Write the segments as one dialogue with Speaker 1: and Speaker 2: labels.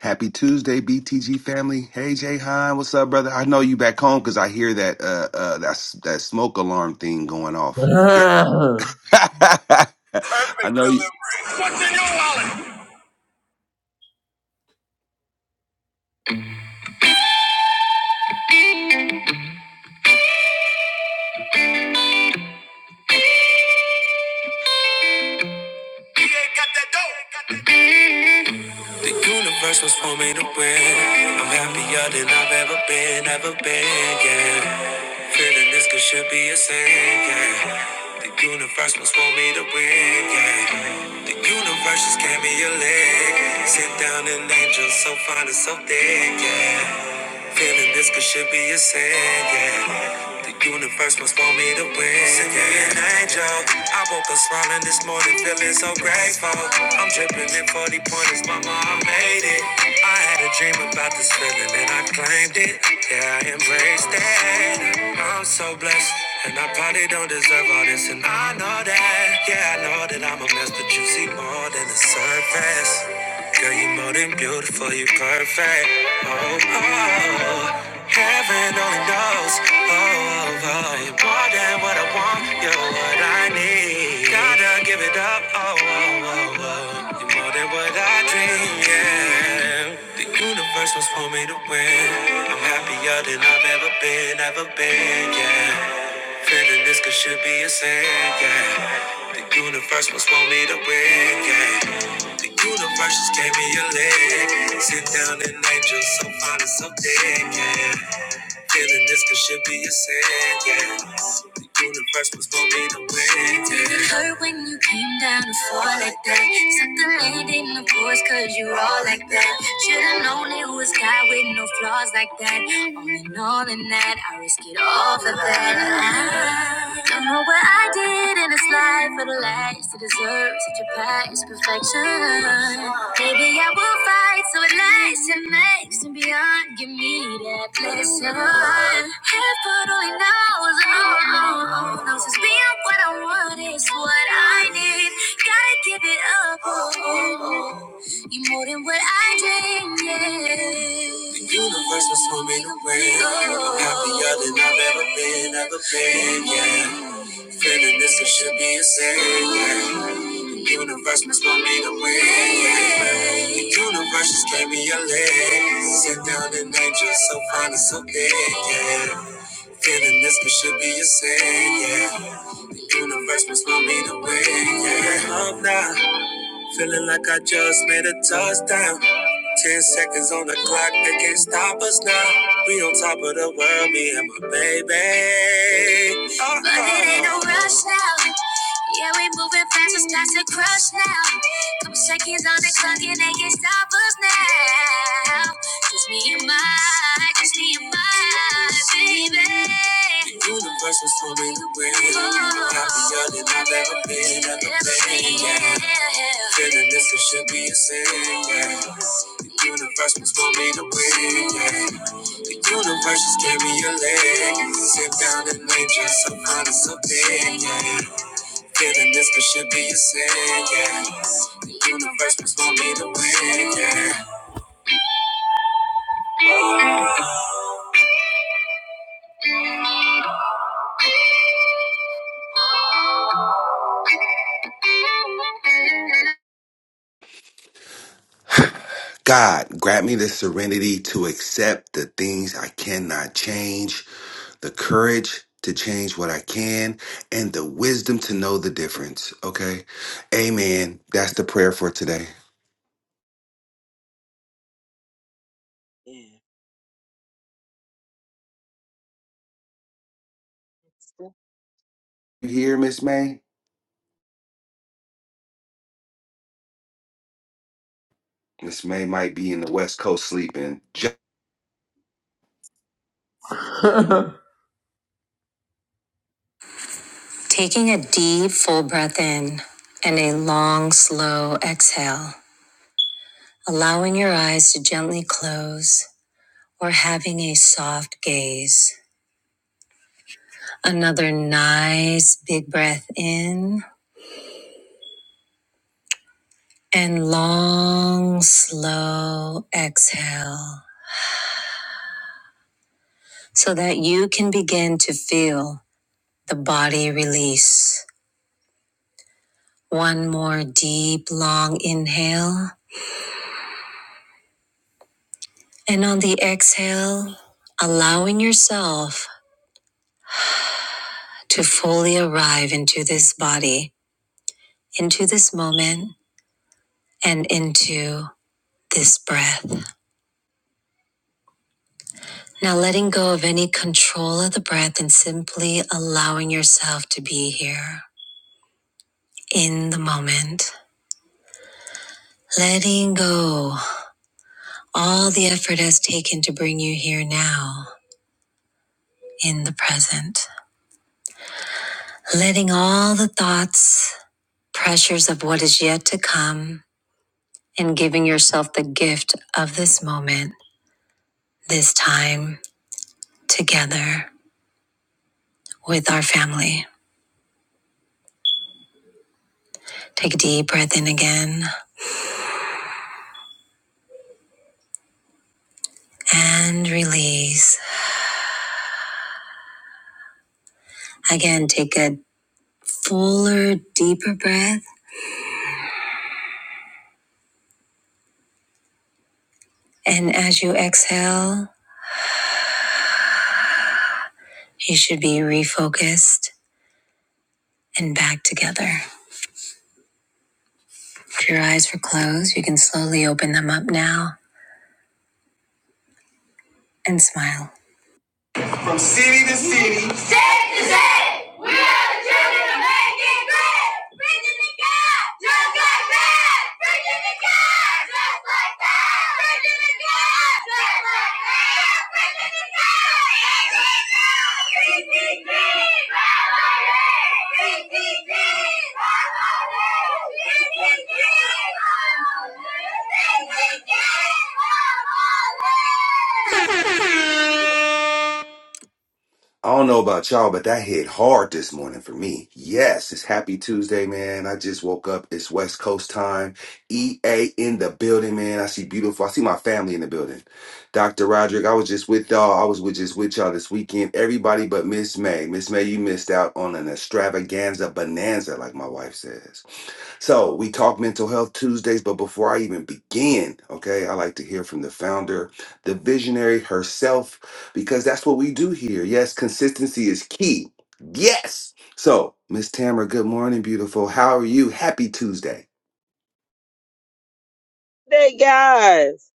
Speaker 1: Happy Tuesday, BTG family. Hey, Jay Hine, what's up, brother? I know you back home because I hear that uh, uh that s- that smoke alarm thing going off.
Speaker 2: Perfect
Speaker 1: I know you.
Speaker 2: delivery. What's in your wallet? He ain't got that dope. The universe was for me to win. I'm happier than I've ever been, ever been, yeah. Feeling this could should be a sin, yeah. The universe was for me to win, yeah. The universe just gave me a leg. Sit down an angel so fine and so thick, yeah. Feeling this could should be a sin, yeah. The universe must want me to win. Send me an angel. I woke up smiling this morning, feeling so grateful. I'm dripping in 40 pointers, mama, I made it. I had a dream about this feeling and I claimed it. Yeah, I embraced it. I'm so blessed. And I probably don't deserve all this, and I know that. Yeah, I know that I'm a mess, but you see more than the surface. Girl, you are more than beautiful, you are perfect. Oh, oh, oh. heaven only knows. Oh, oh, oh, you're more than what I want, you're what I need. Gotta give it up. Oh, oh, oh, oh. You're more than what I dream, yeah. The universe was for me to win. I'm happier than I've ever been, ever been, yeah. Feeling this could should be a sin, yeah. The universe must want me to win, yeah. The universe just gave me a leg. Sit down and angel, so fine and so thick, yeah. Feeling this could should be a sin, yeah. The universe was for me to win, yeah. Did it hurt when you came down to fall like that? Sucked the land in the force cause you all like that. Should've known it was God with no flaws like that. All in all in that, I risk it all for that. I don't know what I did living in this life for the last to deserve such a past perfection. Maybe I will fight so it lasts and makes and beyond. Give me that blessing. Heaven only knows, oh, oh, oh, knows it's being what I want is what I need. Gotta give it up, oh, oh, oh. you more than what I dreamed. Yeah. The universe was swimming away. I'm happier than I've ever been, ever been, yeah. Feeling this, it should be a sin. The universe must want me to win. The universe just gave me a leg. Sit down and angel, so fine and so big, yeah. Feeling this, it should be a sin, yeah. The universe must want me to win, yeah. Up now, feeling like I just made a touchdown. Ten seconds on the clock, they can't stop us now. We on top of the world, me and my baby. Uh-oh. But it ain't no rush now. Yeah, we moving fast, it's past the crush now. Couple seconds on the clock, and they can't stop us now. Just me and my, just me and my baby. The universe was for me to win. I'm happier than I've ever been, ever been. Yeah. Feeling this, it should be a sin. Yeah. The universe was for me to win, yeah. The universe just gave me a leg. Sit down and name just some honest opinion. yeah. Feeling this could should be a sin, yeah. The universe was for me to win, yeah.
Speaker 1: God, grant me the serenity to accept the things I cannot change, the courage to change what I can, and the wisdom to know the difference. Okay, Amen. That's the prayer for today.
Speaker 3: Yeah.
Speaker 1: You hear, Miss May? Miss May might be in the West Coast sleeping.
Speaker 2: Taking a deep, full breath in and a long, slow exhale, allowing your eyes to gently close. or having a soft gaze. Another nice big breath in and long, slow exhale so that you can begin to feel the body release. One more deep, long inhale. And on the exhale, allowing yourself to fully arrive into this body, into this moment, and into this breath. Now letting go of any control of the breath and simply allowing yourself to be here in the moment. Letting go all the effort has taken to bring you here now in the present. Letting all the thoughts, pressures of what is yet to come, and giving yourself the gift of this moment, this time together with our family. Take a deep breath in again and release. Again, take a fuller, deeper breath. And as you exhale, you should be refocused and back together. If your eyes were closed, you can slowly open them up now and smile. From city to city. State to state. We are the children of making great. Preaching the God just like that. Preaching the God just like that. Preaching the God just like that. Preaching the God. PTG, PTG, PTG,
Speaker 1: I don't know about y'all, but that hit hard this morning for me. Yes, it's happy Tuesday, man. I just woke up. It's West Coast time. EA in the building, man. I see beautiful. I see my family in the building. Dr. Roderick, I was just with y'all. I was with just with y'all this weekend. Everybody but Miss May. Miss May, you missed out on an extravaganza bonanza, like my wife says. So we talk mental health Tuesdays, but before I even begin, okay, I like to hear from the founder, the visionary herself, because that's what we do here. Yes, consistency is key. Yes. So, Miss Tamara, good morning, beautiful. How are you? Happy Tuesday.
Speaker 3: Hey guys.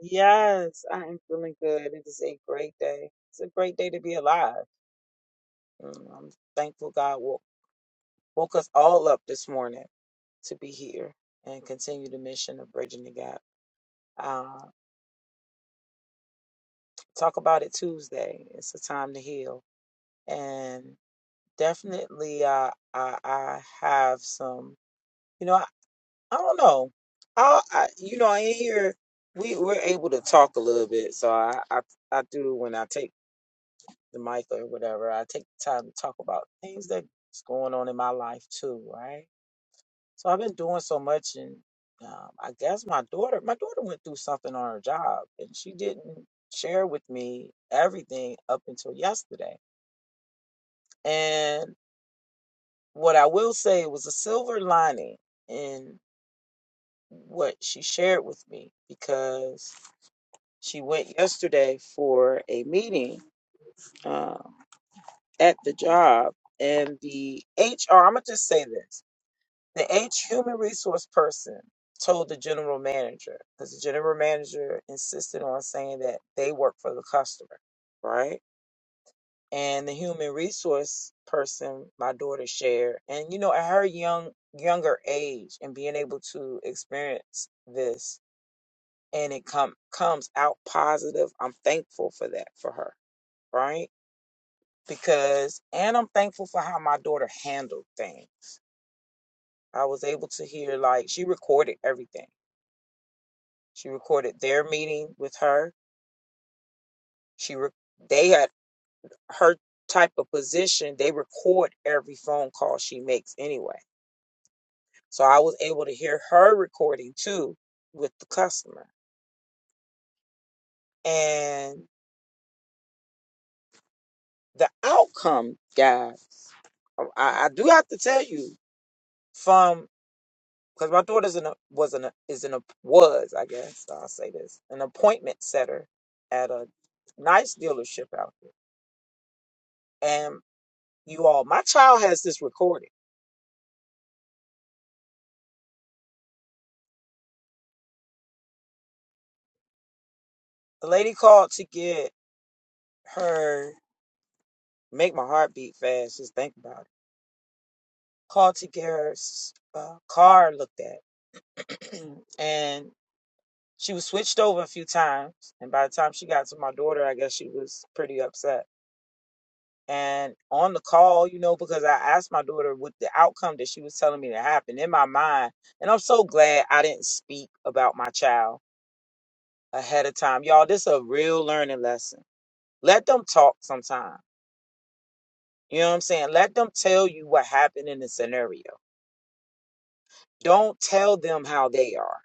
Speaker 3: Yes, I am feeling good. It is a great day. It's a great day to be alive. Mm, I'm thankful God woke, woke us all up this morning to be here and continue the mission of bridging the gap. Uh, talk about it Tuesday. It's a time to heal, and definitely, uh, I, I have some. You know, I don't know. I, I you know, in here we we're able to talk a little bit, so I, I I do when I take the mic or whatever, I take the time to talk about things that's going on in my life too, right? So I've been doing so much, and um, I guess my daughter, my daughter went through something on her job, and she didn't share with me everything up until yesterday. And what I will say was a silver lining in what she shared with me because She went yesterday for a meeting um, at the job, and the HR, I'm going to just say this the H human resource person told the general manager, because the general manager insisted on saying that they work for the customer, right? And the human resource person, my daughter shared, and you know, at her young younger age and being able to experience this and it come comes out positive. I'm thankful for that for her right? Because, and I'm thankful for how my daughter handled things. I was able to hear like she recorded everything. She recorded their meeting with her. She re- they had her type of position. They record every phone call she makes anyway. So I was able to hear her recording too with the customer and the outcome, guys. I, I do have to tell you from because my daughter's an was an is an was I guess I'll say this an appointment setter at a nice dealership out there. And you all, my child has this recorded. The lady called to get her make my heart beat fast. Just think about it. Called to get her s- uh, car looked at, and she was switched over a few times. And by the time she got to my daughter, I guess she was pretty upset and on the call, you know, because I asked my daughter what the outcome that she was telling me to happen in my mind. And I'm so glad I didn't speak about my child ahead of time. Y'all, this is a real learning lesson. Let them talk sometime. You know what I'm saying? Let them tell you what happened in the scenario. Don't tell them how they are.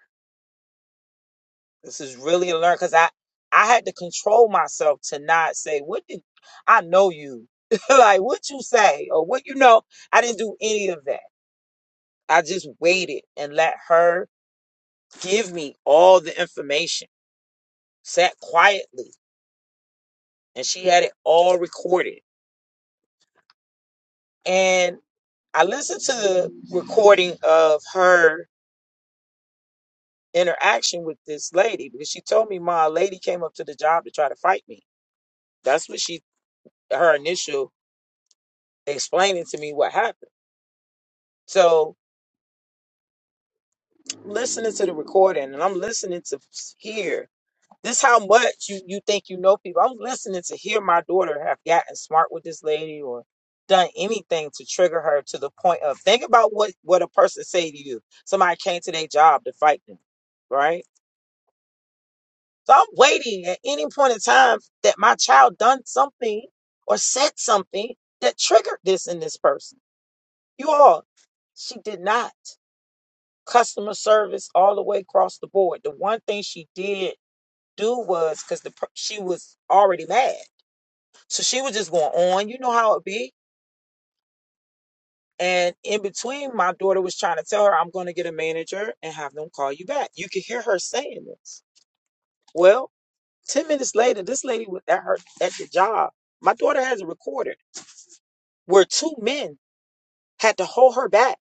Speaker 3: This is really a learn because I I had to control myself to not say, what did I know you? like what you say or what you know. I didn't do any of that. I just waited and let her give me all the information, sat quietly, and she had it all recorded. And I listened to the recording of her interaction with this lady because she told me, Ma, a lady came up to the job to try to fight me. That's what she, her initial explaining to me what happened. So listening to the recording, and I'm listening to hear This how much you you think you know people. I was listening to hear my daughter have gotten smart with this lady or done anything to trigger her to the point of think about what what a person say to you. Somebody came to their job to fight them, right? So I'm waiting at any point in time that my child done something or said something that triggered this in this person. You all, she did not. Customer service all the way across the board. The one thing she did do was because the per- she was already mad. So she was just going on, you know how it be. And in between, my daughter was trying to tell her, I'm going to get a manager and have them call you back. You could hear her saying this. Well, 10 minutes later, this lady was at her at the job. My daughter has a recorder where two men had to hold her back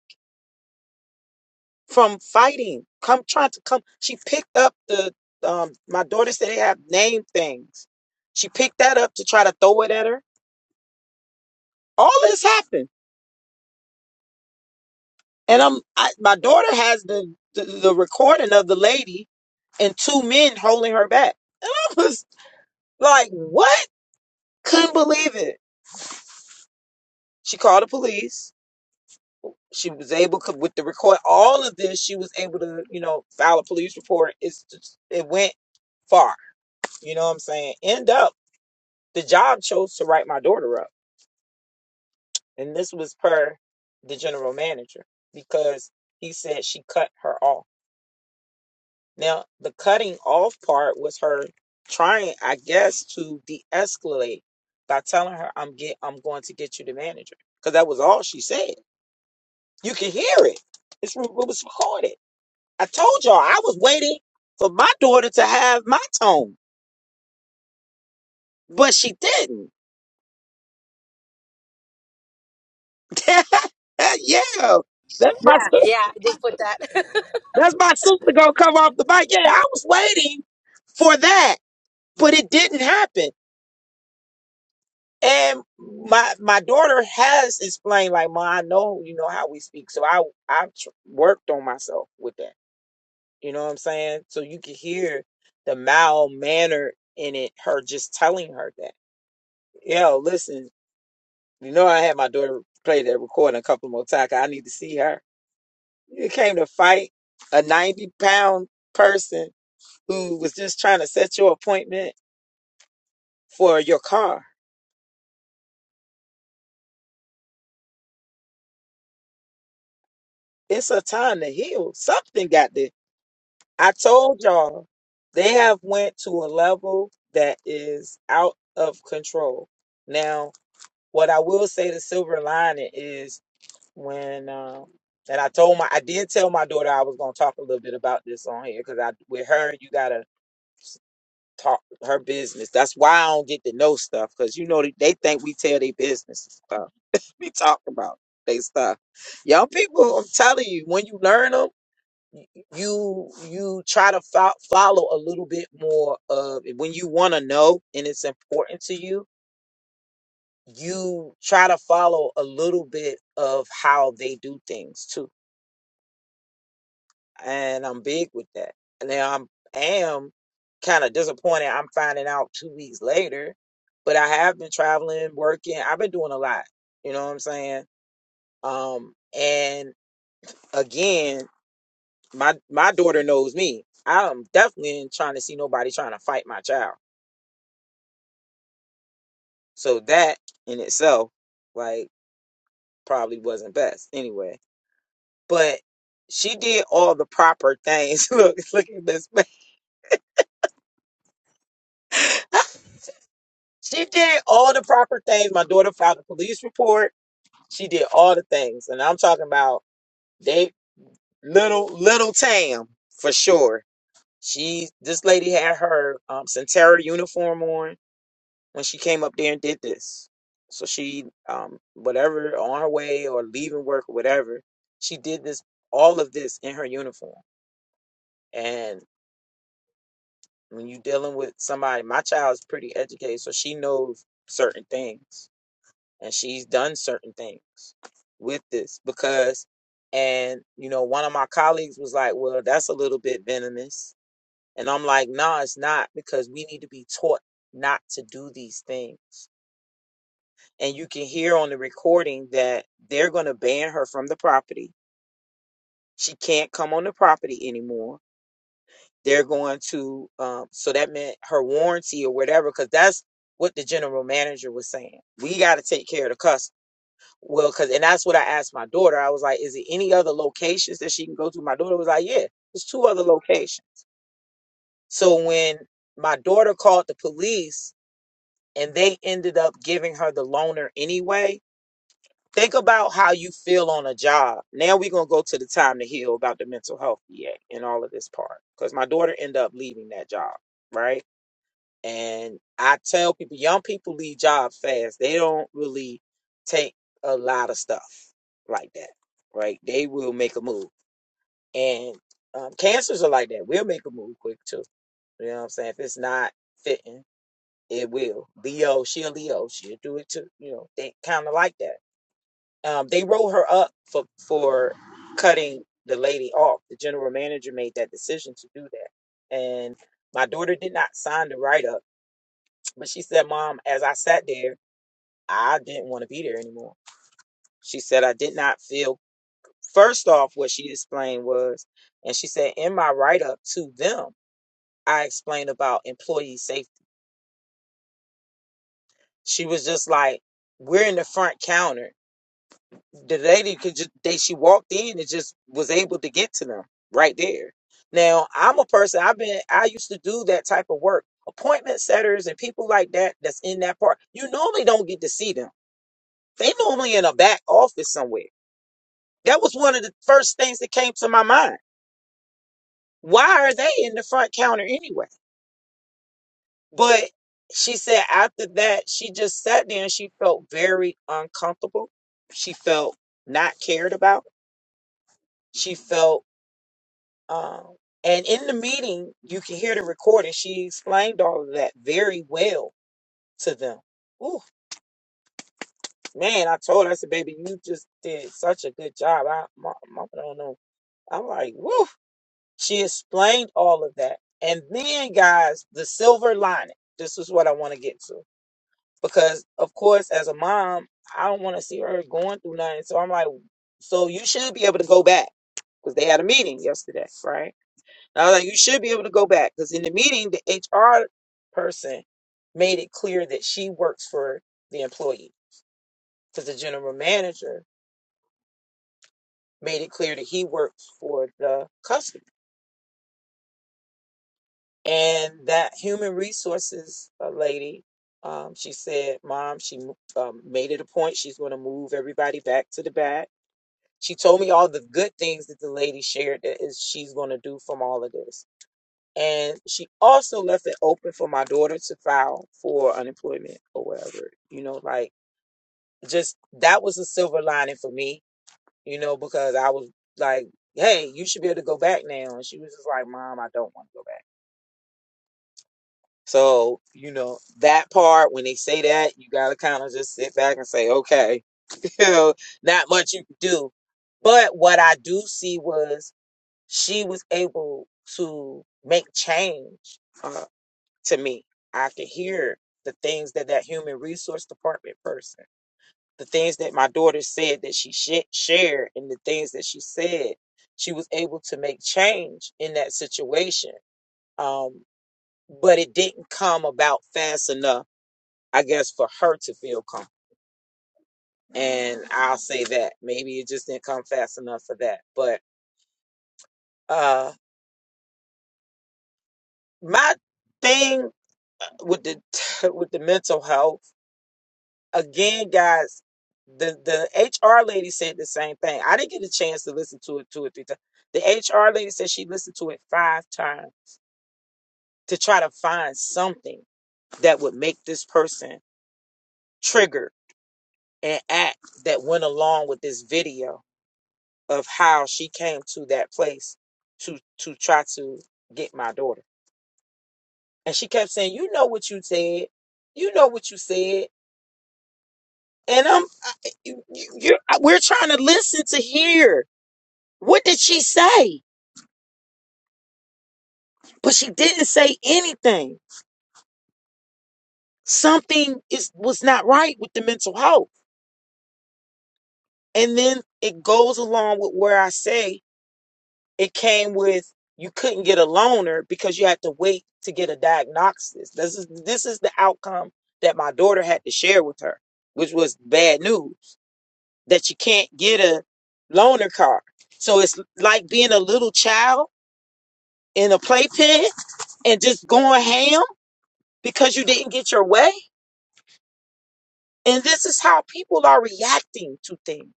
Speaker 3: from fighting, come trying to come. She picked up the um my daughter said they have name things. She picked that up to try to throw it at her. All this happened. And I'm I, my daughter has the, the the recording of the lady and two men holding her back. And I was like, what? Couldn't believe it. She called the police. She was able to, with the record, all of this, she was able to, you know, file a police report. It's just, it went far. You know what I'm saying? End up, the job chose to write my daughter up. And this was per the general manager because he said she cut her off. Now, the cutting off part was her trying, I guess, to de-escalate by telling her, "I'm get, I'm going to get you the manager," because that was all she said. You can hear it; it's re- it was recorded. I told y'all I was waiting for my daughter to have my tone, but she didn't. yeah, that's my
Speaker 4: Yeah,
Speaker 3: sister.
Speaker 4: yeah, I did put that.
Speaker 3: That's my sister gonna come off the mic. Yeah, I was waiting for that, but it didn't happen. And my my daughter has explained, like, "Ma, I know you know how we speak." So I I've tr- worked on myself with that. You know what I'm saying? So you can hear the mild manner in it. Her just telling her that, yo, listen, you know, I had my daughter play that recording a couple more times. 'cause I need to see her. You came to fight a 90 pound person who was just trying to set your appointment for your car. It's a time to heal. Something got there I told y'all they have went to a level that is out of control. Now, what I will say the silver lining is when um and I told my I did tell my daughter I was gonna talk a little bit about this on here because I with her you gotta talk her business. That's why I don't get to know stuff because you know they they think we tell their business and stuff. We talk about they stuff. Young people, I'm telling you, when you learn them you you try to fo- follow a little bit more of when you want to know and it's important to you you try to follow a little bit of how they do things too and i'm big with that and now i'm am kind of disappointed i'm finding out two weeks later but i have been traveling working i've been doing a lot you know what i'm saying um and again my my daughter knows me. I'm definitely ain't trying to see nobody trying to fight my child. So that in itself, like, probably wasn't best anyway. But she did all the proper things. look, look at this. She did all the proper things. My daughter filed a police report. She did all the things, and I'm talking about they little little Tam for sure. She this lady had her um, Centera uniform on. when she came up there and did this. So she, um, whatever, on her way or leaving work or whatever, she did this, all of this in her uniform. And when you're dealing with somebody, my child's pretty educated, so she knows certain things and she's done certain things with this because, and you know, one of my colleagues was like, well, that's a little bit venomous. And I'm like, nah, it's not because we need to be taught not to do these things and you can hear on the recording that they're going to ban her from the property. She can't come on the property anymore. They're going to, um, so that meant her warranty or whatever, because that's what the general manager was saying. We got to take care of the customer. Well, because, and that's what I asked my daughter. I was like, is it any other locations that she can go to? My daughter was like, yeah, there's two other locations. So when my daughter called the police and they ended up giving her the loaner anyway, Think about how you feel on a job. Now we're gonna go to the time to heal about the mental health yet and all of this part. Because my daughter ended up leaving that job, right? And I tell people, young people leave jobs fast. They don't really take a lot of stuff like that, right? They will make a move. And um, cancers are like that. We'll make a move quick too. You know what I'm saying? If it's not fitting, it will. Leo, she a Leo, she'll do it too. You know, they kind of like that um, they rolled her up for for cutting the lady off. The general manager made that decision to do that, and my daughter did not sign the write up, but she said, "Mom, as I sat there, I didn't want to be there anymore." She said, "I did not feel." First off, what she explained was, and she said, "In my write up to them, I explained about employee safety." She was just like, "We're in the front counter." the lady could just they she walked in and just was able to get to them right there. Now I'm a person I've been I used to do that type of work. Appointment setters and people like that that's in that part, you normally don't get to see them. They normally in a back office somewhere. That was one of the first things that came to my mind. Why are they in the front counter anyway? But she said after that, she just sat there and she felt very uncomfortable. She felt not cared about. She felt Um, and in the meeting, you can hear the recording. She explained all of that very well to them. Ooh, man, I told her, I said, baby, you just did such a good job. I, my, I don't know. I'm like, woo. She explained all of that. And then, guys, the silver lining. This is what I want to get to. Because, of course, as a mom, I don't want to see her going through nothing. So I'm like, so you should be able to go back because they had a meeting yesterday, right? I was like, you should be able to go back because in the meeting, the HR person made it clear that she works for the employee because the general manager made it clear that he works for the customer. And that human resources uh, lady, um, she said, Mom, she um, made it a point. She's going to move everybody back to the back. She told me all the good things that the lady shared that is she's going to do from all of this And she also left it open for my daughter to file for unemployment or whatever. You know, like just that was a silver lining for me, you know, because I was like, hey, you should be able to go back now. And she was just like, Mom, I don't want to go back. So, you know, that part, when they say that, you got to kind of just sit back and say, okay, you know, not much you can do. But what I do see was she was able to make change. uh, to me. I could hear the things that that human resource department person, the things that my daughter said that she sh- shared, and the things that she said, she was able to make change in that situation. Um, but it didn't come about fast enough, I guess, for her to feel comfortable. And I'll say that maybe it just didn't come fast enough for that. But uh, my thing uh, with the with the mental health again, guys, the the HR lady said the same thing. I didn't get a chance to listen to it two or three times. The HR lady said she listened to it five times to try to find something that would make this person trigger and act that went along with this video of how she came to that place to to try to get my daughter. And she kept saying, "You know what you said. You know what you said." And I'm you, you, you're, we're trying to listen to hear. What did she say? But she didn't say anything. Something is was not right with the mental health. And then it goes along with where I say it came with you couldn't get a loaner because you had to wait to get a diagnosis. This is this is the outcome that my daughter had to share with her, which was bad news that you can't get a loaner car. So it's like being a little child in a playpen and just going ham because you didn't get your way And this is how people are reacting to things.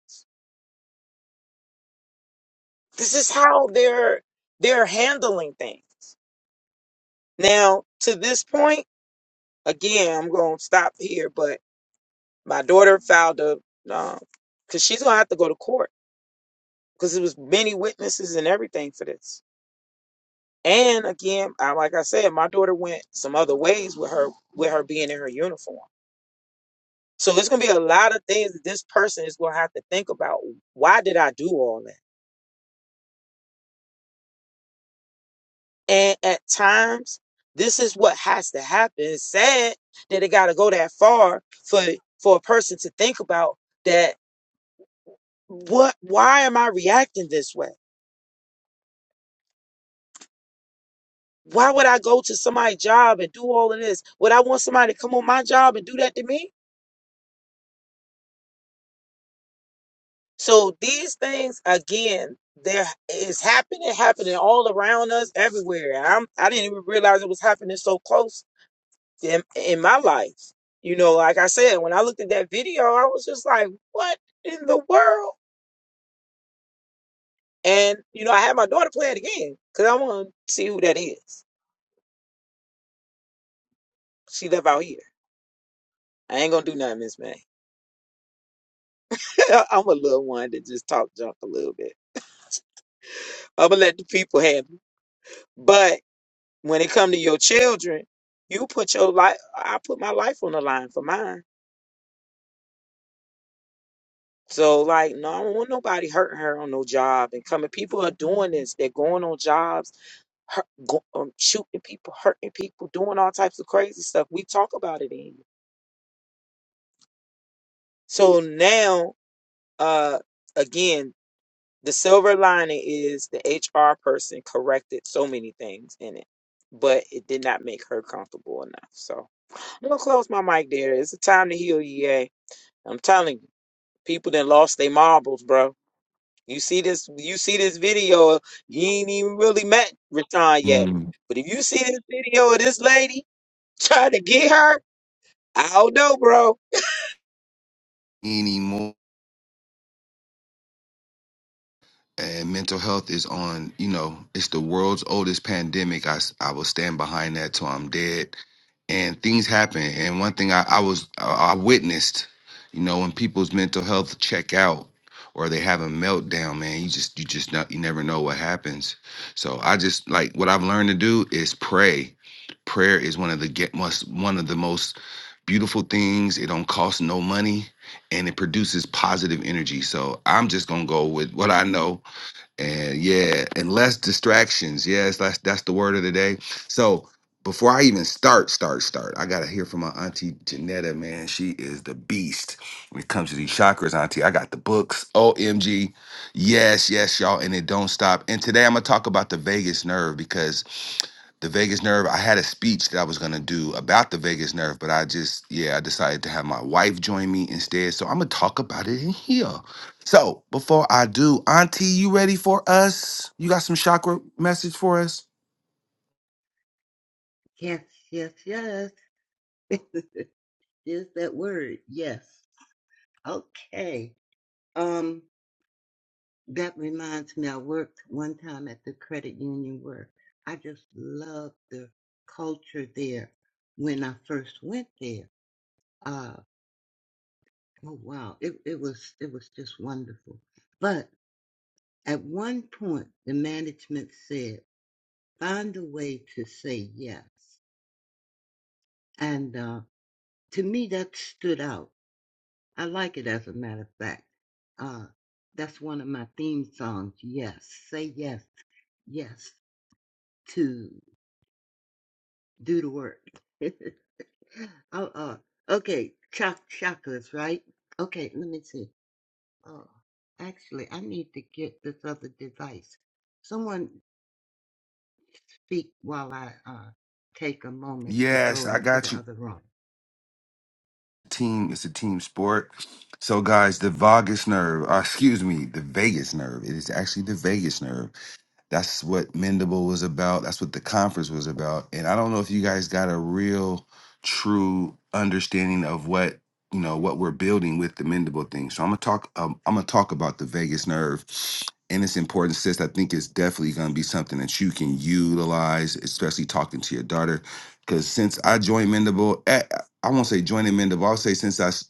Speaker 3: This is how they're they're handling things. Now, to this point, again, I'm going to stop here, but my daughter filed a um, cuz she's going to have to go to court because it was many witnesses and everything for this. And again, I, like I said, my daughter went some other ways with her with her being in her uniform. So it's going to be a lot of things that this person is going to have to think about. Why did I do all that? And at times, this is what has to happen. It's sad that it got to go that far for for a person to think about that. What? Why am I reacting this way? Why would I go to somebody's job and do all of this? Would I want somebody to come on my job and do that to me? So these things again, there is happening, happening all around us, everywhere. And I'm I didn't even realize it was happening so close in, in my life. You know, like I said, when I looked at that video, I was just like, what in the world? And, you know, I had my daughter play it again because I want to see who that is. She live out here. I ain't going to do nothing, Miss May. I'm a little one that just talk junk a little bit. I'm going to let the people have it. But when it come to your children, you put your life, I put my life on the line for mine. So, like, no, I don't want nobody hurting her on no job and coming. People are doing this. They're going on jobs hurt, go, um, shooting people, hurting people, doing all types of crazy stuff. We talk about it in here. So now, uh, again, the silver lining is the HR person corrected so many things in it, but it did not make her comfortable enough. So I'm gonna close my mic there. It's a time to heal, yeah. I'm telling you, people that lost their marbles, bro. You see this, you see this video. You ain't even really met Rashawn yet,
Speaker 1: Mm,
Speaker 3: but if you see this video of this lady trying to get her. I don't know, bro.
Speaker 1: anymore. and mental health is on you know it's the world's oldest pandemic i, s- I will stand behind that till i'm dead and things happen and one thing i, I was I, I witnessed you know when people's mental health check out or they have a meltdown man you just you just not, you never know what happens so i just like what i've learned to do is pray prayer is one of the get must one of the most beautiful things it don't cost no money and it produces positive energy so i'm just gonna go with what i know and yeah, and less distractions. Yes, that's that's the word of the day. So before I even start, start, start, I gotta hear from my auntie Janetta, man. She is the beast when it comes to these chakras, auntie. I got the books. OMG. Yes, yes, y'all, and it don't stop. And today I'm gonna talk about the vagus nerve because the vagus nerve. I had a speech that I was gonna do about the vagus nerve, but I just yeah, I decided to have my wife join me instead. So I'm gonna talk about it in here. So before I do, Auntie, you ready for us? You got some chakra message for us?
Speaker 5: Yes, yes, yes. Is that word? Yes. Okay. Um, that reminds me, I worked one time at the credit union where I just loved the culture there when I first went there. Uh, oh wow, it, it was it was just wonderful. But at one point, the management said, "Find a way to say yes," and uh, to me that stood out I like it as a matter of fact. Uh, that's one of my theme songs. Yes, say yes, yes to do the work. oh, uh, okay, chak- chakras, right? Okay, let me see. Oh, actually, I need to get this other device. Someone speak while I uh, take a moment to
Speaker 1: Yes,
Speaker 5: go
Speaker 1: I
Speaker 5: into the
Speaker 1: got you.
Speaker 5: other room.
Speaker 1: Team, it's a team sport. So guys, the vagus nerve, uh, excuse me, the vagus nerve. It is actually the vagus nerve That's what Mendable was about. That's what the conference was about. And I don't know if you guys got a real true understanding of what you know what we're building with the Mendable thing. So I'm gonna talk. Um, I'm gonna talk about the vagus nerve and its importance. Sis, I think it's definitely gonna be something that you can utilize, especially talking to your daughter. Because since I joined Mendable, eh, I won't say joining Mendable. I'll say since I s-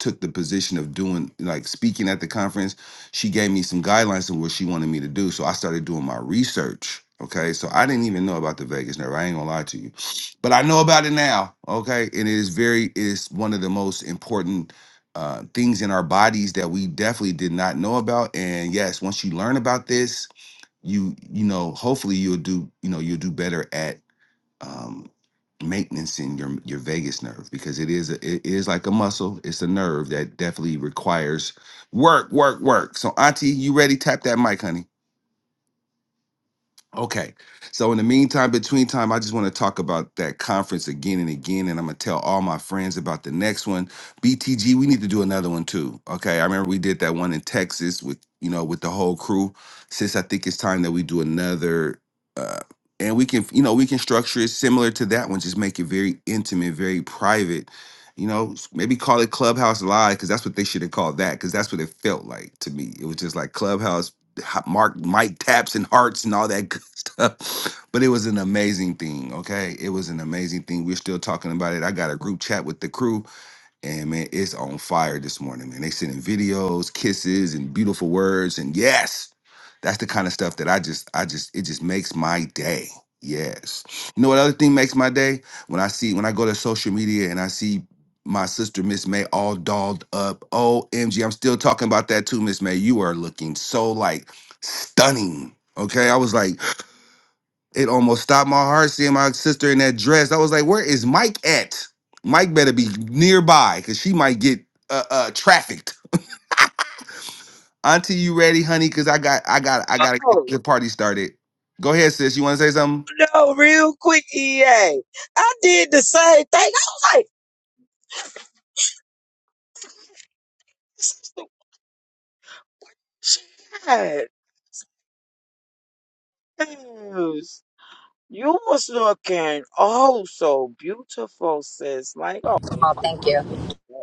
Speaker 1: took the position of doing like speaking at the conference she gave me some guidelines of what she wanted me to do. So I started doing my research. Okay. So I didn't even know about the vagus nerve. I ain't gonna lie to you. But I know about it now. Okay. And it is very it is one of the most important uh things in our bodies that we definitely did not know about. And yes, once you learn about this, you you know, hopefully you'll do, you know, you'll do better at um, maintenance in your your vagus nerve because it is a, it is like a muscle. It's a nerve that definitely requires work, work, work. So, Auntie, you ready? Tap that mic, honey. Okay. So in the meantime, between time, I just want to talk about that conference again and again, and I'm gonna tell all my friends about the next one. BTG, we need to do another one too. Okay. I remember we did that one in Texas with you know with the whole crew. Since I think it's time that we do another, uh, and we can you know we can structure it similar to that one, just make it very intimate, very private. You know, s- maybe call it Clubhouse Live because that's what they should have called that because that's what it felt like to me. It was just like Clubhouse hot- Mark, Mike taps and hearts and all that but it was an amazing thing. Okay, it was an amazing thing. We're still talking about it. I got a group chat with the crew, and man, it's on fire this morning. Man, they sending videos, kisses, and beautiful words, and yes, that's the kind of stuff that I just, I just, it just makes my day. Yes. You know what other thing makes my day? When I see, when I go to social media and I see my sister Miss May all dolled up. OMG, I'm still talking about that too, Miss May. You are looking so like stunning. Okay. I was like, it almost stopped my heart seeing my sister in that dress. I was like, where is Mike at? Mike better be nearby because she might get uh, uh trafficked. Auntie, you ready, honey? Cause I got I got I gotta get
Speaker 3: Oh,
Speaker 1: the party started. Go ahead, sis. You wanna say something?
Speaker 3: no, real quick, EA. I did the same thing. I was like, shit, dudes, you were looking oh so beautiful, sis. Like always,
Speaker 4: Oh, thank you.
Speaker 3: you were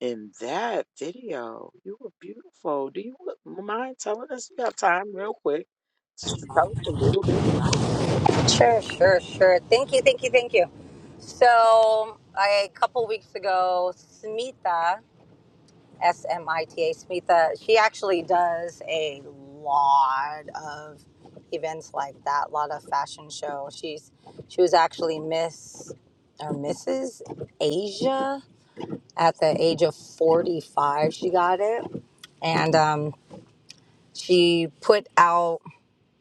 Speaker 3: in that video, you were beautiful. Do you mind telling us? You got time, real quick, just to tell us a little bit about it, real
Speaker 4: Sure, sure, sure. Thank you, thank you, thank you. So, I, a couple weeks ago, Smita, S M I T A, Smita, she actually does a lot of events like that, a lot of fashion shows. She's she was actually Miss or Mrs. Asia at the age of 45. She got it and um, she put out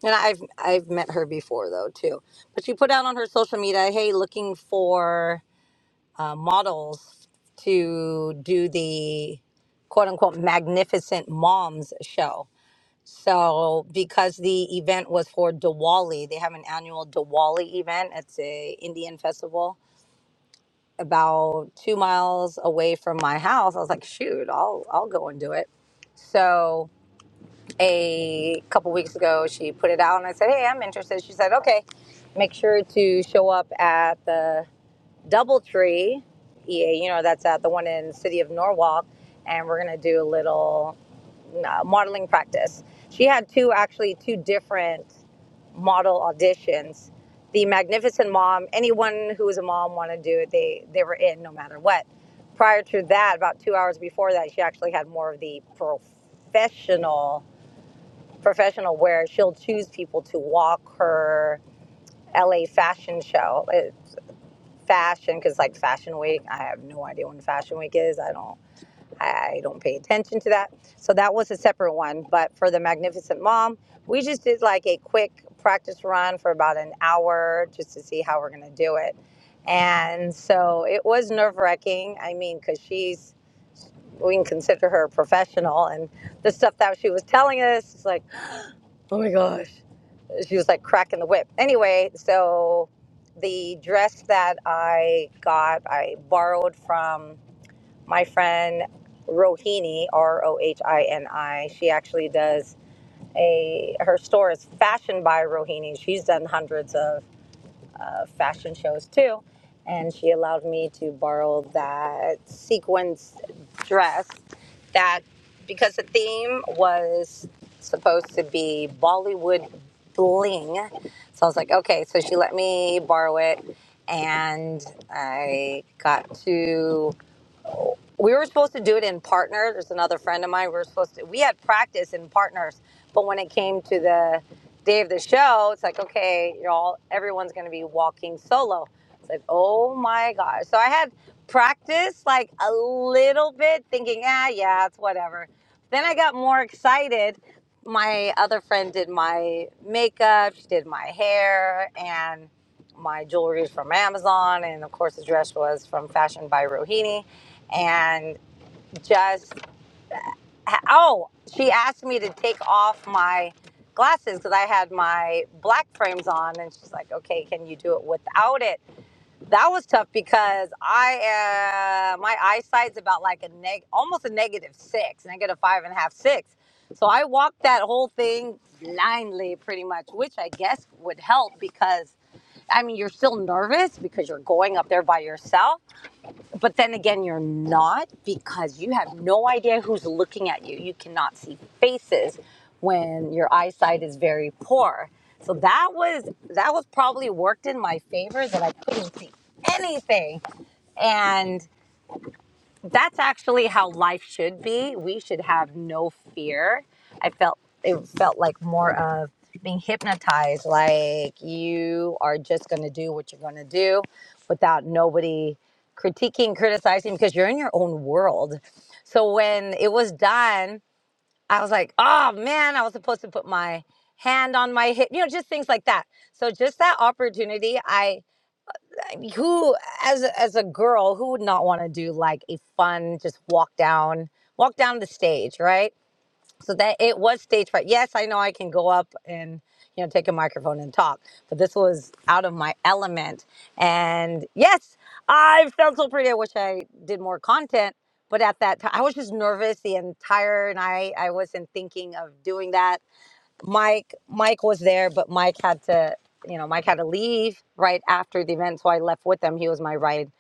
Speaker 4: And I've I've met her before though too. But she put out on her social media, "Hey, looking for uh, models to do the quote unquote magnificent moms show." So because the event was for Diwali, they have an annual Diwali event. It's a Indian festival about two miles away from my house. I was like, shoot, I'll I'll go and do it. So a couple weeks ago. She put it out, and I said, "Hey, I'm interested." She said, "Okay, make sure to show up at the DoubleTree EA. You know, that's at the one in the city of Norwalk, and we're gonna do a little uh, modeling practice." She had two actually two different model auditions. The Magnificent Mom. Anyone who was a mom wanted to do it. They they were in no matter what. Prior to that, about two hours before that, she actually had more of the professional professional where she'll choose people to walk her LA fashion show. It, fashion because like fashion week i have no idea when fashion week is i don't i don't pay attention to that so that was a separate one but for the magnificent mom we just did like a quick practice run for about an hour just to see how we're going to do it and so it was nerve wracking i mean because she's we can consider her a professional and the stuff that she was telling us it's like oh my gosh she was like cracking the whip. Anyway, so the dress that I got, I borrowed from my friend Rohini, R O H I N I. She actually does a her store is fashioned by Rohini. She's done hundreds of uh, fashion shows too. And she allowed me to borrow that sequins dress that, because the theme was supposed to be Bollywood bling. So I was like, okay. So she let me borrow it. And I got to we were supposed to do it in partner. There's another friend of mine. We were supposed to. We had practice in partners, but when it came to the day of the show, it's like okay, you're all everyone's going to be walking solo. It's like oh my gosh. So I had practice like a little bit, thinking ah yeah, it's whatever. Then I got more excited. My other friend did my makeup. She did my hair and my jewelry is from Amazon, and of course the dress was from Fashion by Rohini and just oh she asked me to take off my glasses because i had my black frames on and she's like okay can you do it without it that was tough because i uh, my eyesight's about like a neg almost a negative six negative five and a half six so i walked that whole thing blindly pretty much which i guess would help because i mean you're still nervous because you're going up there by yourself but then again you're not because you have no idea who's looking at you you cannot see faces when your eyesight is very poor so that was that was probably worked in my favor that i couldn't see anything and that's actually how life should be. We should have no fear. I felt it felt like more of being hypnotized, like you are just going to do what you're going to do without nobody critiquing, criticizing, because you're in your own world. So when it was done, I was like, oh man, I was supposed to put my hand on my hip, you know, just things like that. So just that opportunity, I who as a- as a girl who would not want to do like a fun just walk down walk down the stage right so that it was stage fright yes i know i can go up and you know take a microphone and talk but this was out of my element and yes i felt so pretty i wish i did more content but at that time i was just nervous the entire night i wasn't thinking of doing that Mike Mike was there, but Mike had to you know Mike had to leave right after the event, so I left with him. He was my ride.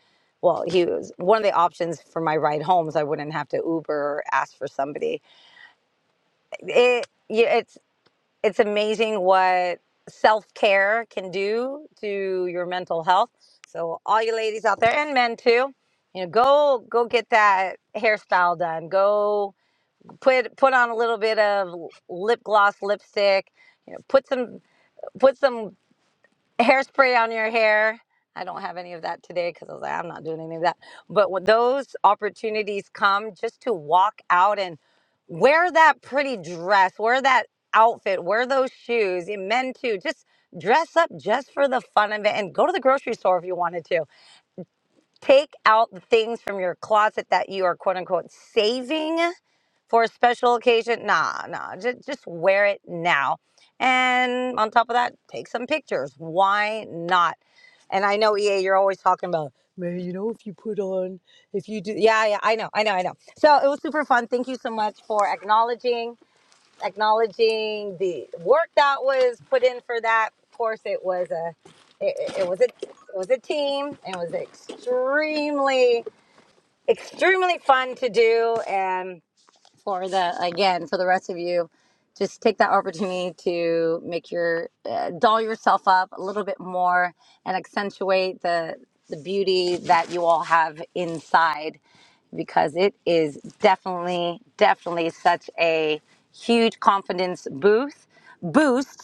Speaker 4: Well, he was one of the options for my ride home, so I wouldn't have to Uber or ask for somebody. It yeah, it's it's amazing what self care can do to your mental health. So all you ladies out there and men too, you know, go go get that hairstyle done. Go put put on a little bit of lip gloss, lipstick you know, put some put some hairspray on your hair. I don't have any of that today because I was like, I'm not doing any of that. But when those opportunities come just to walk out and wear that pretty dress, wear that outfit, wear those shoes, and men too, just dress up just for the fun of it and go to the grocery store if you wanted to. Take out the things from your closet that you are quote unquote saving for a special occasion. Nah, nah, just, just wear it now. And on top of that, take some pictures. Why not? And I know EA, you're always talking about, man, you know, and if you do, yeah, yeah, I know, I know, I know. So it was super fun. Thank you so much for acknowledging, acknowledging the work that was put in for that. Of course, it was a, it, it was a, it was a team. It was extremely, extremely fun to do, and for the again for the rest of you just take that opportunity to make your uh, doll yourself up a little bit more and accentuate the the beauty that you all have inside because it is definitely definitely such a huge confidence boost boost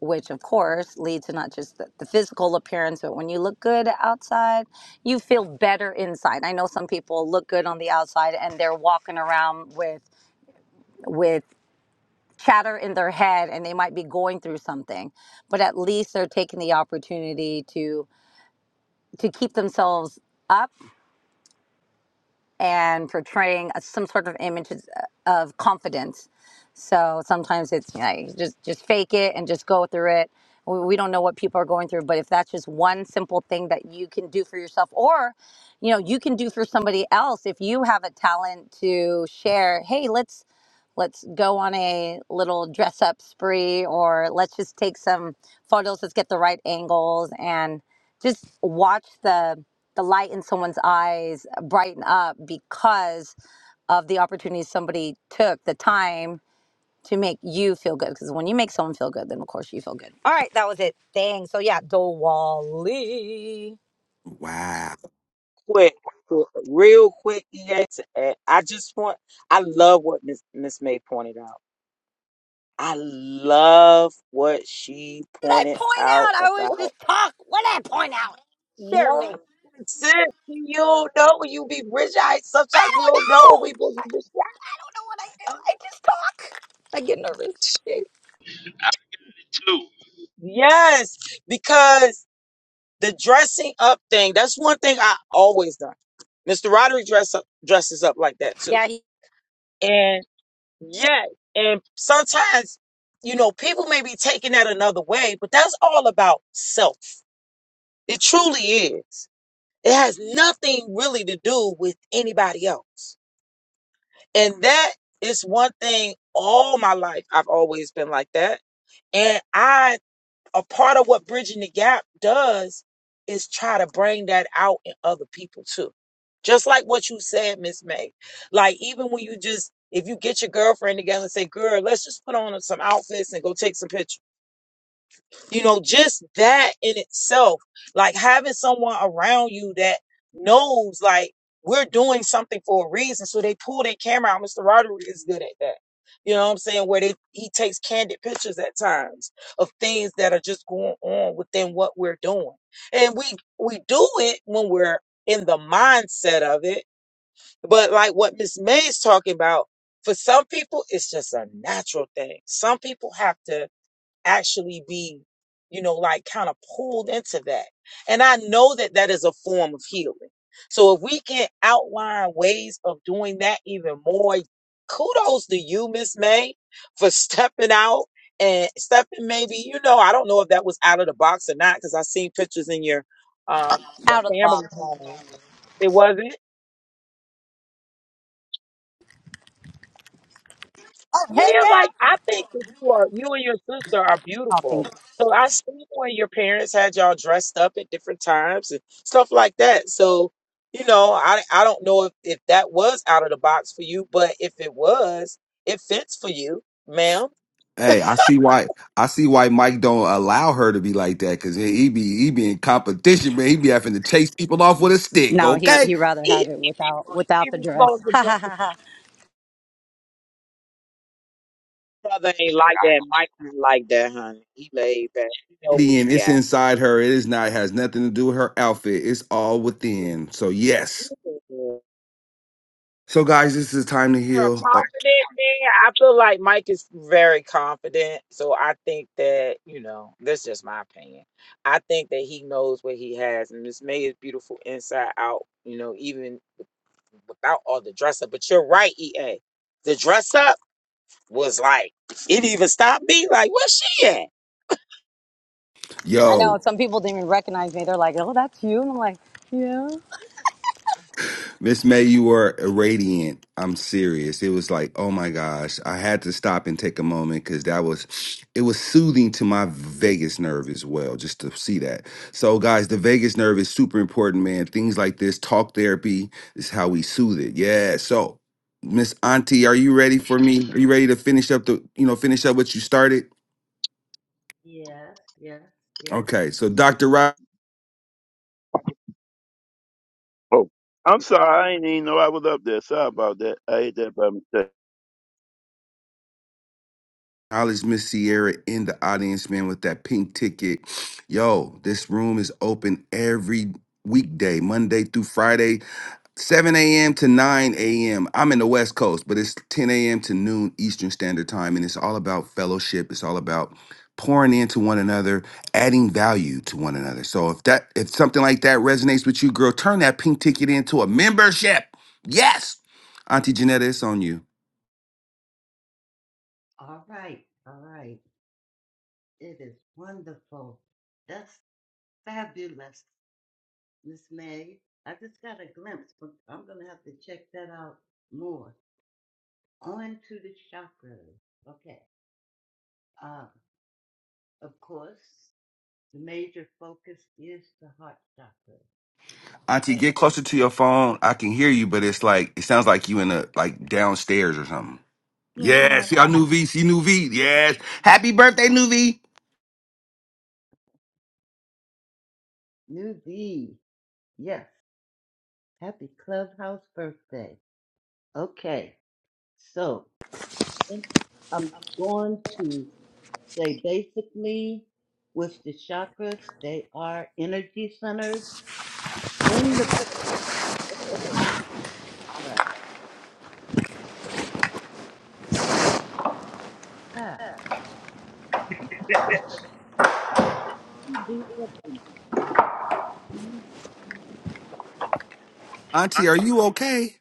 Speaker 4: which of course leads to not just the, the physical appearance but when you look good outside you feel better inside i know some people look good on the outside and they're walking around with with chatter in their head and they might be going through something but at least they're taking the opportunity to to keep themselves up and portraying a- some sort of image of confidence so sometimes it's you know, just just fake it and just go through it we we don't know what people are going through but if that's just one simple thing that you can do for yourself or you know you can do for somebody else if you have a talent to share hey let's Let's go on a little dress up spree, or let's just take some photos. Let's get the right angles and just watch the the light in someone's eyes brighten up because of the opportunity somebody took the time to make you feel good. Because when you make someone feel good, then of course you feel good. All right, that was it. Dang. So yeah, Diwali.
Speaker 1: Wow.
Speaker 3: quick, real quick. EA, to add. I just want, I love what Miss Miss May pointed out. I love what she
Speaker 4: Did I
Speaker 3: pointed
Speaker 4: point
Speaker 3: out
Speaker 4: out? I was
Speaker 3: about.
Speaker 4: just talk. What did I point out? Share me.
Speaker 3: No,
Speaker 4: I
Speaker 3: sis, you don't know when you be rich. I sometimes we don't know
Speaker 4: don't
Speaker 3: when
Speaker 4: know.
Speaker 3: we be rich.
Speaker 4: know what I do. I just talk. I get nervous.
Speaker 6: I did too.
Speaker 3: Yes, because the dressing up thing, that's one thing I always done. Mr. Roderick dress up, dresses up like that too.
Speaker 4: Yeah, he's
Speaker 3: And yeah, and sometimes, you know, people may be taking that another way, but that's all about self. It truly is. It has nothing really to do with anybody else. And that is one thing all my life I've always been like that. And I, a part of what Bridging the Gap does is try to bring that out in other people too. Just like what you said, Miss May. Like even when you just, if you get your girlfriend together and say, girl, let's just put on some outfits and go take some pictures you know, just that in itself, like having someone around you that knows like we're doing something for a reason. So they pull their camera out. Mr. Roderick is good at that. You know what I'm saying? Where they he takes candid pictures at times of things that are just going on within what we're doing. And we we do it when we're in the mindset of it. But like what Miss May is talking about, for some people it's just a natural thing. Some people have to actually be, you know, like kind of pulled into that. And I know that that is a form of healing. So if we can outline ways of doing that even more, kudos to you, Miss May, for stepping out and stepping maybe, you know, I don't know if that was out of the box or not, because I seen pictures in your um your
Speaker 4: out of the
Speaker 3: family
Speaker 4: box.
Speaker 3: home. It wasn't? Yeah,
Speaker 4: Heck
Speaker 3: yeah,
Speaker 4: yeah. I
Speaker 3: like I think that you are you and your sister are
Speaker 4: don't
Speaker 3: beautiful.
Speaker 4: think.
Speaker 3: So I seen when your parents had y'all dressed up at different times and stuff like that. So, you know, I I don't know if, if that was out of the box for you, but if it was, it fits for you, ma'am.
Speaker 1: Hey, I see why I see why Mike don't allow her to be like that. Cause he he be he be in competition, man. He be having to chase people off with a stick,
Speaker 4: No, he
Speaker 1: okay?
Speaker 4: he rather
Speaker 3: He,
Speaker 4: have it
Speaker 3: he, he,
Speaker 4: without
Speaker 3: he
Speaker 4: without the
Speaker 3: was
Speaker 4: dress.
Speaker 3: supposed to dress his
Speaker 4: I
Speaker 3: brother ain't like that. Mike ain't like that, honey. He laid back. He know what
Speaker 1: And
Speaker 3: he
Speaker 1: it's
Speaker 3: got.
Speaker 1: inside her. It is not has nothing to do with her outfit. It's all within. So yes. So, guys, this is time to
Speaker 3: you're a
Speaker 1: heal. Oh,
Speaker 3: confident man. I feel like Mike is very confident. So I think that, you know, that's just my opinion. I think that he knows what he has. And Miss May is beautiful inside out, you know, even without all the dress up. But you're right, EA. The dress up was like, it even stopped me. Like, where's she at?
Speaker 1: yo,
Speaker 4: know some people didn't even recognize me. They're like, "Oh, that's you," and I'm like, "Yeah."
Speaker 1: Miss May, you were radiant. I'm serious. It was like, oh my gosh, I had to stop and take a moment because that was, it was soothing to my vagus nerve as well, just to see that. So, guys, the vagus nerve is super important, man. Things like this, talk therapy is how we soothe it. Yeah. So, Miss Auntie, are you ready for me? Are you ready to finish up the, you know, finish up what you started?
Speaker 5: Yes, yes, yes.
Speaker 1: Okay. So, Dr. Rob.
Speaker 6: Oh, I'm sorry. I didn't even know I was up there. Sorry about that. I ate that by mistake.
Speaker 1: Acknowledge Miss Sierra in the audience, man, with that pink ticket. Yo, this room is open every weekday, Monday through Friday, 7 a.m. to 9 a.m. I'm in the West Coast, but it's 10 a.m. to noon Eastern Standard Time, and it's all about fellowship. It's all about pouring into one another, adding value to one another. So if that if something like that resonates with you, girl, turn that pink ticket into a membership. Yes. Auntie Janetta, it's on you.
Speaker 5: All right, all right. It is wonderful. That's Fabulous, Miss May. I just got a glimpse, but I'm gonna have to check that out more. On to the chakras. Okay. Uh, of course, the major focus is the heart chakra.
Speaker 1: Auntie,
Speaker 5: And
Speaker 1: get closer to your phone. I can hear you, but it's like it sounds like you in a like downstairs or something.
Speaker 5: Can't
Speaker 1: Yeah, see
Speaker 5: have
Speaker 1: I
Speaker 5: it.
Speaker 1: knew V, see new V. Yes. Happy birthday, new V.
Speaker 5: New D, yes. Happy clubhouse birthday. Okay, so I'm going to say basically with the chakras, they are energy centers in the body. All right. Yeah. She do something. Mhm.
Speaker 1: Auntie, are you okay?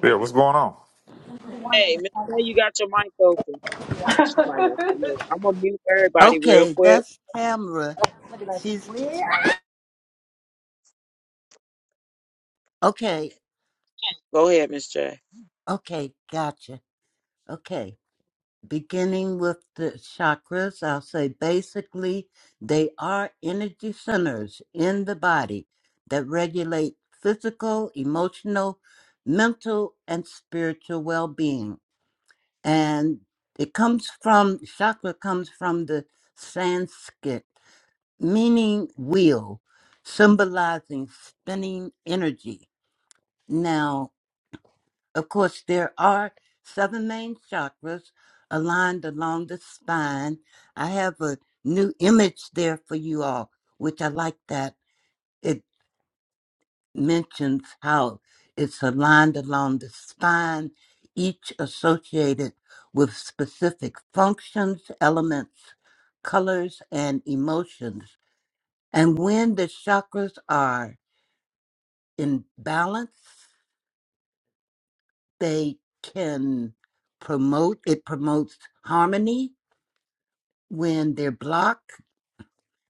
Speaker 7: Yeah, what's going on?
Speaker 3: Hey, Miss May, you got your mic open. She might not can hear. I'm going to mute everybody real
Speaker 5: Okay,
Speaker 3: quick.
Speaker 5: that's Tamra. She's okay.
Speaker 3: Go ahead, Miss J.
Speaker 5: Okay, gotcha. Okay. Beginning with the chakras, I'll say basically they are energy centers in the body that regulate physical, emotional, mental, and spiritual well being. And it comes from chakra comes from the Sanskrit meaning wheel, symbolizing spinning energy. Now, of course, there are seven main chakras aligned along the spine. I have a new image there for you all, which I like that it mentions how it's aligned along the spine, each associated with specific functions, elements, colors, and emotions. And when the chakras are in balance. They can promote, it promotes harmony when they're blocked.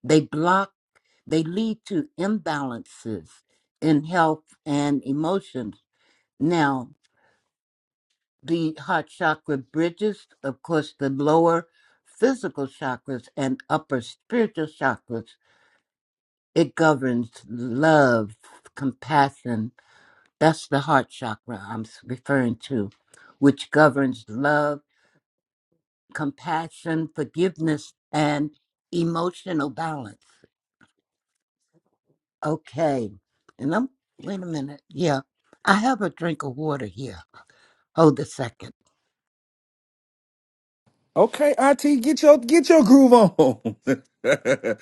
Speaker 5: They block, they lead to imbalances in health and emotions. Now, the heart chakra bridges, of course, the lower physical chakras and upper spiritual chakras. It governs love, compassion. That's the heart chakra I'm s- referring to, which governs love compassion, forgiveness, and emotional balance. Okay. And I'm, wait a minute. Yeah. I have a drink of water here. Hold a second.
Speaker 1: Okay, Auntie, get your get your groove on.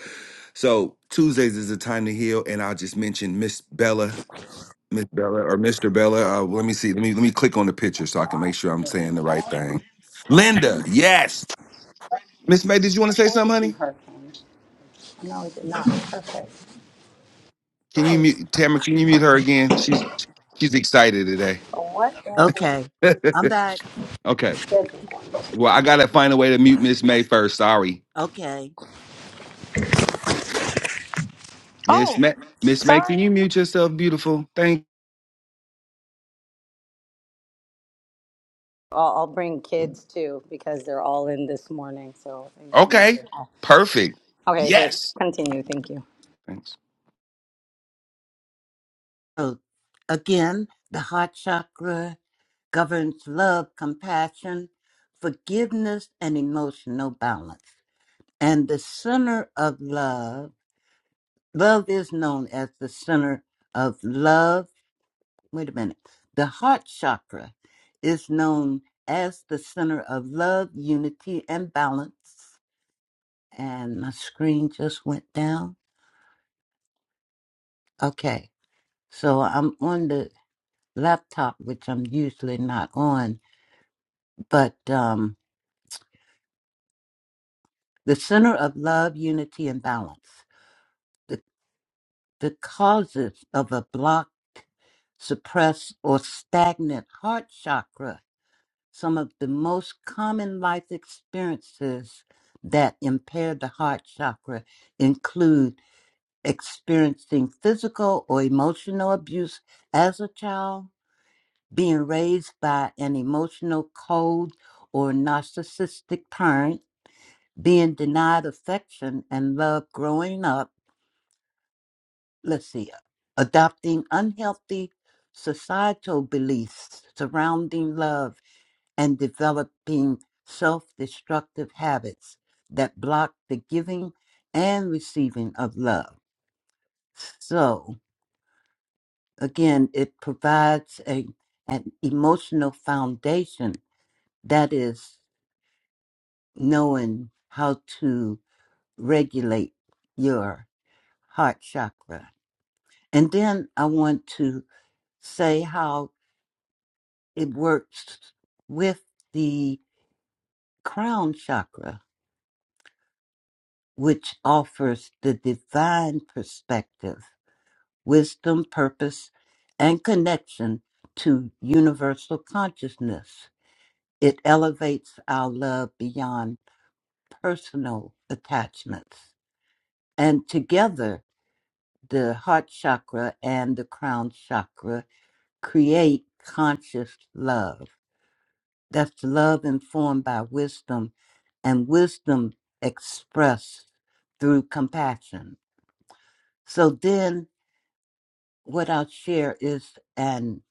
Speaker 1: so Tuesdays is the time to heal, and I'll just mention Miss Bella, Miss Bella or Mr. Bella. Uh, let me see. Let me let me click on the picture so I can
Speaker 4: God,
Speaker 1: make sure I'm
Speaker 4: there's
Speaker 1: saying the right
Speaker 4: all those
Speaker 1: thing. Linda, yes. Miss May, did you want to say something,
Speaker 4: pointed to
Speaker 1: honey?
Speaker 4: hurricanes. No, it did not. Perfect.
Speaker 1: Can you mute Tamara? Can you mute her again? She's she's excited today.
Speaker 5: Okay. I'm back.
Speaker 1: okay. Well, I gotta find a way to mute Miss May first. Sorry,
Speaker 5: Okay.
Speaker 1: Miss May. Miss May, can you mute yourself, beautiful? Thank.
Speaker 4: I'll, I'll bring kids too because they're all in this morning, so they can come in.
Speaker 1: Okay. Perfect.
Speaker 4: Okay, but
Speaker 1: Yes.
Speaker 4: continue. Thank you.
Speaker 1: Thanks.
Speaker 5: So again, the heart chakra governs love, compassion, forgiveness, and emotional balance. And the center of love, love is known as the center of love wait a minute. The heart chakra is known as the center of love, unity, and balance. And my screen just went down. Okay. So I'm on the laptop, which I'm usually not on, but um, the center of love, unity, and balance. The, the causes of a blocked, suppressed, or stagnant heart chakra some of the most common life experiences that impair the heart chakra include experiencing physical or emotional abuse as a child, being raised by an emotional cold or narcissistic parent, being denied affection and love growing up, let's see, adopting unhealthy societal beliefs surrounding love and developing self destructive habits that block the giving and receiving of love. So, again, it provides a, an emotional foundation that is knowing how to regulate your heart chakra. And then I want to say how it works with the crown chakra which offers the divine perspective, wisdom, purpose, and connection to universal consciousness. It elevates our love beyond personal attachments. And together, the heart chakra and the crown chakra create conscious love. That's love informed by wisdom and wisdom expressed through compassion. So then what I'll share is an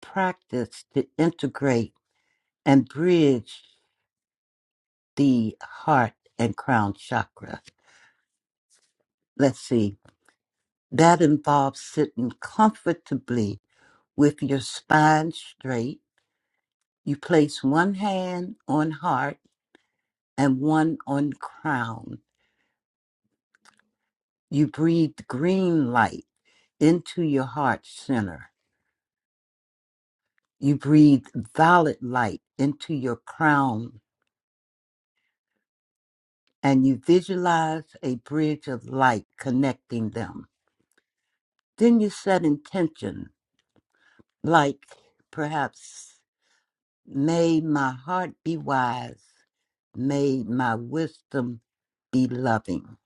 Speaker 5: practice to integrate and bridge the heart and crown chakra. Let's see. That involves sitting comfortably with your spine straight. You place one hand on heart and one on crown. You breathe green light into your heart center. You breathe violet light into your crown and you visualize a bridge of light connecting them. Then you set intention, like perhaps, may my heart be wise, may my wisdom be loving.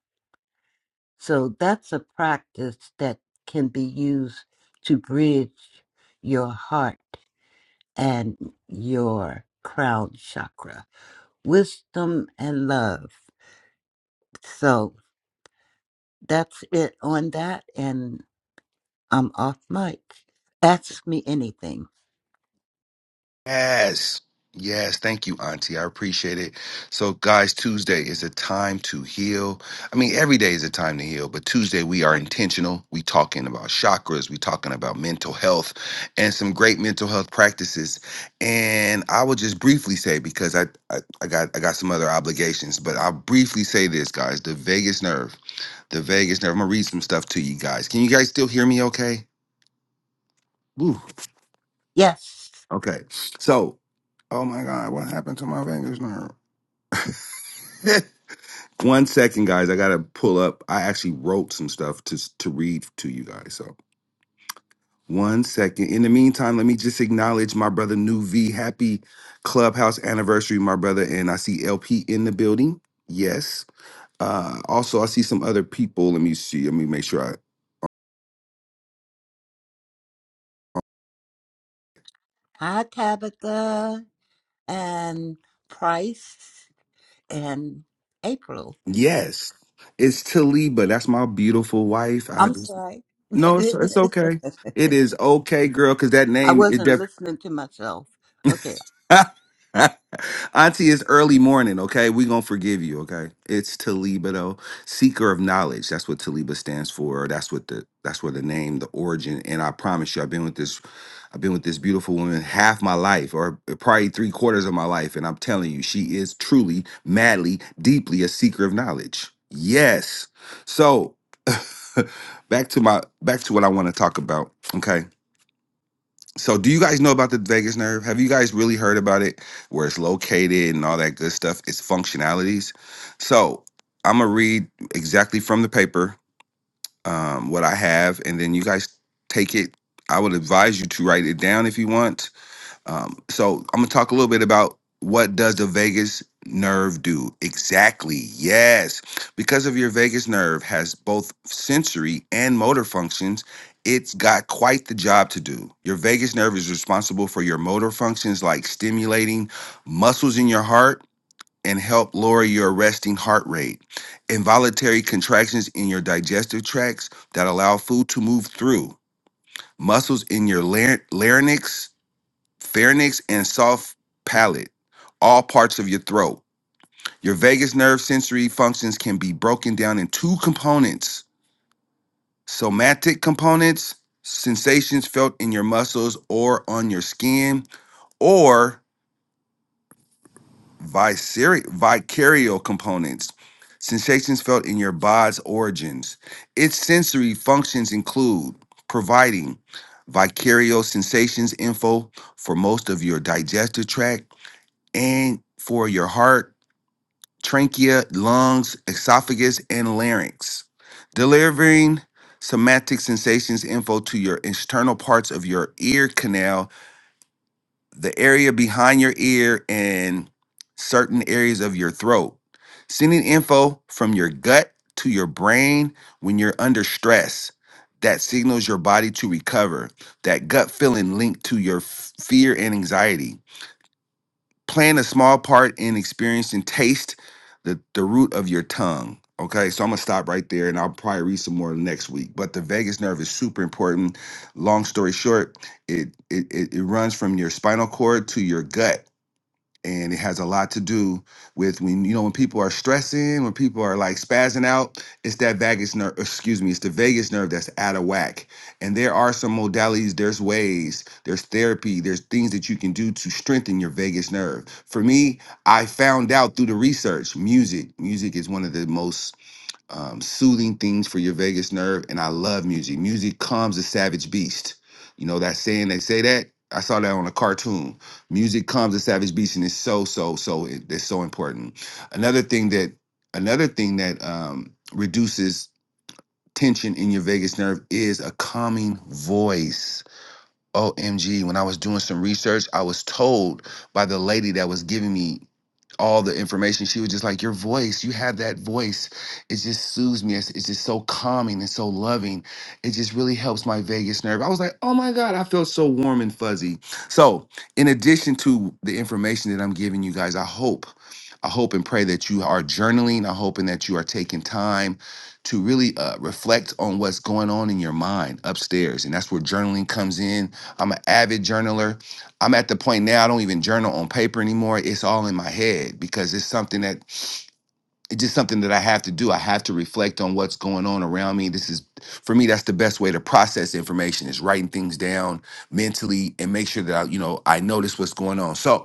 Speaker 5: So that's a practice that can be used to bridge your heart and your crown chakra, wisdom and love. So that's it on that. And I'm off mic. Ask me anything.
Speaker 1: Yes. Yes. Thank you, Auntie. I appreciate it. So, guys, Tuesday is a time to heal. I mean, every day is a time to heal, but Tuesday we are intentional. We talking about chakras, we talking about mental health and some great mental health practices. And I will just briefly say, because I, I, I got I got some other obligations, but I'll briefly say this, guys. The vagus nerve. The vagus nerve. I'm gonna read some stuff to you guys. Can you guys still hear me okay? Woo.
Speaker 5: Yes.
Speaker 1: Okay. So, oh my God, what happened to my fingers now? One second, guys. I gotta pull up. I actually wrote some stuff to to read to you guys. So one second. In the meantime, let me just acknowledge my brother New V. Happy clubhouse anniversary, my brother. And I see LP in the building. Yes. Uh also I see some other people. Let me see. Let me make sure I
Speaker 5: Hi, Tabitha and Price and April.
Speaker 1: Yes. It's Taliba. That's my beautiful wife. I
Speaker 5: I'm sorry.
Speaker 1: no, it's, it's okay. It is okay, girl, because that
Speaker 5: I
Speaker 1: name it
Speaker 5: wasn't
Speaker 1: definitely.
Speaker 5: listening to myself. Okay.
Speaker 1: Auntie, it's early morning, okay? we gonna forgive you, okay? It's Taliba though. Seeker of knowledge. That's what Taliba stands for. That's what the that's where the name, the origin. And I promise you, I've been with this, I've been with this beautiful woman half my life, or probably three quarters of my life. And I'm telling you, she is truly, madly, deeply a seeker of knowledge. Yes. So back to my back to what I want to talk about. Okay. So, do you guys know about the vagus nerve? Have you guys really heard about it, where it's located and all that good stuff? Its functionalities. So, I'm gonna read exactly from the paper um, what I have, and then you guys take it. I would advise you to write it down if you want, um, so I'm gonna talk a little bit about what does the vagus nerve do exactly? Yes, because of your vagus nerve has both sensory and motor functions. It's got quite the job to do. Your vagus nerve is responsible for your motor functions like stimulating muscles in your heart and help lower your resting heart rate. Involuntary contractions in your digestive tracts that allow food to move through. Muscles in your laryn- larynx pharynx and soft palate, all parts of your throat. Your vagus nerve sensory functions can be broken down in two components somatic components, sensations felt in your muscles or on your skin, or viscer- vicarial components, sensations felt in your body's origins. Its sensory functions include providing vicarial sensations info for most of your digestive tract and for your heart, trachea, lungs, esophagus, and larynx, delivering somatic sensations info to your external parts of your ear canal, the area behind your ear, and certain areas of your throat. Sending info from your gut to your brain when you're under stress. That signals your body to recover. That gut feeling linked to your f- fear and anxiety playing a small part in experiencing taste the the root of your tongue okay so i'm gonna stop right there and i'll probably read some more next week but the vagus nerve is super important long story short it it, it, it runs from your spinal cord to your gut and it has a lot to do with when you know when people are stressing when people are like spazzing out it's that vagus nerve excuse me it's the vagus nerve that's out of whack and there are some modalities there's ways there's therapy there's things that you can do to strengthen your vagus nerve for me i found out through the research music music is one of the most um, soothing things for your vagus nerve. And I love music. Music calms the savage beast. You know that saying they say that. I saw that on a cartoon. Music calms the savage beast, and it's so so so. It, it's so important. Another thing that another thing that um, reduces tension in your vagus nerve is a calming voice OMG, when I was doing some research, I was told by the lady that was giving me all the information. She was just like, Your voice, you have that voice. It just soothes me. It's, it's just so calming and so loving. It just really helps my vagus nerve. I was like, Oh my God, I feel so warm and fuzzy. So, in addition to the information that I'm giving you guys, I hope. I hope and pray that you are journaling. I hope and that you are taking time to really uh, reflect on what's going on in your mind upstairs. And that's where journaling comes in I'm an avid journaler. I'm at the point now I don't even journal on paper anymore. It's all in my head because it's something that it's just something that I have to do. I have to reflect on what's going on around me. This is for me that's the best way to process information is writing things down mentally and make sure that I, you know, I notice what's going on. So,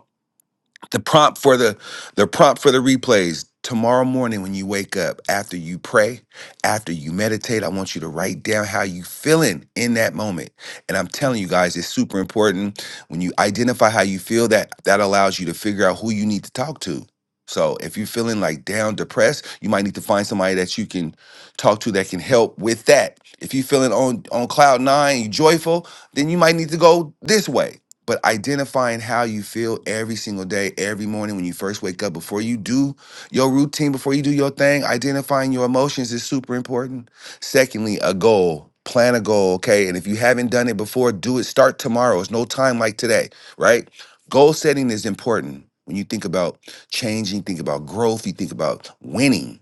Speaker 1: the prompt for the the prompt for the replays tomorrow morning when you wake up after you pray, after you meditate, I want you to write down how you feeling in that moment. And I'm telling you guys, it's super important when you identify how you feel that that allows you to figure out who you need to talk to. So if you're feeling like down, depressed, you might need to find somebody that you can talk to that can help with that. If you're feeling on on cloud nine, you joyful, then you might need to go this way but identifying how you feel every single day, every morning when you first wake up, before you do your routine, before you do your thing, identifying your emotions is super important. Secondly, a goal. Plan a goal, okay? And if you haven't done it before, do it. Start tomorrow. It's no time like today, right? Goal setting is important. When you think about changing, think about growth, you think about winning.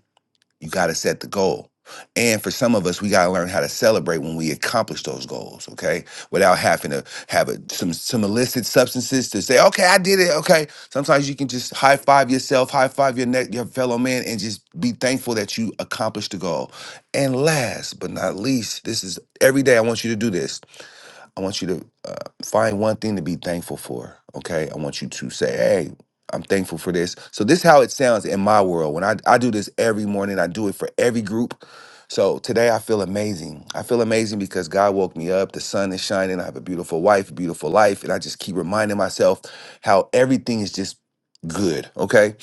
Speaker 1: You got to set the goal. And for some of us, we got to learn how to celebrate when we accomplish those goals, okay? Without having to have a, some some illicit substances to say, "Okay, I did it." Okay. Sometimes you can just high five yourself, high five your neck, your fellow man and just be thankful that you accomplished the goal. And last but not least, this is every day I want you to do this. I want you to uh, find one thing to be thankful for. Okay. I want you to say, hey, I'm thankful for this. So this is how it sounds in my world. When I, I do this every morning, I do it for every group. So today I feel amazing. I feel amazing because God woke me up. The sun is shining. I have a beautiful wife, a beautiful life. And I just keep reminding myself how everything is just good. Okay.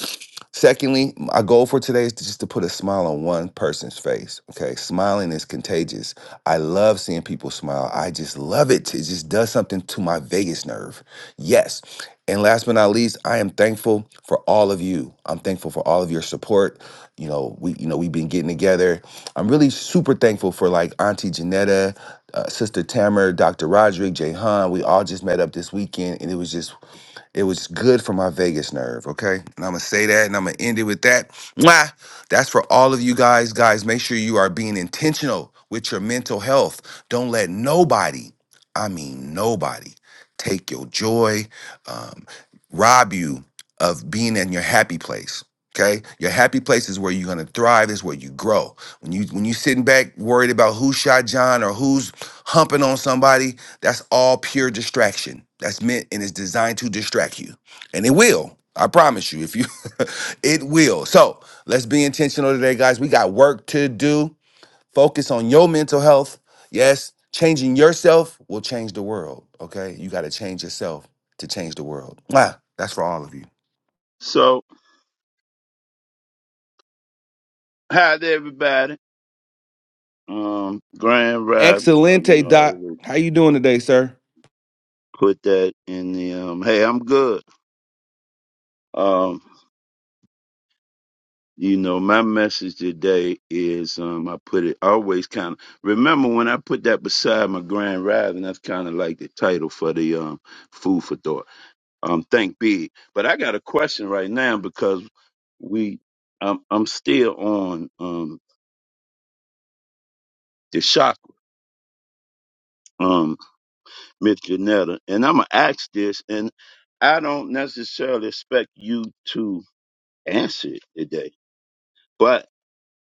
Speaker 1: Secondly, my goal for today is to just to put a smile on one person's face. Okay. Smiling is contagious. I love seeing people smile. I just love it. It just does something to my Vegas nerve. Yes. And last but not least, I am thankful for all of you. I'm thankful for all of your support. You know, we you know we've been getting together. I'm really super thankful for like Auntie Janetta, uh, Sister Tamer, Dr. Roderick, Jay Han. We all just met up this weekend, and it was just it was good for my Vegas nerve, okay? And I'm gonna say that and I'm gonna end it with that. Mwah! That's for all of you guys. Guys, make sure you are being intentional with your mental health. Don't let nobody, I mean nobody, take your joy, um, rob you of being in your happy place. Okay. Your happy place is where you're gonna thrive, is where you grow. When you when you sitting back worried about who shot John or who's humping on somebody, that's all pure distraction. That's meant and is designed to distract you. And it will. I promise you. If you it will. So let's be intentional today, guys. We got work to do. Focus on your mental health. Yes, changing yourself will change the world. Okay. You gotta change yourself to change the world. Mwah. That's for all of you.
Speaker 6: So, hi to everybody. Um, Grand Rap, you
Speaker 1: Excelente,
Speaker 6: know, I
Speaker 1: Doc.
Speaker 6: would
Speaker 1: How you doing today, sir?
Speaker 6: put that in the, um, hey, I'm good. Um, you know, my message today is, um, I put it always kind of, remember when I put that beside my Grand Rap, and that's kind of like the title for the, um, food for thought um, thank be. But I got a question right now because we, I'm, I'm still on um, the shock, um, Miss Janetta, and I'm gonna ask this, and I don't necessarily expect you to answer it today, but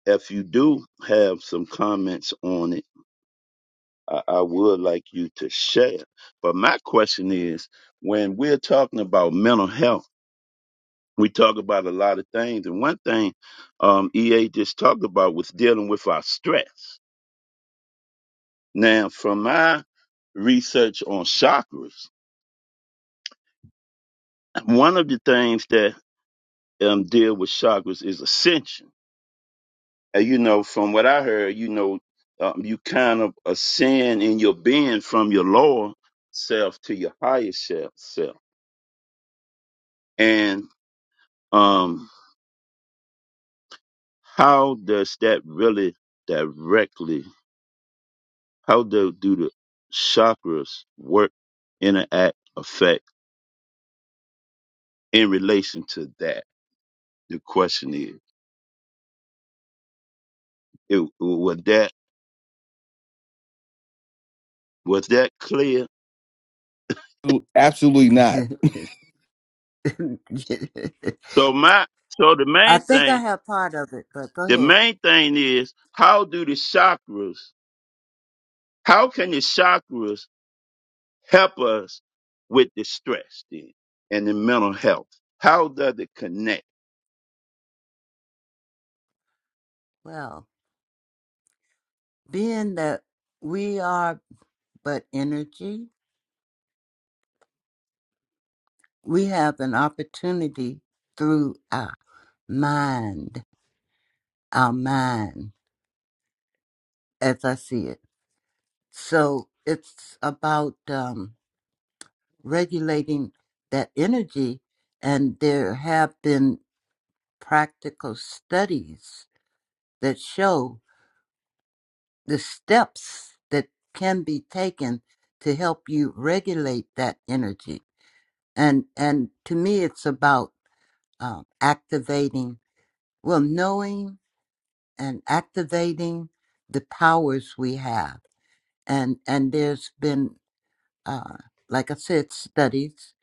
Speaker 6: if you do have some comments on it, I, I would like you to share. But my question is, when we're talking about mental health. we talk about a lot of things, and one thing um, EA just talked about was dealing with our stress. Now, from my research on chakras, one of the things that um, deal with chakras is ascension. And you know, from what I heard, you know, um, you kind of ascend in your being from your lower self to your higher self. self. And um, how does that really directly? How do, do the chakras work, interact, affect in relation to that? The question is, it, was that was that clear?
Speaker 1: Absolutely not.
Speaker 6: So my so the
Speaker 5: I
Speaker 6: main
Speaker 5: think I
Speaker 6: thing,
Speaker 5: have part of it, but go
Speaker 6: the
Speaker 5: ahead.
Speaker 6: main thing is how do the chakras, how can the chakras help us with the stress then and the mental health? How does it connect?
Speaker 5: Well, being that we are but energy, we have an opportunity through our mind, our mind. as I see it. So it's about um, regulating that energy, and there have been practical studies that show the steps that can be taken to help you regulate that energy. And and to me, it's about um, activating, well, knowing and activating the powers we have. And and there's been uh, like I said, studies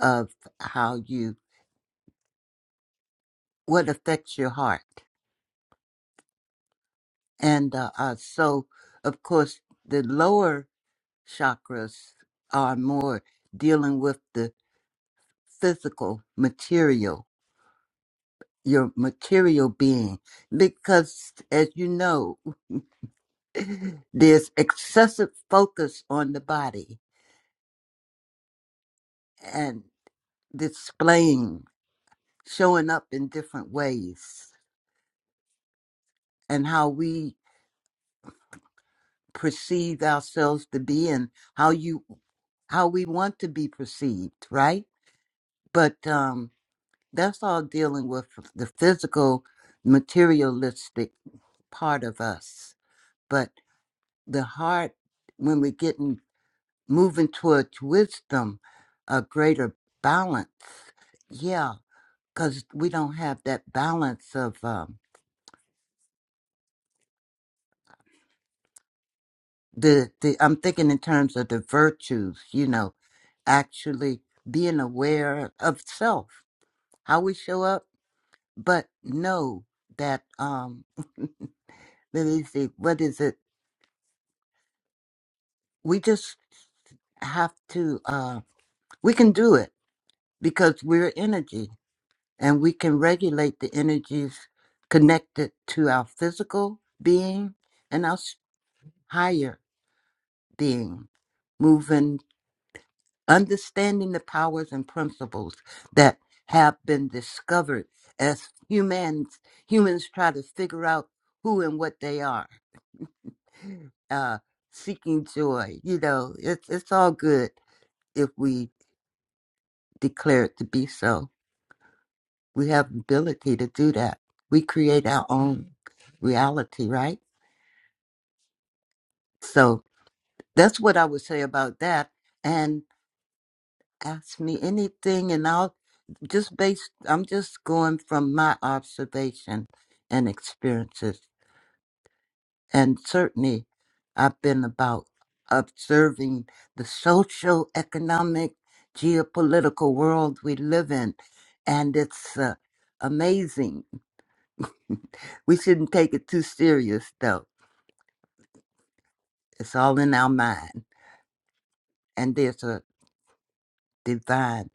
Speaker 5: of how you what affects your heart, and uh, uh, so of course the lower chakras are more dealing with the physical material, your material being, because as you know, there's excessive focus on the body and displaying, showing up in different ways, and how we perceive ourselves to be and how you how we want to be perceived right but um that's all dealing with the physical materialistic part of us but the heart when we're getting moving towards wisdom a greater balance yeah because we don't have that balance of um the, the i'm thinking in terms of the virtues you know actually being aware of self how we show up, but know that um let me see, what is it? We just have to uh we can do it because we're energy and we can regulate the energies connected to our physical being and our s- higher being, moving understanding the powers and principles that have been discovered as humans humans try to figure out who and what they are uh, seeking joy. You know, it's it's all good if we declare it to be so. We have the ability to do that. We create our own reality, right? So that's what I would say about that. And ask me anything, and I'll just based. I'm just going from my observation and experiences. And certainly, I've been about observing the social, economic, geopolitical world we live in. And it's uh, amazing. We shouldn't take it too serious, though. It's all in our mind. And there's a divine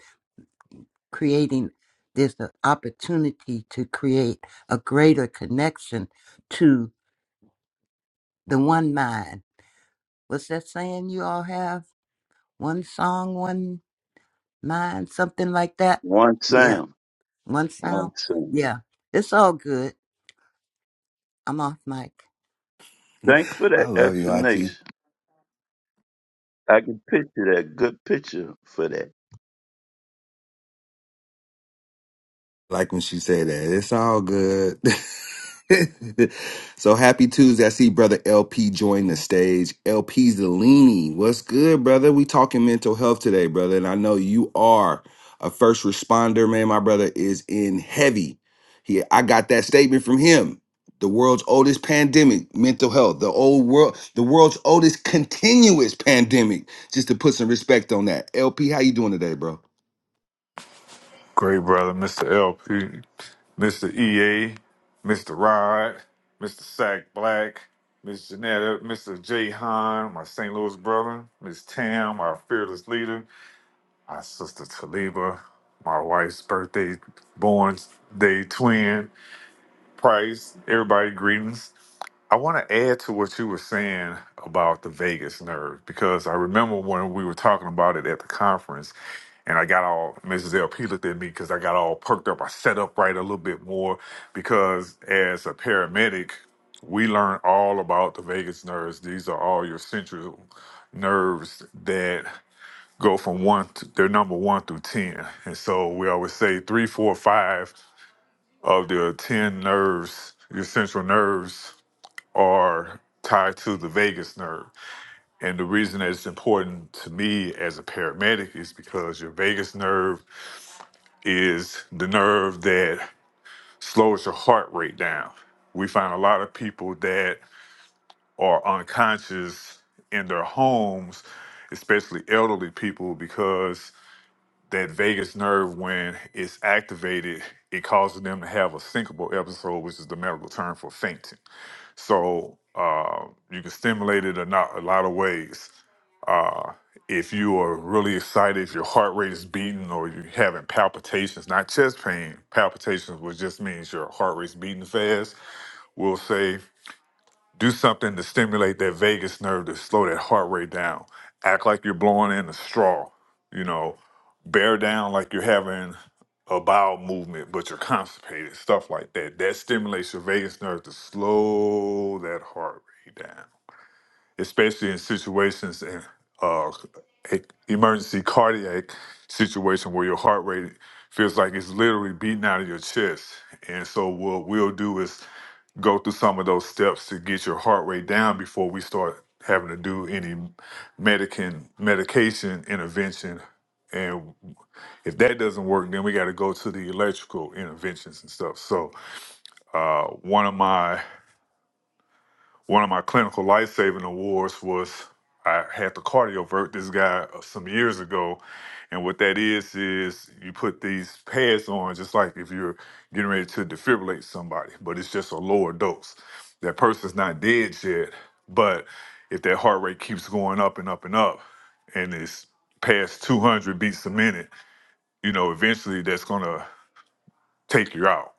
Speaker 5: creating, there's an opportunity to create a greater connection to the one mind. What's that saying you all have? One song, one. mine, something like that.
Speaker 6: One
Speaker 5: Yeah,
Speaker 6: sound,
Speaker 5: one
Speaker 6: one
Speaker 5: sound.
Speaker 6: sound.
Speaker 5: Yeah, it's all good. I'm off mic.
Speaker 6: Thanks for
Speaker 1: I
Speaker 6: that
Speaker 1: love you, Auntie.
Speaker 6: explanation. I can picture that. Good picture for that.
Speaker 1: Like when she say that, it's all good. so happy Tuesday. I see brother LP join the stage. LP Zelini. What's good, brother? We talking mental health today, brother. And I know you are a first responder, man. My brother is in heavy. He I got that statement from him. The world's oldest pandemic, mental health. The old world, the world's oldest continuous pandemic. Just to put some respect on that. LP, how you doing today, bro?
Speaker 7: Great brother, Mr. LP, Mr. EA, Mr. Rod, Mr. Sack Black, Miss Janetta, Mr. Jay Hahn, my St. Louis brother, Miss Tam, our fearless leader, our sister Taliba, my wife's birthday, born day twin, Price, everybody, greetings. I want to add to what you were saying about the vagus nerve because I remember when we were talking about it at the conference, and I got all Mrs. LP looked at me because I got all perked up. I set up right a little bit more because as a paramedic, we learn all about the vagus nerves. These are all your central nerves that go from one, to, they're number one through 10. And so we always say three, four, five of the 10 nerves, your central nerves are tied to the vagus nerve. And the reason that it's important to me as a paramedic is because your vagus nerve is the nerve that slows your heart rate down. We find a lot of people that are unconscious in their homes, especially elderly people, because that vagus nerve, when it's activated, it causes them to have a syncopal episode, which is the medical term for fainting So uh, you can stimulate it a, not, a lot of ways. Uh, if you are really excited, if your heart rate is beating or you're having palpitations, not chest pain, palpitations, which just means your heart rate's beating fast, we'll say do something to stimulate that vagus nerve to slow that heart rate down. Act like you're blowing in a straw. You know, bear down like you're having a bowel movement, but you're constipated. Stuff like that. That stimulates your vagus nerve to slow that heart rate down especially in situations in uh, a emergency cardiac situation where your heart rate feels like it's literally beating out of your chest. And so what we'll do is go through some of those steps to get your heart rate down before we start having to do any medican medication intervention. And if that doesn't work, then we got to go to the electrical interventions and stuff. So uh, one of my one of my clinical life saving awards was I had to cardiovert this guy uh, some years ago. And what that is, is you put these pads on just like if you're getting ready to defibrillate somebody, but it's just a lower dose. That person's not dead yet, but if that heart rate keeps going up and up and up and it's past 200 beats a minute, you know, eventually that's going to take you out.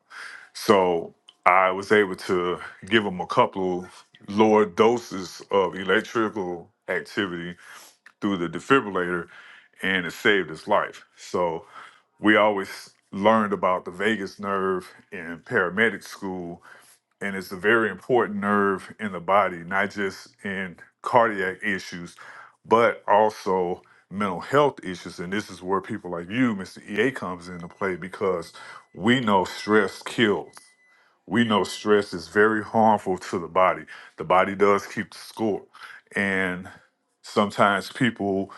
Speaker 7: So I was able to give them a couple lower doses of electrical activity through the defibrillator, and it saved his life. So we always learned about the vagus nerve in paramedic school, and it's a very important nerve in the body, not just in cardiac issues, but also mental health issues. And this is where people like you, Mr. EA, comes into play because we know stress kills we know stress is very harmful to the body. The body does keep the score. And sometimes people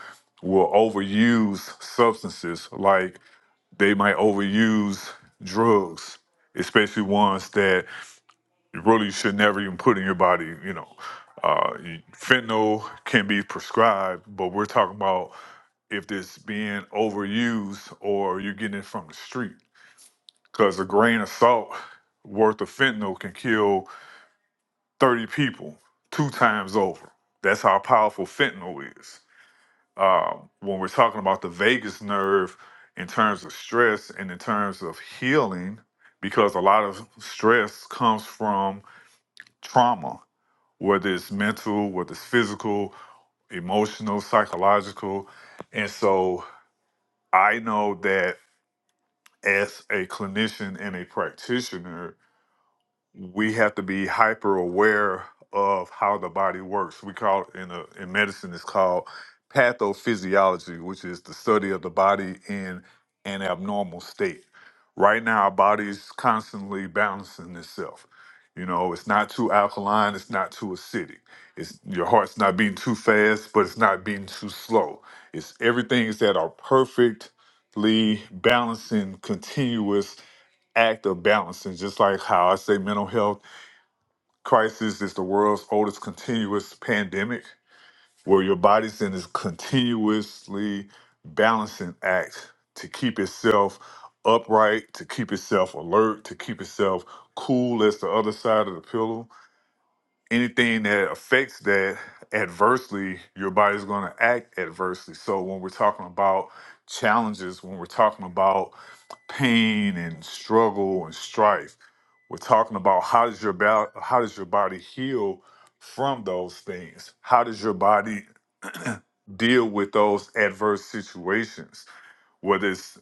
Speaker 7: will overuse substances, like they might overuse drugs, especially ones that you really should never even put in your body. You know, uh, you- fentanyl can be prescribed, but we're talking about if it's being overused or you're getting it from the street. Because a grain of salt worth of fentanyl can kill 30 people two times over. That's how powerful fentanyl is. Uh, when we're talking about the vagus nerve in terms of stress and in terms of healing, because a lot of stress comes from trauma, whether it's mental, whether it's physical, emotional, psychological. And so I know that as a clinician and a practitioner, we have to be hyper aware of how the body works. We call it in a, in medicine it's called pathophysiology, which is the study of the body in an abnormal state. Right now, our body is constantly balancing itself. You know, it's not too alkaline, it's not too acidic. It's your heart's not beating too fast, but it's not beating too slow. It's everything is at our perfectly balancing, continuous act of balancing, just like how I say mental health crisis is the world's oldest continuous pandemic, where your body's in this continuously balancing act to keep itself upright, to keep itself alert, to keep itself cool as the other side of the pillow anything that affects that adversely, your body's going to act adversely. So when we're talking about challenges, when we're talking about pain and struggle and strife, we're talking about how does your bo- how does your body heal from those things? How does your body deal with those adverse situations? Whether it's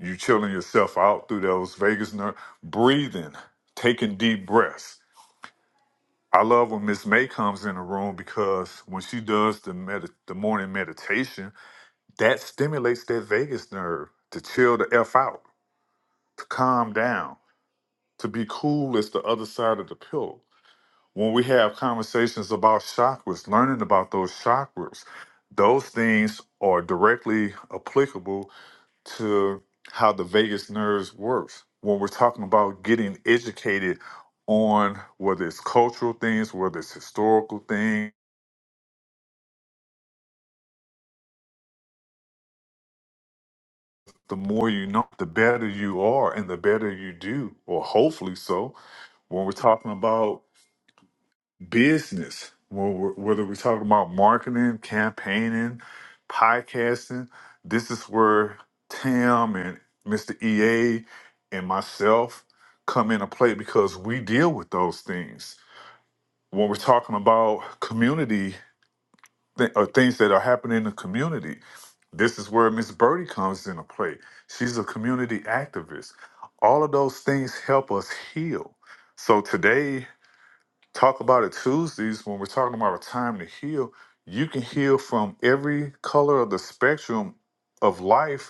Speaker 7: you chilling yourself out through those vagus nerve, breathing, taking deep breaths I love when Miss May comes in the room because when she does the med- the morning meditation, that stimulates that vagus nerve to chill the f out, to calm down, to be cool as the other side of the pillow. When we have conversations about chakras, learning about those chakras, those things are directly applicable to how the vagus nerves works. When we're talking about getting educated on whether it's cultural things, whether it's historical things the more you know, the better you are and the better you do, or hopefully so. When we're talking about business, when we're, whether we're talking about marketing, campaigning, podcasting, this is where Tam and Mr. EA and myself come into play because we deal with those things. When we're talking about community th- or things that are happening in the community. This is where Miss Birdie comes into play. She's a community activist. All of those things help us heal. So today, talk about it Tuesdays when we're talking about a time to heal. You can heal from every color of the spectrum of life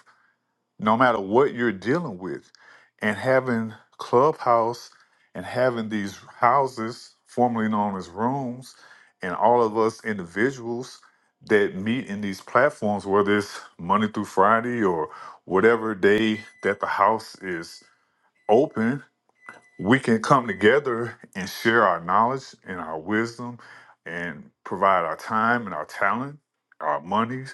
Speaker 7: no matter what you're dealing with. And having Clubhouse and having these houses, formerly known as rooms, and all of us individuals that meet in these platforms, whether it's Monday through Friday or whatever day that the house is open, we can come together and share our knowledge and our wisdom and provide our time and our talent, our money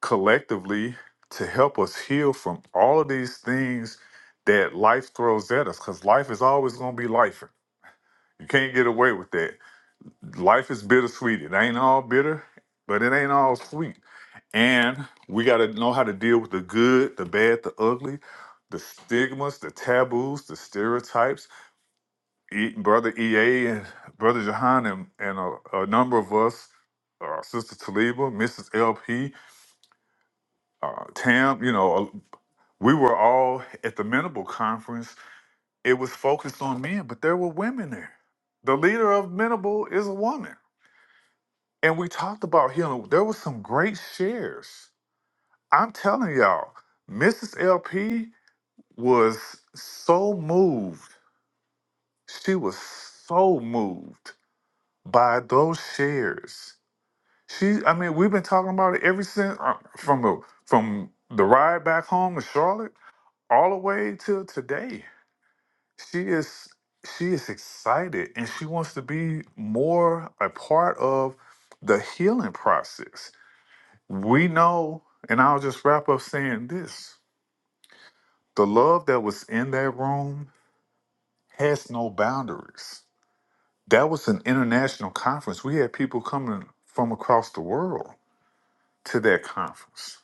Speaker 7: collectively to help us heal from all of these things that life throws at us because life is always going to be life. You can't get away with that. Life is bittersweet. It ain't all bitter, but it ain't all sweet. And we got to know how to deal with the good, the bad, the ugly, the stigmas, the taboos, the stereotypes. E- Brother EA and Brother Jahan and, and a, a number of us, uh, Sister Taliba, Mrs. LP, uh, Tam, you know, We were all at the Menable conference. It was focused on men, but there were women there. The leader of Menable is a woman. And we talked about healing. There were some great shares. I'm telling y'all, Mrs. LP was so moved. She was so moved by those shares. She, I mean, we've been talking about it ever since uh, from the from the ride back home to Charlotte all the way till today she is she is excited and she wants to be more a part of the healing process we know and i'll just wrap up saying this the love that was in that room has no boundaries that was an international conference we had people coming from across the world to that conference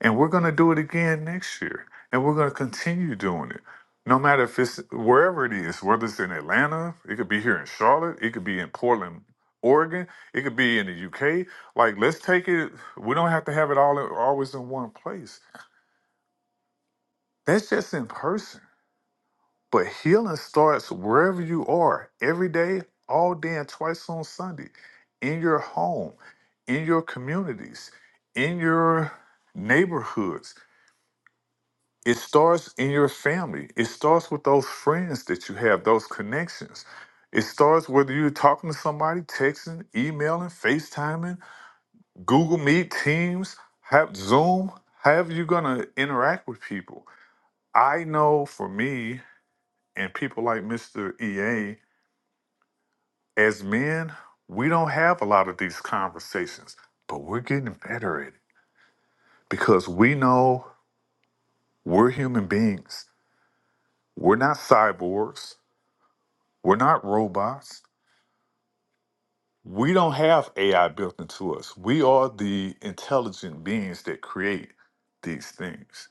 Speaker 7: And we're going to do it again next year. And we're going to continue doing it. No matter if it's wherever it is, whether it's in Atlanta, it could be here in Charlotte, it could be in Portland, Oregon, it could be in the UK. Like, let's take it. We don't have to have it all always in one place. That's just in person. But healing starts wherever you are, every day, all day, and twice on Sunday, in your home, in your communities, in your neighborhoods It starts in your family. It starts with those friends that you have, those connections. It starts whether you're talking to somebody, texting, emailing, FaceTiming, Google Meet, Teams, have Zoom. However, you're gonna interact with people. I know for me and people like Mr. EA, as men, we don't have a lot of these conversations, but we're getting better at it because we know we're human beings. We're not cyborgs. We're not robots. We don't have AI built into us. We are the intelligent beings that create these things.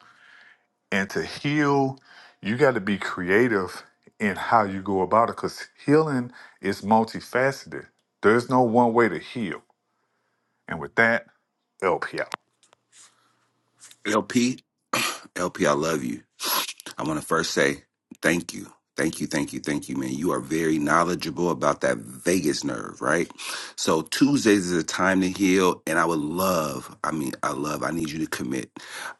Speaker 7: And to heal, you got to be creative in how you go about it because healing is multifaceted. There's no one way to heal. And with that, LP out.
Speaker 1: LP, LP, I love you. I want to first say thank you. Thank you, thank you, thank you, man. You are very knowledgeable about that Vegas nerve, right? So Tuesdays is a time to heal, and I would love, I mean, I love, I need you to commit.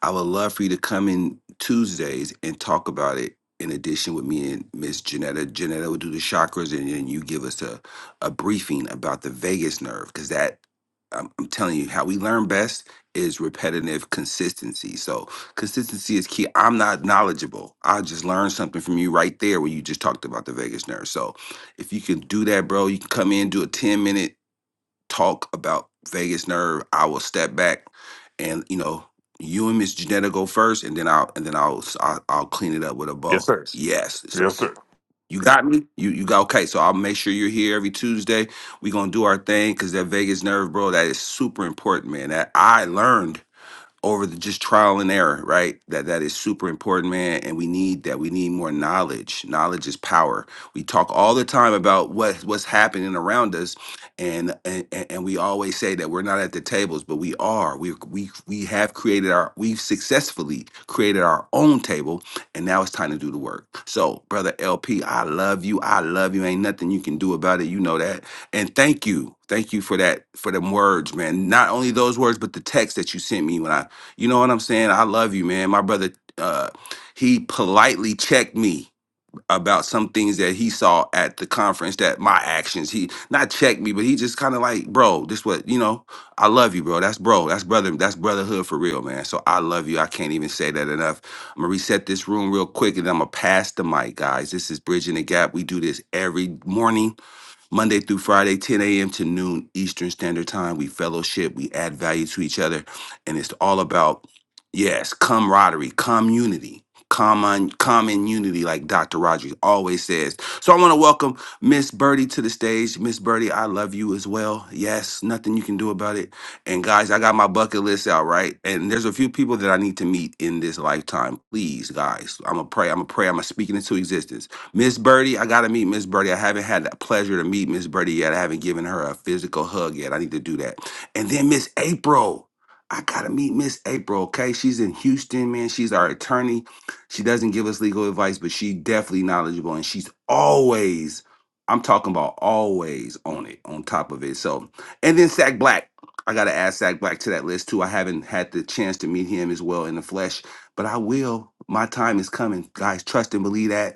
Speaker 1: I would love for you to come in Tuesdays and talk about it in addition with me and Miss Janetta. Janetta will do the chakras, and then you give us a, a briefing about the Vegas nerve, because that, I'm, I'm telling you, how we learn best is repetitive consistency. So consistency is key. I'm not knowledgeable. I just learned something from you right there when you just talked about the vagus nerve. So if you can do that, bro, you can come in, do a 10 minute talk about vagus nerve. I will step back and you know, you and Miss Janetta go first and then I'll and then I'll s- I'll, I'll clean it up with a
Speaker 7: Yes,
Speaker 1: bow.
Speaker 7: sir.
Speaker 1: Yes. So
Speaker 7: Yes, sir.
Speaker 1: you got me? You you got okay. So I'll make sure you're here every Tuesday. We're gonna do our thing because that Vegas nerve, bro, that is super important, man. That I learned over the just trial and error, right? That that is super important, man. And we need that. We need more knowledge. Knowledge is power. We talk all the time about what what's happening around us, and and and and we always say that we're not at the tables, but we are. We we we have created our. We've successfully created our own table, and now it's time to do the work. So, brother LP, I love you. I love you. Ain't nothing you can do about it. You know that. And thank you. Thank you for that, for them words, man. Not only those words, but the text that you sent me when I you know what I'm saying? I love you, man. My brother, uh, he politely checked me about some things that he saw at the conference that my actions he not checked me but he just kind of like bro this what you know i love you bro that's bro that's brother that's brotherhood for real man so i love you i can't even say that enough i'm gonna reset this room real quick and i'm gonna pass the mic guys this is bridging the gap we do this every morning Monday through Friday, 10 a.m. to noon Eastern Standard Time. We fellowship, we add value to each other. And it's all about, yes, camaraderie, community, common, common unity, like Dr. Rogers always says. So I want to welcome Miss Birdie to the stage. Miss Birdie, I love you as well. Yes, nothing you can do about it. And guys, I got my bucket list out, right? And there's a few people that I need to meet in this lifetime. Please, guys, I'm going to pray, I'm going to pray, I'm going to speak it into existence. Miss Birdie, I gotta meet Miss Birdie. I haven't had the pleasure to meet Miss Birdie yet. I haven't given her a physical hug yet. I need to do that. And then Miss April. I gotta meet Miss April, okay? She's in Houston, man. She's our attorney. She doesn't give us legal advice, but she's definitely knowledgeable and she's always, I'm talking about always on it, on top of it. So, and then Sack Black. I gotta add Sack Black to that list too. I haven't had the chance to meet him as well in the flesh, but I will. My time is coming, guys. Trust and believe that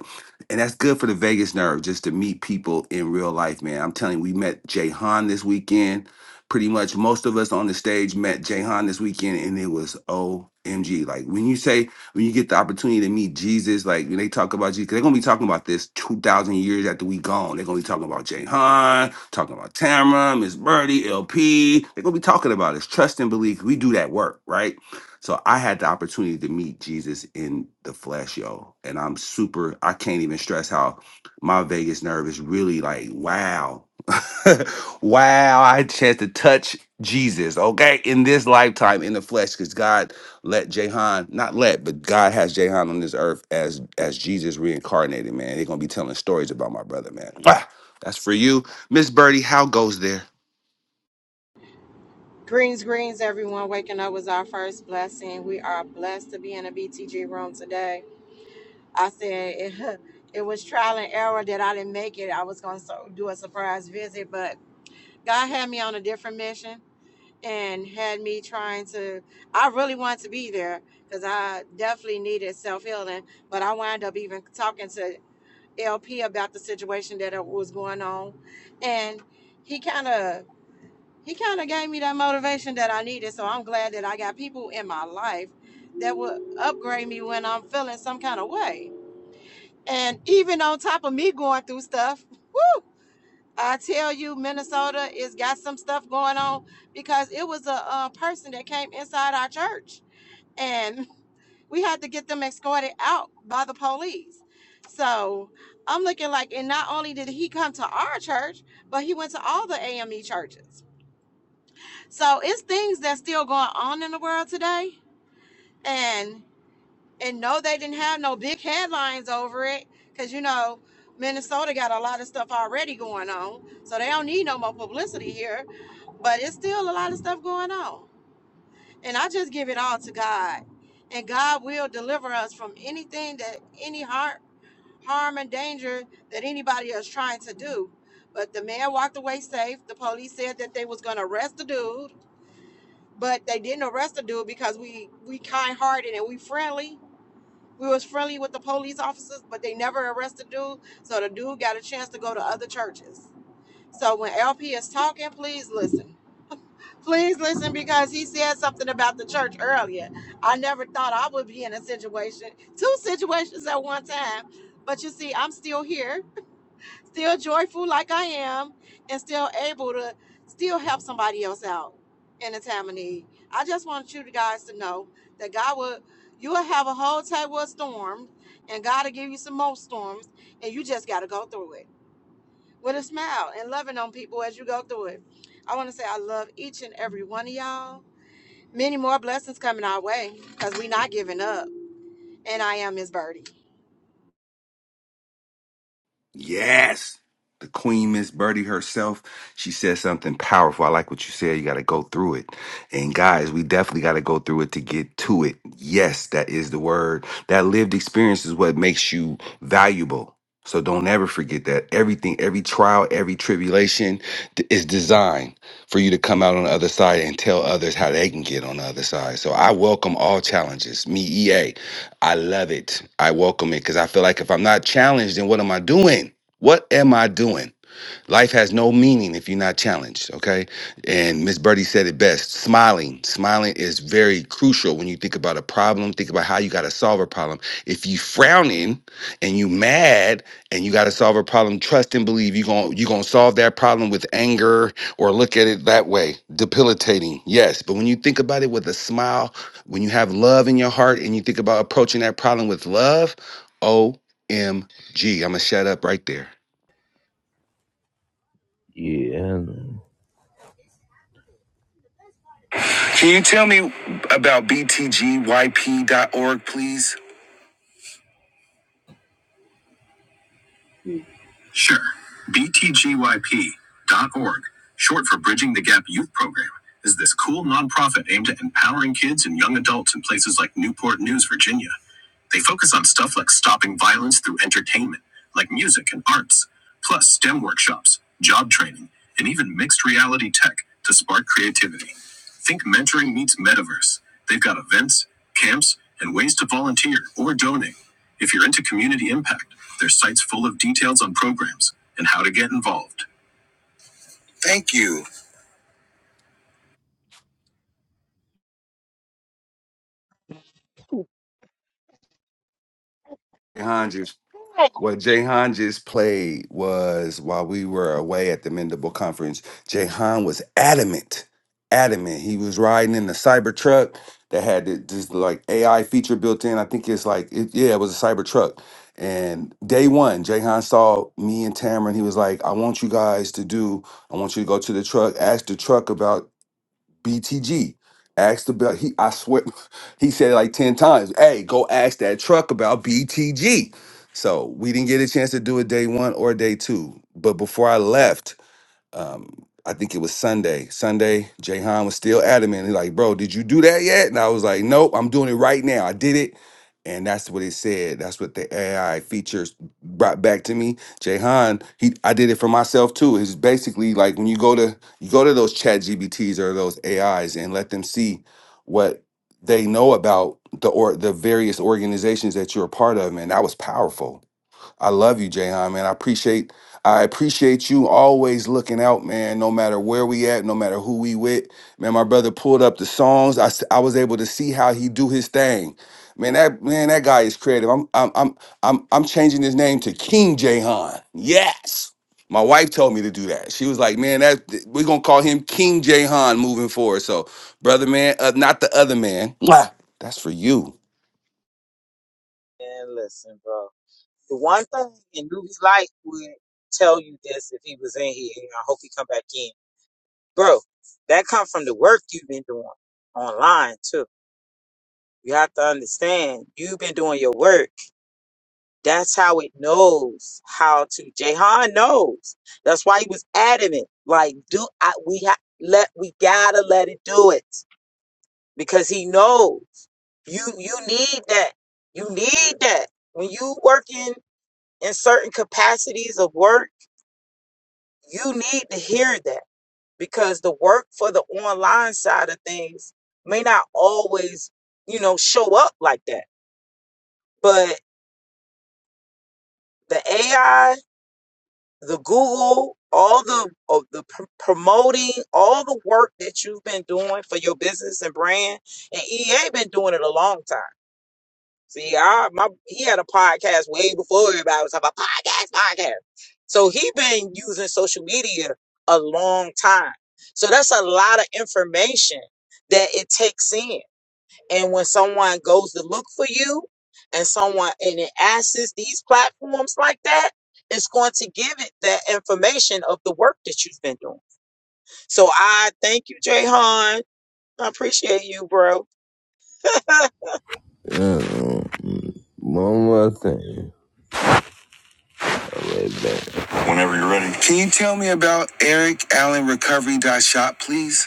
Speaker 1: and that's good for the Vegas nerve just to meet people in real life, man. I'm telling you, we met Jay Han this weekend. Pretty much most of us on the stage met Jay Han this weekend, and it was OMG. Like when you say, when you get the opportunity to meet Jesus, like when they talk about Jesus, 'cause they're going to be talking about this 2,000 years after we gone. They're going to be talking about Jay Han, talking about Tamara, Miss Birdie, LP. They're going to be talking about us. Trust and believe. We do that work, right? So I had the opportunity to meet Jesus in the flesh, yo. And I'm super, I can't even stress how my Vegas nerve is really like, wow. wow, I had a chance to touch Jesus, okay, in this lifetime in the flesh, because God let Jehan, not let, but God has Jehan on this earth as as Jesus reincarnated, man. They're gonna be telling stories about my brother, man. Mwah! That's for you. Miss Birdie, how goes there?
Speaker 8: Greens, greens, everyone. Waking up was our first blessing. We are blessed to be in a BTG room today. I said it, it was trial and error that I didn't make it. I was going to do a surprise visit, but God had me on a different mission and had me trying to. I really wanted to be there because I definitely needed self healing, but I wound up even talking to LP about the situation that was going on. And he kind of he kind of gave me that motivation that I needed. So I'm glad that I got people in my life that would upgrade me when I'm feeling some kind of way. And even on top of me going through stuff, I tell you, Minnesota is got some stuff going on because it was a, uh person that came inside our church and we had to get them escorted out by the police. So I'm looking like, and not only did he come to our church, but he went to all the AME churches. So it's things that's still going on in the world today. And and no, they didn't have no big headlines over it. Cause you know, Minnesota got a lot of stuff already going on. So they don't need no more publicity here. But it's still a lot of stuff going on. And I just give it all to God. And God will deliver us from anything that any harm harm and danger that anybody is trying to do. But the man walked away safe. The police said that they was gonna arrest the dude but they didn't arrest the dude because we we kind hearted and we friendly. We was friendly with the police officers, but they never arrested the dude. So the dude got a chance to go to other churches. So when LP is talking, please listen. Please listen because he said something about the church earlier. I never thought I would be in a situation, two situations at one time. But you see, I'm still here still joyful like I am, and still able to still help somebody else out in a time of need. I just want you guys to know that God will you'll have a whole table of storms, and God will give you some more storms, and you just gotta go through it with a smile and loving on people as you go through it. I want to say I love each and every one of y'all. Many more blessings coming our way because we are not giving up. And I am Miss Birdie.
Speaker 1: Yes. The Queen Miss Birdie herself, she said something powerful. I like what you said. You got to go through it. And guys, we definitely got to go through it to get to it. Yes, that is the word. That lived experience is what makes you valuable. So don't ever forget that. Everything, every trial, every tribulation d- is designed for you to come out on the other side and tell others how they can get on the other side. So I welcome all challenges. Me, EA. I love it. I welcome it because I feel like if I'm not challenged, then what am I doing? What am I doing? Life has no meaning if you're not challenged, okay? And Miss Birdie said it best. Smiling. Smiling is very crucial when you think about a problem, think about how you gotta solve a problem. If you frowning and you mad and you gotta solve a problem, trust and believe you're going you're gonna solve that problem with anger or look at it that way. Debilitating, yes. But when you think about it with a smile, when you have love in your heart and you think about approaching that problem with love, O am gonna shut up right there.
Speaker 2: PTG, PTG. Yeah. Can you tell me about btgyp dot org, please? Sure. btgyp dot org, short for Bridging the Gap Youth Program, is this cool nonprofit aimed at empowering kids and young adults in places like Newport News, Virginia. They focus on stuff like stopping violence through entertainment, like music and arts, plus STEM workshops, job training, and even mixed reality tech to spark creativity. Think mentoring meets metaverse. They've got events, camps, and ways to volunteer or donate. If you're into community impact, their site's full of details on programs and how to get involved.
Speaker 1: What Jahan just played was while we were away at the Mendable Conference, Jahan was adamant, adamant. He was riding in the Cybertruck that had th- this like AI feature built in. I think it's like, it, yeah, it was a Cybertruck. And day one, Jahan saw me and Tamron. He was like, I want you guys to do, I want you to go to the truck, ask the truck about BTG. Ask the bell. He, I swear, he said it like ten times. Hey, go ask that truck about BTG. So we didn't get a chance to do it day one or day two. But before I left, um, I think it was Sunday. Sunday, Jahan was still adamant. He's like, bro, did you do that yet? And I was like, nope, I'm doing it right now. I did it. And that's what it said. That's what the AI features brought back to me. Jahan, he I did it for myself too. It's basically like when you go to you go to those chat GBTs or those AIs and let them see what they know about the or the various organizations that you're a part of, man. That was powerful I love you, Jayhan, man. I appreciate I appreciate you always looking out, man, no matter where we at, no matter who we with. Man, my brother pulled up the songs. I, s- I was able to see how he do his thing. Man, that man, that guy is creative. I'm I'm I'm I'm I'm changing his name to King Jayhan. Yes. My wife told me to do that. She was like, "Man, that we're gonna call him King Jayhan moving forward." So, brother, man, uh, not the other man. Mwah. That's for you.
Speaker 3: And listen, bro. The one thing, and Newbie Light would tell you this if he was in here, and I hope he come back in. Bro, that come from the work you've been doing online too. You have to understand, you've been doing your work. That's how it knows how to. Jahan knows. That's why he was adamant. Like, do I? We ha- let we gotta let it do it because he knows you you need that. You need that when you working in certain capacities of work you need to hear that because the work for the online side of things may not always, you know, show up like that. But the AI, the Google, all the of the pr- promoting, all the work that you've been doing for your business and brand, and EA been doing it a long time. See, I my he had a podcast way before everybody was talking about podcast, podcast. So he been using social media a long time. So that's a lot of information that it takes in. And when someone goes to look for you and someone and it access these platforms like that, it's going to give it that information of the work that you've been doing. So I thank you, Jay Han. I appreciate you, bro. I'm
Speaker 2: Uh, one more thing. I'll be right back. Can you tell me about Eric Allen Recovery Dot Shop, please?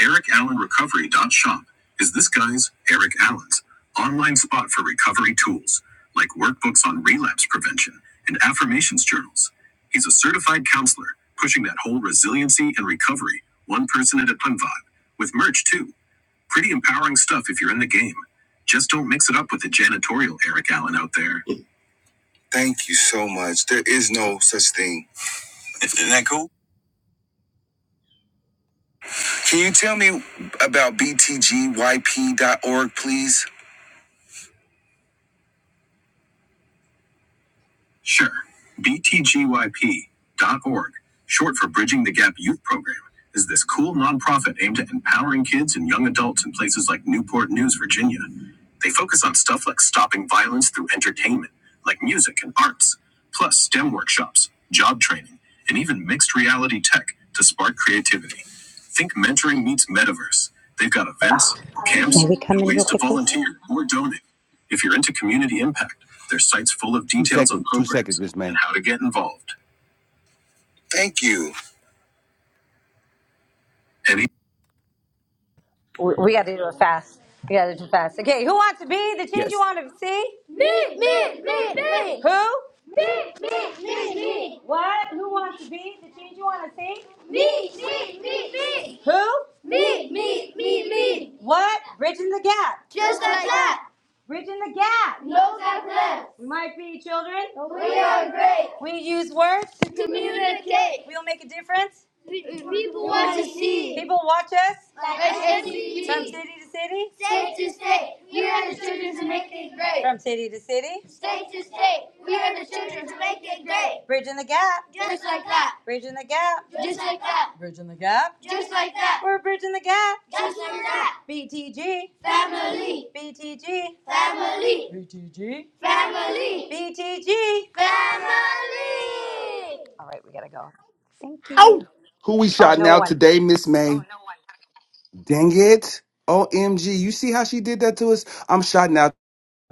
Speaker 2: Eric Allen Recovery.shop is this guy's, Eric Allen's, online spot for recovery tools like workbooks on relapse prevention and affirmations journals. He's a certified counselor pushing that whole resiliency and recovery, one person at a time vibe, with merch too. Pretty empowering stuff if you're in the game. Just don't mix it up with the janitorial Eric Allen out there. Thank you so much. There is no such thing. Isn't that cool? Can you tell me about BTGYP dot org, please? Sure. BTGYP.org, short for Bridging the Gap Youth Program, is this cool nonprofit aimed at empowering kids and young adults in places like Newport News, Virginia. They focus on stuff like stopping violence through entertainment, like music and arts, plus STEM workshops, job training, and even mixed reality tech to spark creativity. Think mentoring meets metaverse. They've got events, camps, and ways to volunteer or donate. If you're into community impact, there's sites full of
Speaker 1: Two
Speaker 2: details on
Speaker 1: seconds. Two seconds,
Speaker 2: programs
Speaker 1: Miss May.
Speaker 2: and how to get involved. Any
Speaker 4: We, we got to do it fast. We got to do it fast. Okay, who wants to be the change you want to see? Me, me, me, me. Who? Me, me, me, me. What? Who wants to be the change you want to see? Me, me, me, me. Who? Me, me, me, me. What? Bridging the gap. Just like that. Bridging the gap. No less. We might be children. We are great We use words. to communicate. We'll make a difference. People want to see. People watch us Like SCTV. from city to city, State to state, we are the children to make it great. from city to city, State to state, we are the children to make it great. bridging the gap, Just like that. bridging the gap, Just like that. bridging the gap. Just like that. We're bridging the gap. Just like that. BTG, Family. BTG, Family. Family. BTG. Family. All right, we gotta go. Thank you.
Speaker 1: Ow! Who we
Speaker 4: Oh
Speaker 1: shouting
Speaker 4: no one.
Speaker 1: out today, Miss May? Dang it. OMG. You see how she did that to us? I'm shouting out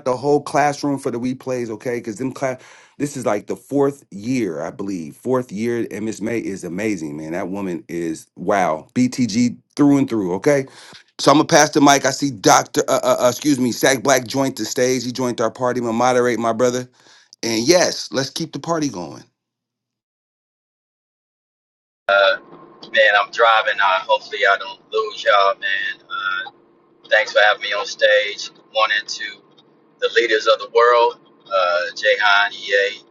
Speaker 1: the whole classroom for the replays, okay? Because them class this is like the fourth year, I believe. Fourth year, and Miss May is amazing, man. That woman is wow. BTG through and through, okay? So I'm gonna pass the mic. I see Doctor, uh, uh, uh, excuse me, Sack Black joined the stage. He joined our party. I'm gonna moderate, my brother. And yes, let's keep the party going.
Speaker 9: Uh, man, I'm driving. Uh, hopefully, I don't lose y'all, man. Uh, thanks for having me on stage. One and two, the leaders of the world, uh, Jahan, EA,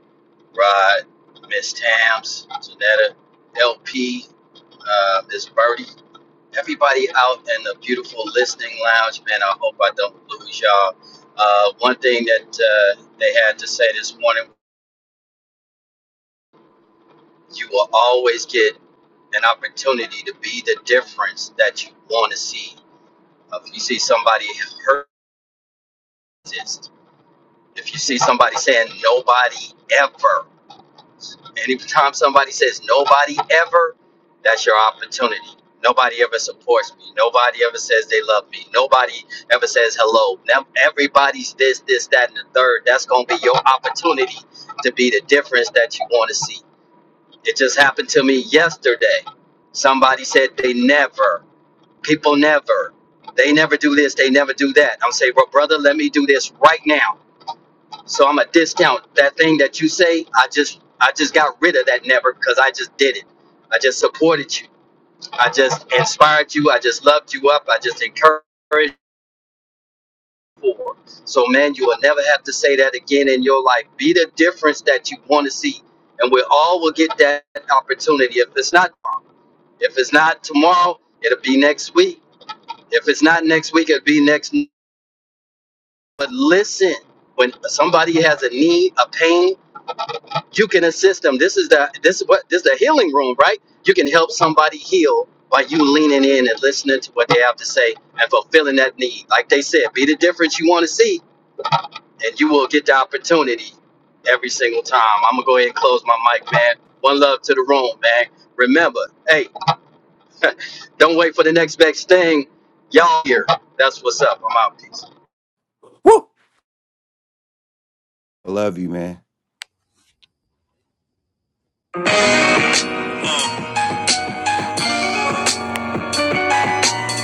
Speaker 9: Rod, Miss Tams, Janetta, LP, uh, Miss Birdie, everybody out in the beautiful listening lounge, man. I hope I don't lose y'all. Uh, one thing that uh, they had to say this morning, you will always get an opportunity to be the difference that you want to see If you see somebody hypnotist, if you see somebody saying nobody ever, anytime somebody says nobody ever, that's your opportunity. Nobody ever supports me. Nobody ever says they love me. Nobody ever says hello. Now everybody's this, this, that, and the third. That's gonna be your opportunity to be the difference that you want to see. It just happened to me yesterday. Somebody said they never. People never. They never do this. They never do that. I'm saying, well, brother, let me do this right now. So I'm a discount that thing that you say. I just, I just got rid of that never because I just did it. I just supported you. I just inspired you. I just loved you up. I just encouraged you. forward. So man, you will never have to say that again in your life. Be the difference that you want to see, and we all will get that opportunity. If it's not, if it's not tomorrow, it'll be next week. If it's not next week, it'll be next. But listen, when somebody has a need, a pain, you can assist them. This is the this is what this is the healing room, right? You can help somebody heal by you leaning in and listening to what they have to say and fulfilling that need. Like they said, be the difference you want to see, and you will get the opportunity every single time. I'm gonna go ahead and close my mic, man. One love to the room, man. Remember, hey, don't wait for the next best thing. Y'all here. That's what's up. I'm out. Peace.
Speaker 1: Woo! I love you, man.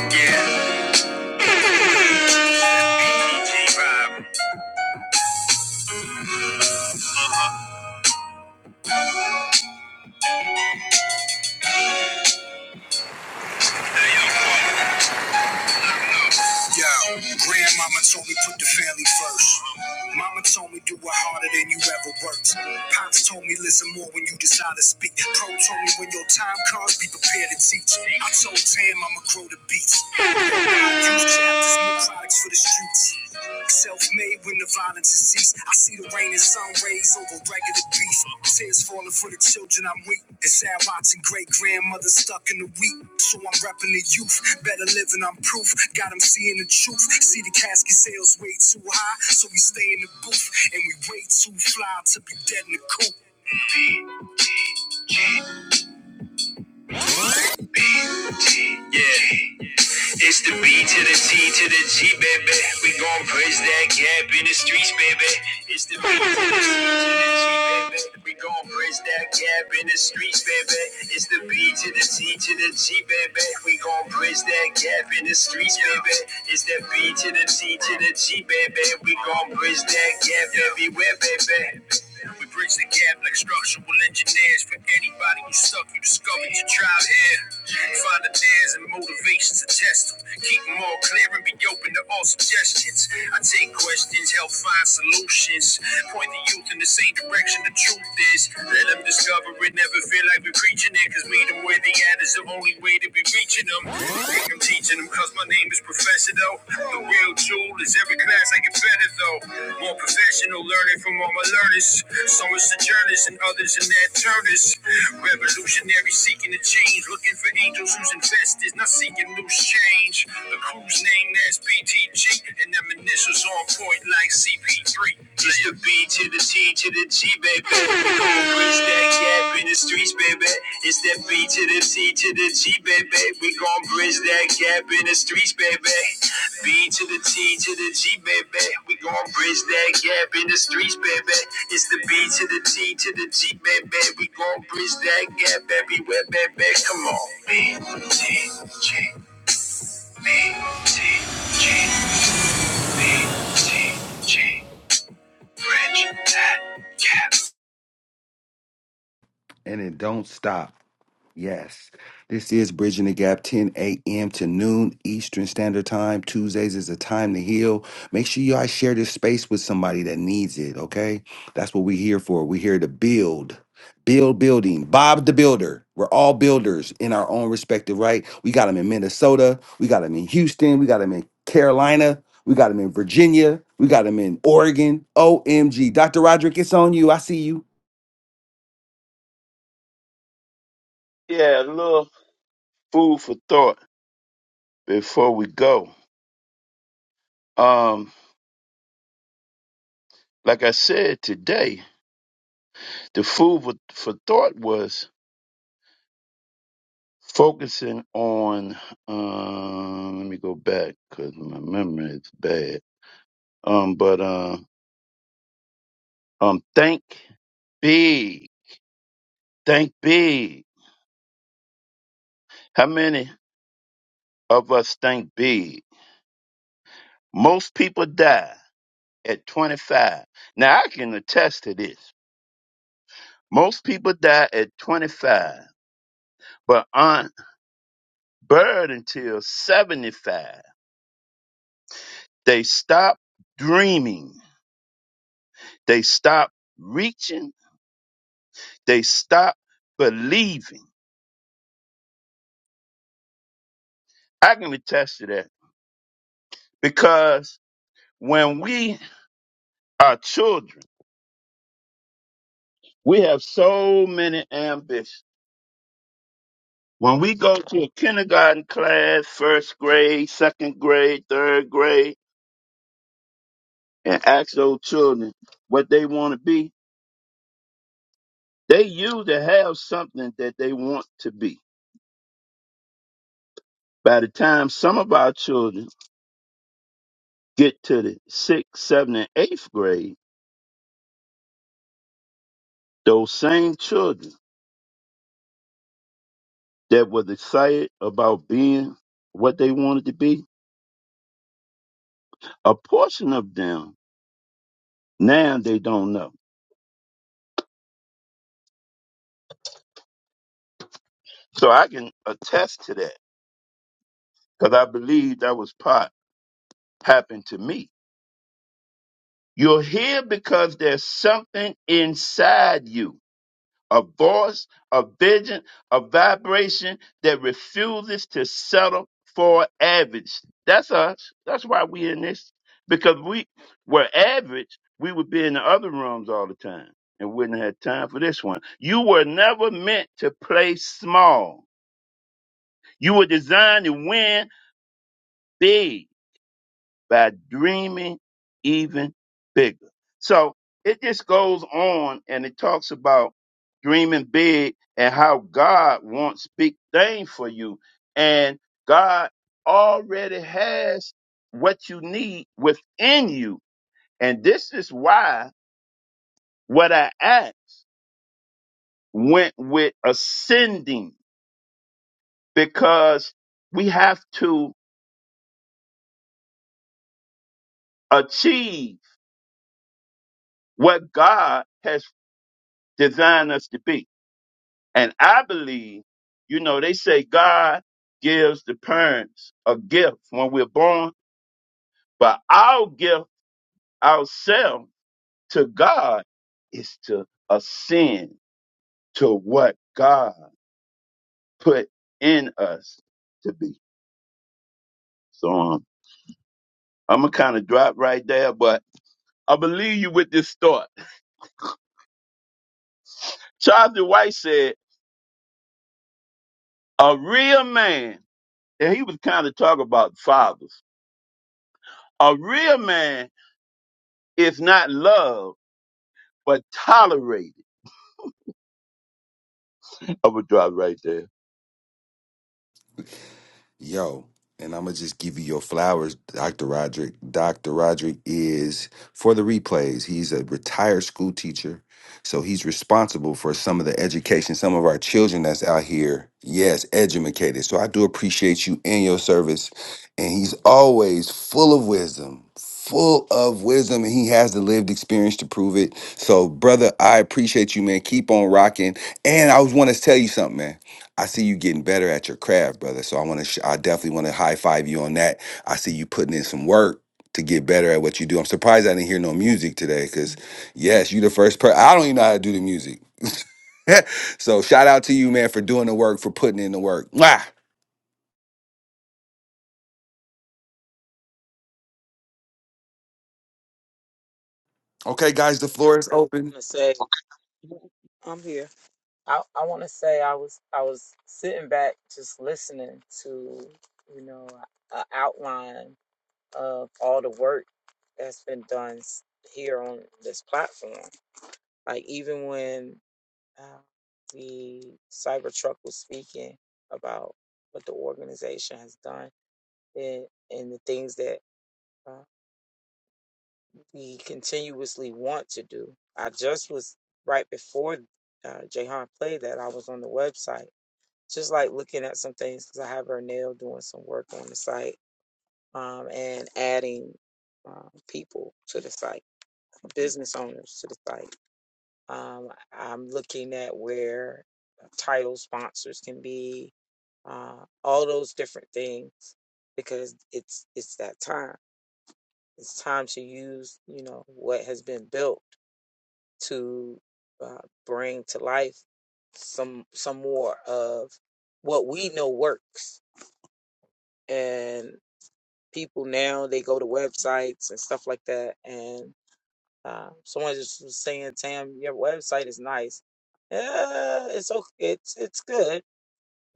Speaker 2: yeah. Yo, grandmama told me put the family first. Mama told me do it harder than you ever worked. Pops told me listen more when you decide to speak. Pro told me when your time comes, be prepared to teach. I told Tam I'ma grow the beats. Use chapters, new products for the streets. Self-made when the violence has ceased. I see the rain and sun rays over regular beef. Tears falling for the children I'm weak. It's sad watching great grandmothers stuck in the wheat. So I'm repping the youth. Better living, I'm proof. Got them seeing the truth. See the casket sales way too high. So we stay in the booth. And we way too fly to be dead in the coop. It's the beat to the streets to the G, baby. We gon' bridge that gap in the streets, baby. It's the B to the T to the G, baby. We gon' bridge that gap in the streets, baby. It's the B to the T to the G, baby. We gon' bridge that gap everywhere, baby. We bridge the gap like structural engineers. For anybody who suck, you discovered your tribe here. Find the dares and motivations to test them. Keep them all clear and be open to all suggestions. I take questions, help find solutions actions. Point the youth in the same direction the truth is. Let them discover it, never feel like we're preaching it. Cause meet them where they at is the only way to be reaching them. I'm teaching them cause my name is Professor though. The real jewel is every class I get better though. More professional learning from all my learners. Some are sojourners and others in their turners. Revolutionary seeking to change, looking for angels whose investors, not seeking loose change. The crew's name that's BTG, and them initials on point like CP3. It's the B, to the T, to the G, baby. We gon' push that gap in the streets, baby. It's that B to the T to the G, baby. We gon' bridge that gap in the streets, baby. B to the T to the G, baby. We gon' bridge that gap in the streets, baby. It's the B to the T to the G, baby. We gon' bridge that gap everywhere, baby. Come on. B, T, G, B, T, G, B, T, G. Rich, sad, yes.
Speaker 1: And it don't stop. Yes. This is Bridging the Gap, 10 a.m. to noon Eastern Standard Time. Tuesdays is a time to heal. Make sure y'all share this space with somebody that needs it, okay? That's what we're here for. We're here to build, build building. Bob the Builder. We're all builders in our own respective right. We got them in Minnesota. We got them in Houston. We got them in Carolina. We got them in Virginia. We got them in Oregon. OMG. Dr. Roderick, it's on you. I see you.
Speaker 6: Yeah, a little food for thought before we go. Um, like I said today, the food for, for thought was focusing on. Um, let me go back because my memory is bad. Um, but um, um, think big, think big. How many of us think big? Most people die at 25. Now I can attest to this. Most people die at 25, but Aunt bird until 75. They stop dreaming. They stop reaching. They stop believing. I can attest to that because when we are children, we have so many ambitions. When we go to a kindergarten class, first grade, second grade, third grade, and ask those children what they want to be, they usually have something that they want to be. By the time some of our children get to the sixth, seventh, and eighth grade, those same children that was excited about being what they wanted to be, a portion of them now they don't know. So I can attest to that because I believe that was part happened to me. You're here because there's something inside you a voice, a vision, a vibration that refuses to settle for average. That's us. That's why we in this. Because we were average, we would be in the other rooms all the time and wouldn't have time for this one. You were never meant to play small. You were designed to win big by dreaming even bigger. So it just goes on and it talks about dreaming big and how God wants big things for you. And God already has what you need within you. And this is why what I asked went with ascending because we have to achieve what God has designed us to be. And I believe, you know, they say God gives the parents a gift when we're born, but our gift ourselves to God is to ascend to what God put in us to be. So um, I'm going to kind of drop right there, but I believe you with this thought. Charles White said, a real man, and he was kind of talking about fathers, a real man is not loved, but tolerated I'm gonna drive right there.
Speaker 1: Yo, and I'm gonna just give you your flowers, Dr. Roderick. Dr. Roderick is for the replays. He's a retired school teacher, so he's responsible for some of the education, some of our children that's out here. Yes, educated. So I do appreciate you and your service. And he's always full of wisdom, full of wisdom, and he has the lived experience to prove it. So, brother, I appreciate you, man. Keep on rocking. And I was want to tell you something, man. I see you getting better at your craft, brother. So I want to, sh- I definitely want to high five you on that. I see you putting in some work to get better at what you do. I'm surprised I didn't hear no music today, because yes, you the first person. I don't even know how to do the music. so shout out to you, man, for doing the work, for putting in the work. Mwah! Okay, guys, the floor is open.
Speaker 3: gonna say I'm here. I, I want to say I was I was sitting back just listening to you know an outline of all the work that's been done s- here on this platform. Like even when uh, the Cybertruck was speaking about what the organization has done and and the things that uh, we continuously want to do. I just was right before uh, Jahan played that I was on the website just like looking at some things because I have her nail doing some work on the site um, and adding um, people to the site, business owners to the site. Um, I'm looking at where title sponsors can be, uh, all those different things because it's it's that time. It's time to use you know what has been built to uh, bring to life some some more of what we know works and people now they go to websites and stuff like that. And uh, someone just was saying, "Tam, your website is nice. Uh, it's okay. It's it's good,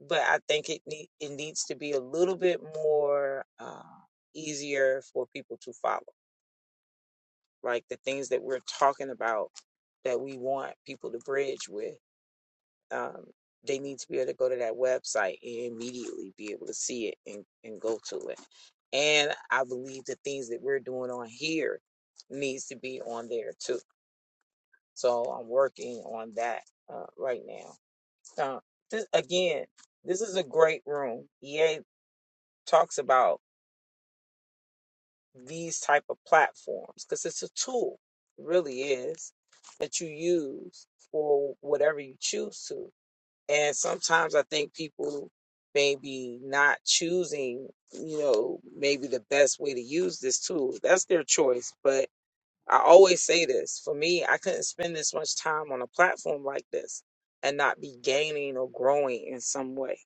Speaker 3: but I think it need it needs to be a little bit more uh, easier for people to follow. Like the things that we're talking about that we want people to bridge with. Um, they need to be able to go to that website and immediately be able to see it and, and go to it. And I believe the things that we're doing on here needs to be on there too. So I'm working on that uh, right now. Um, this, again, this is a great room. EA talks about these type of platforms because it's a tool, it really is, that you use for whatever you choose to. And sometimes I think people maybe not choosing, you know, maybe the best way to use this tool. That's their choice. But I always say this for me, I couldn't spend this much time on a platform like this and not be gaining or growing in some way.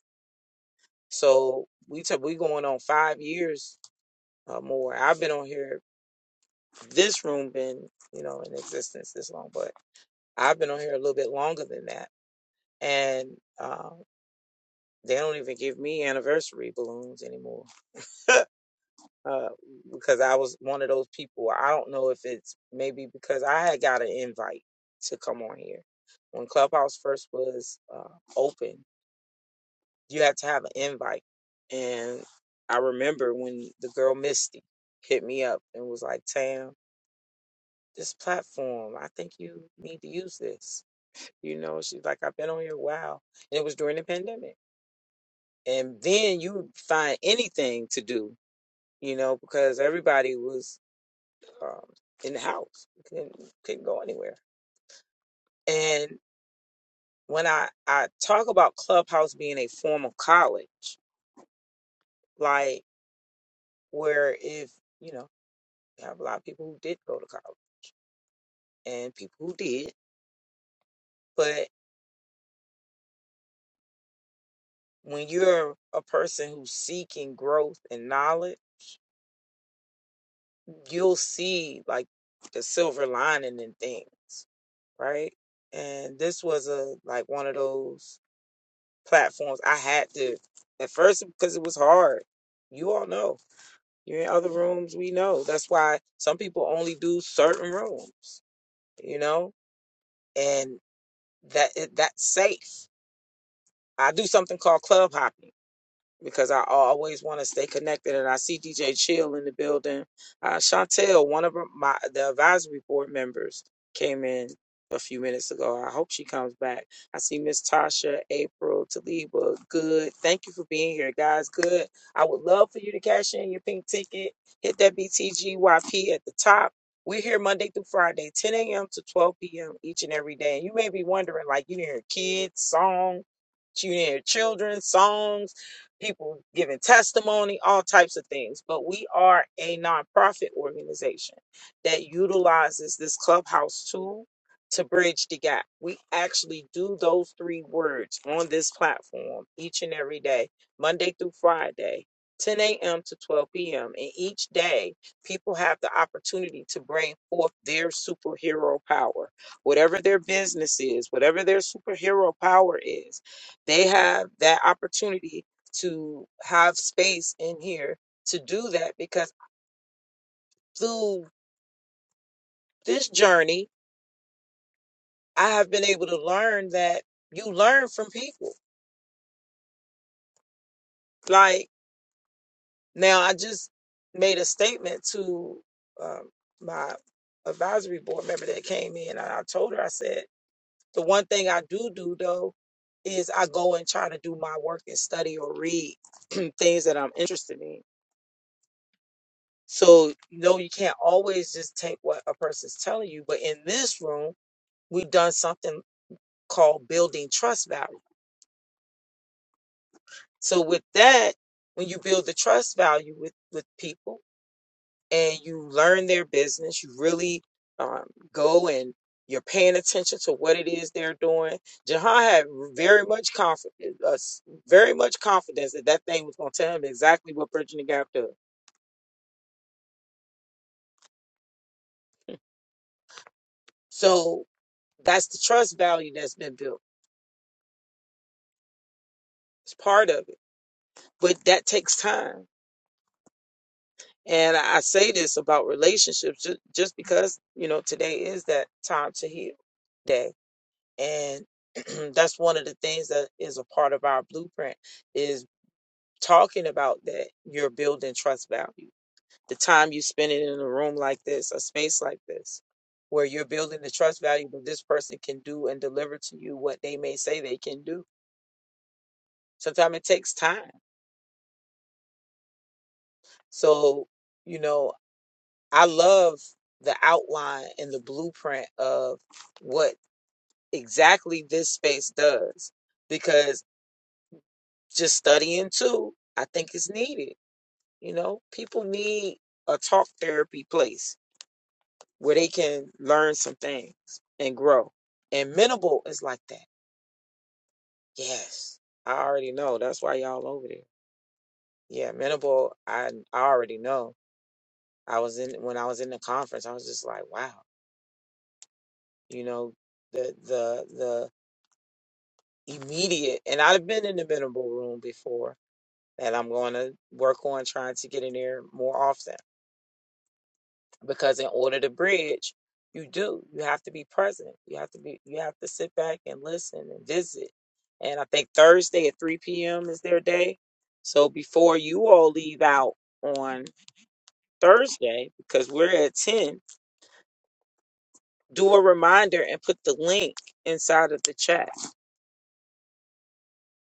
Speaker 3: So we took we going on five years or more. I've been on here. This room been you know in existence this long, but I've been on here a little bit longer than that. And uh, They don't even give me anniversary balloons anymore. uh, because I was one of those people. I don't know if it's maybe because I had got an invite to come on here when Clubhouse first was uh, open. You had to have an invite, and I remember when the girl Misty hit me up and was like, "Tam, this platform, I think you need to use this." You know, she's like, "I've been on here a while," and it was during the pandemic. And then you find anything to do you know, because everybody was um, in the house, couldn't, couldn't go anywhere. And when I, I talk about Clubhouse being a form of college, like where if, you know, you have a lot of people who did go to college and people who did, but when you're a person who's seeking growth and knowledge, you'll see like the silver lining in things, right? And this was a like one of those. platforms. I had to at first because it was hard. You all know. You're in other rooms, we know. That's why some people only do certain rooms, you know? And that it- that's safe. I do something called club hopping because I always want to stay connected. And I see DJ Chill in the building. Uh, Chantel, one of my the advisory board members, came in a few minutes ago. I hope she comes back. I see Miss Tasha, April, Taliba. Good. Thank you for being here, guys. Good. I would love for you to cash in your pink ticket. Hit that BTGYP at the top. We're here Monday through Friday, 10 a.m. to 12 p.m. each and every day. And you may be wondering, like, you didn't hear kids, song, you didn't hear children, songs people giving testimony, all types of things. But we are a nonprofit organization that utilizes this clubhouse tool to bridge the gap. We actually do those three words on this platform each and every day, Monday through Friday. 10 a.m. to 12 p.m. And each day, people have the opportunity to bring forth their superhero power. Whatever their business is, whatever their superhero power is, they have that opportunity to have space in here to do that because through this journey, I have been able to learn that you learn from people. Like now, I just made a statement to um, my advisory board member that came in, and I told her, I said, the one thing I do do though is I go and try to do my work and study or read things that I'm interested in. So, you know, you can't always just take what a person's telling you. But in this room, we've done something called building trust value. So with that, when you build the trust value with with people and you learn their business, you really um, go and you're paying attention to what it is they're doing. Jahan had very much confidence, uh, very much confidence that that thing was going to tell him exactly what Bridging the Gap does. So that's the trust value that's been built. It's part of it, but that takes time And I say this about relationships just, just because, you know, today is that time to heal day. And that's one of the things that is a part of our blueprint is talking about that you're building trust value. The time you spend it in a room like this, a space like this, where you're building the trust value that this person can do and deliver to you what they may say they can do. Sometimes it takes time. So, you know, I love the outline and the blueprint of what exactly this space does because just studying too, I think it's needed. You know, people need a talk therapy place where they can learn some things and grow. And Minimal is like that. Yes, I already know. That's why y'all over there. Yeah, Minimal, I, I already know. I was in when I was in the conference, I was just like, wow, you know, the the the immediate. And I've been in the minimal room before that I'm going to work on trying to get in there more often because in order to bridge, you do. You have to be present. You have to be. You have to sit back and listen and visit. And I think Thursday at 3 p.m. is their day. So before you all leave out on Thursday, because we're at 10, do a reminder and put the link inside of the chat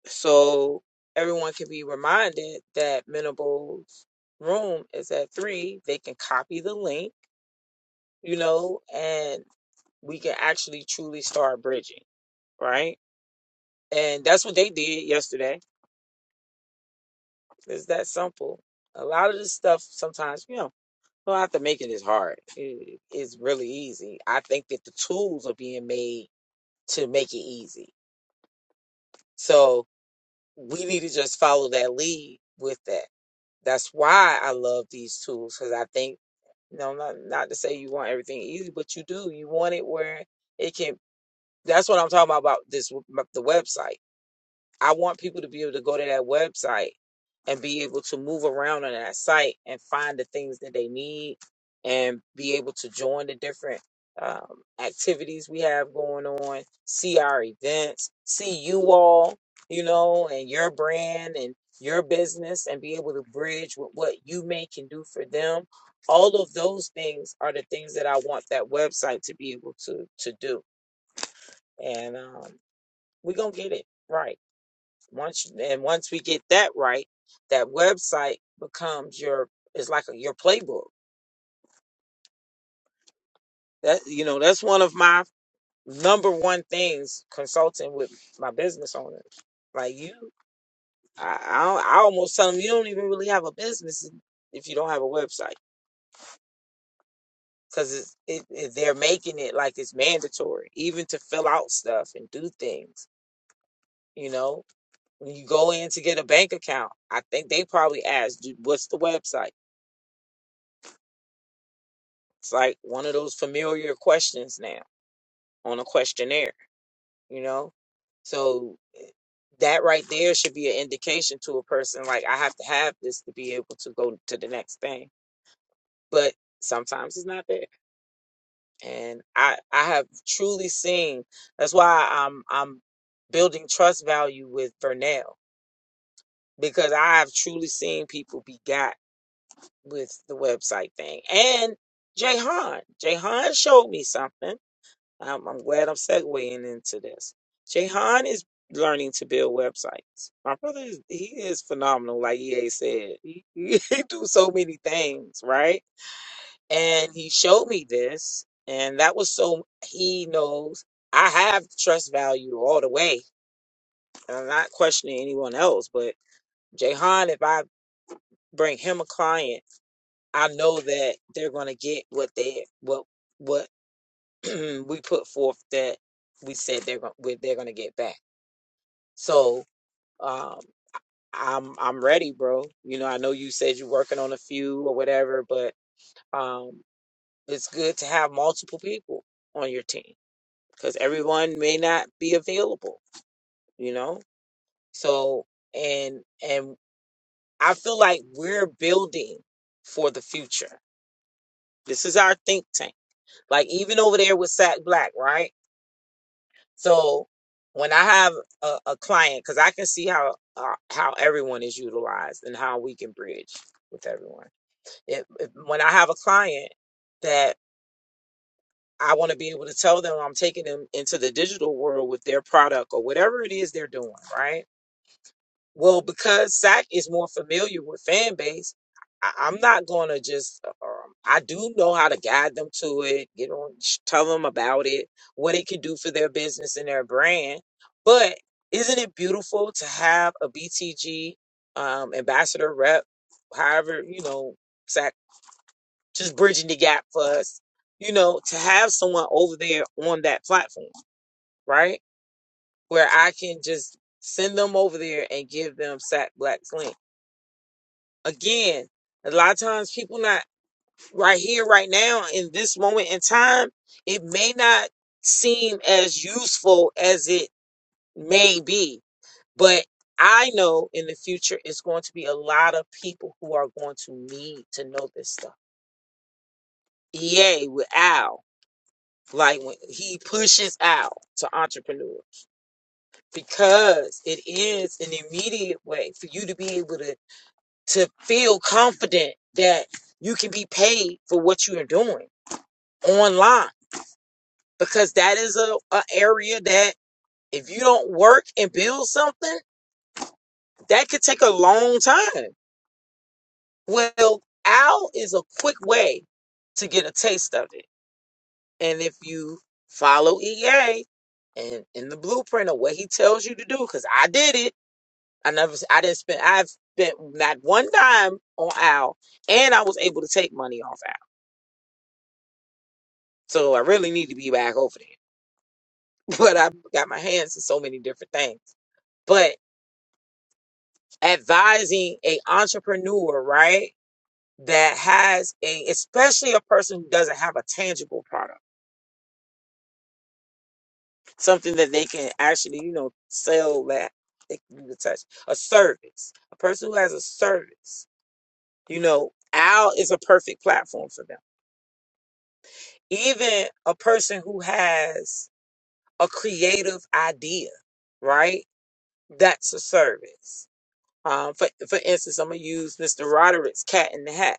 Speaker 3: so everyone can be reminded that Menable's room is at three. They can copy the link, you know, and we can actually truly start bridging, right? And that's what they did yesterday. It's that simple. A lot of this stuff sometimes, you know, you don't have to make it as hard. It- it's really easy. I think that the tools are being made to make it easy. So we need to just follow that lead with that. That's why I love these tools because I think you know, not not to say you want everything easy, but you do. You want it where it can. That's what I'm talking about. About this the website. I want people to be able to go to that website and be able to move around on that site and find the things that they need and be able to join the different um, activities we have going on, see our events, see you all, you know, and your brand and your business and be able to bridge with what you may can do for them. All of those things are the things that I want that website to be able to to do. And um, we're gonna get it right. Once and once we get that right, that website becomes your it's like a, your playbook. That you know, that's one of my number one things consulting with my business owners. Like you, I I, don't- I almost tell them you don't even really have a business if you don't have a website because it, it, they're making it like it's mandatory even to fill out stuff and do things. You know, when you go in to get a bank account, I think they probably ask, "Do- "What's the website?" It's like one of those familiar questions now on a questionnaire, you know? So that right there should be an indication to a person like I have to have this to be able to go to the next thing. But sometimes it's not there. And I I have truly seen that's why I'm I'm building trust value with Vernell because I have truly seen people be got with the website thing. And Jayhan, Jayhan showed me something I'm, I'm glad I'm segueing into this. Jahan is learning to build websites. My brother is he is phenomenal, like EA said. He, he do so many things, right? And he showed me this, and that was so he knows I have trust value all the way. And I'm not questioning anyone else, but Jahan, if I bring him a client, I know that they're gonna get what they what what we put forth that we said they're going they're gonna get back So um, I'm I'm ready, bro. You know, I know you said you're working on a few or whatever, but um, it's good to have multiple people on your team because everyone may not be available. You know, so and and I feel like we're building for the future. This is our think tank. Like even over there with Sack Black, right? So when I have a, a client, because I can see how uh, how everyone is utilized and how we can bridge with everyone. If, if when I have a client that I want to be able to tell them I'm taking them into the digital world with their product or whatever it is they're doing, right? Well, because Sack is more familiar with fan base, I, I'm not gonna just. Um, I do know how to guide them to it. You know, sh- tell them about it, what it can do for their business and their brand. But isn't it beautiful to have a BTG um, ambassador rep, however you know Sack, just bridging the gap for us. You know, to have someone over there on that platform, right, where I can just send them over there and give them Sack Black's link Again, a lot of times people not right here, right now, in this moment in time, it may not seem as useful as it may be. But I know in the future it's going to be a lot of people who are going to need to know this stuff. EA with Al, like when he pushes Al to entrepreneurs because it is an immediate way for you to be able to to feel confident that you can be paid for what you are doing. online because that is a, a area that if you don't work and build something, that could take a long time. Well, OWL is a quick way to get a taste of it. And if you follow EA and in the blueprint of what he tells you to do, because I did it, I never, I didn't spend, I've spent not one dime on OWL and I was able to take money off OWL. So I really need to be back over there. But I got my hands in so many different things. But advising a entrepreneur, right? That has a, especially a person who doesn't have a tangible product, something that they can actually, you know, sell that they can use a touch, a service, a person who has a service, you know, Al is a perfect platform for them. Even a person who has a creative idea, right? That's a service. Um, for, for instance, I'm gonna use Mr. Roderick's Cat in the Hat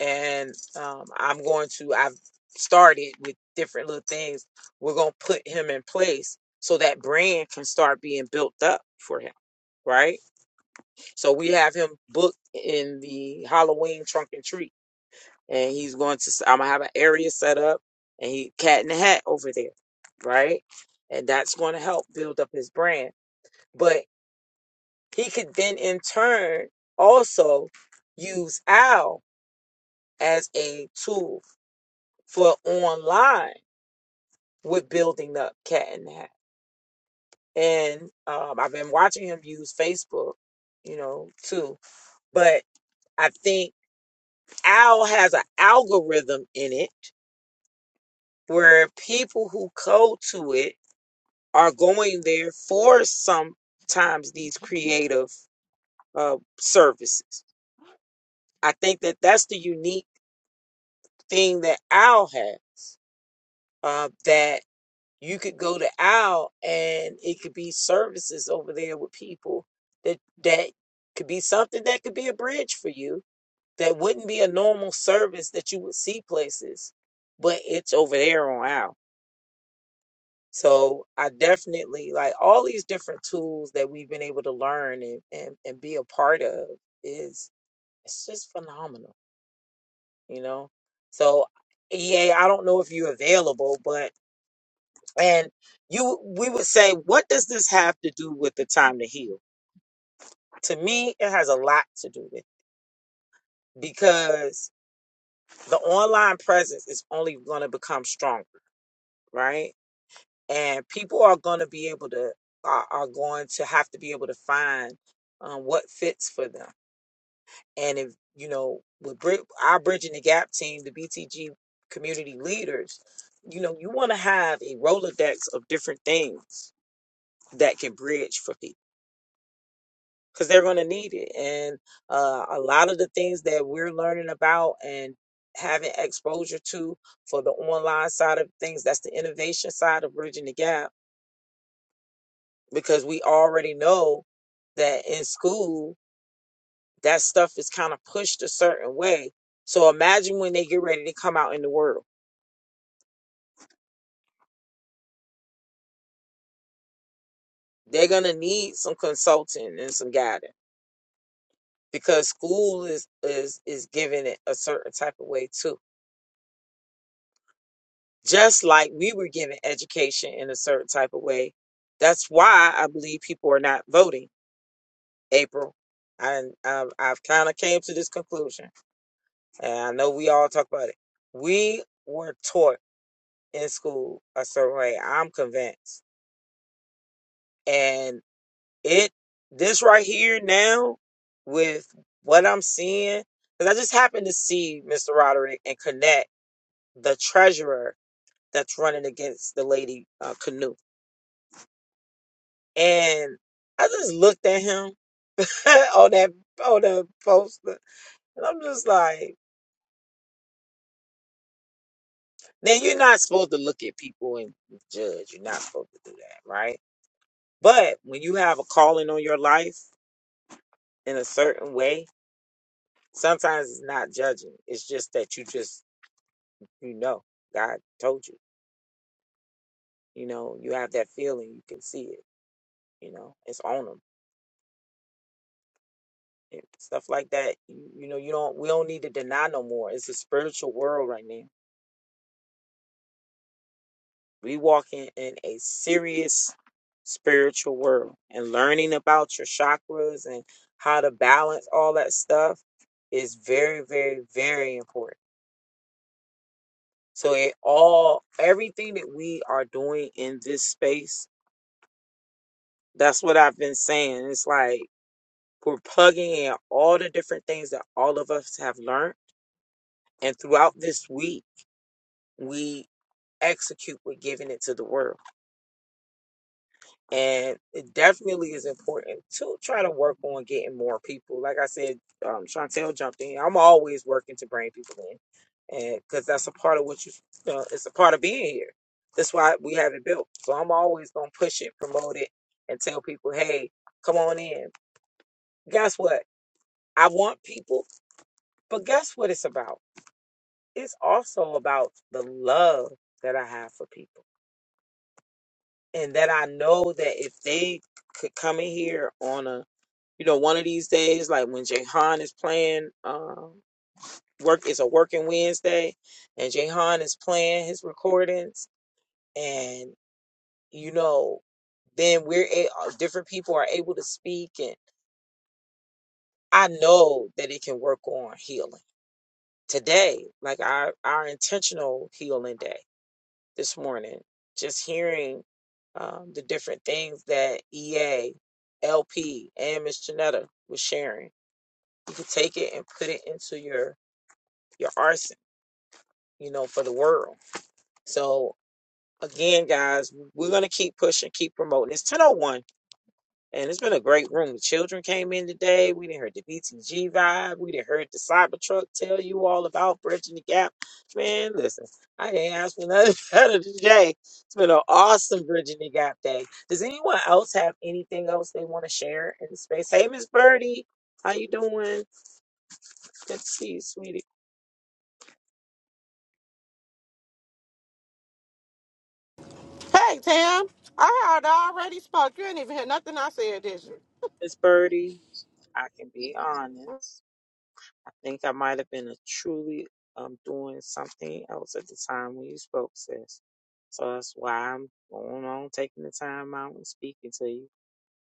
Speaker 3: and um, I'm going to. I've started with different little things. We're gonna put him in place so that brand can start being built up for him, right? So we have him booked in the Halloween trunk and treat, and he's going to. I'm gonna have an area set up, and he cat in the hat over there, right? And that's going to help build up his brand. But he could then, in turn, also use Al as a tool for online with building up Cat and hat, And um, I've been watching him use Facebook, you know, too. But I think Owl has an algorithm in it where people who go to it are going there for sometimes these creative uh, services. I think that that's the unique thing that Owl had uh, that. you could go to Al and it could be services over there with people that that could be something that could be a bridge for you that wouldn't be a normal service that you would see places, but it's over there on Al. So I definitely like all these different tools that we've been able to learn and, and, and be a part of is it's just phenomenal, you know? So yeah, I don't know if you're available, but. And you, we would say, what does this have to do with the time to heal? To me, it has a lot to do with it because the online presence is only going to become stronger, right? And people are going to be able to, are, are going to have to be able to find um, what fits for them. And if, you know, with Brid- our Bridging the Gap team, the BTG community leaders, you know, you want to have a Rolodex of different things that can bridge for people because they're going to need it. And uh, a lot of the things that we're learning about and having exposure to for the online side of things, that's the innovation side of bridging the gap, because we already know that in school, that stuff is kind of pushed a certain way. So imagine when they get ready to come out in the world, they're going to need some consulting and some guidance because school is is is giving it a certain type of way too. just like we were given education in a certain type of way. That's why I believe people are not voting, April. And um, I've kind of came to this conclusion, and I know we all talk about it. We were taught in school a certain way. I'm convinced, and it this right here now with what I'm seeing, because I just happened to see Mr. Roderick and connect the treasurer that's running against the lady uh, Canoe. And I just looked at him on that on the poster, and I'm just like, "Now you're not supposed to look at people and judge. You're not supposed to do that, right? But when you have a calling on your life in a certain way, sometimes it's not judging. It's just that you just you know God told you. You know you have that feeling. You can see it. You know it's on them." Stuff like that, you, you know, you don't. We don't need to deny no more. It's a spiritual world right now We walking in a serious spiritual world and learning about your chakras and how to balance all that stuff is very, very, very important. So it all everything that we are doing in this space, that's what I've been saying. It's like we're plugging in all the different things that all of us have learned. And throughout this week, we execute with giving it to the world. And it definitely is important to try to work on getting more people. Like I said, um, Chantel jumped in. I'm always working to bring people in, and because that's a part of what you, uh, it's a part of being here. That's why we have it built. So I'm always gonna push it, promote it, and tell people, hey, come on in. Guess what? I want people, but guess what? It's about. It's also about the love that I have for people, and that I know that if they could come in here on a You know, one of these days, like when Jahan is playing, um, work it's a working Wednesday, and Jahan is playing his recordings, and you know, then we're a- uh, different people are able to speak, and I know that it can work on healing today, like our our intentional healing day this morning. Just hearing um, the different things that EA, LP, and Miss Janetta was sharing. You can take it and put it into your your arson, you know, for the world. So again, guys, we're gonna keep pushing, keep promoting. It's 1001 and it's been a great room. The children came in today. We didn't hear the BTG vibe. We didn't heard the Cybertruck tell you all about bridging the gap. Man, listen, I can't ask for nothing better today. It's been an awesome bridging the gap day. Does anyone else have anything else they want to share in the space? Hey, Miss Birdie, how you doing? Good to see you, sweetie.
Speaker 8: Hey, Tam, I heard I already spoke. You ain't even hear nothing I said, did you?
Speaker 3: Miss Birdie, I can be honest. I think I might have been a truly um, doing something else at the time when you spoke, sis. So that's why I'm going on taking the time out and speaking to you.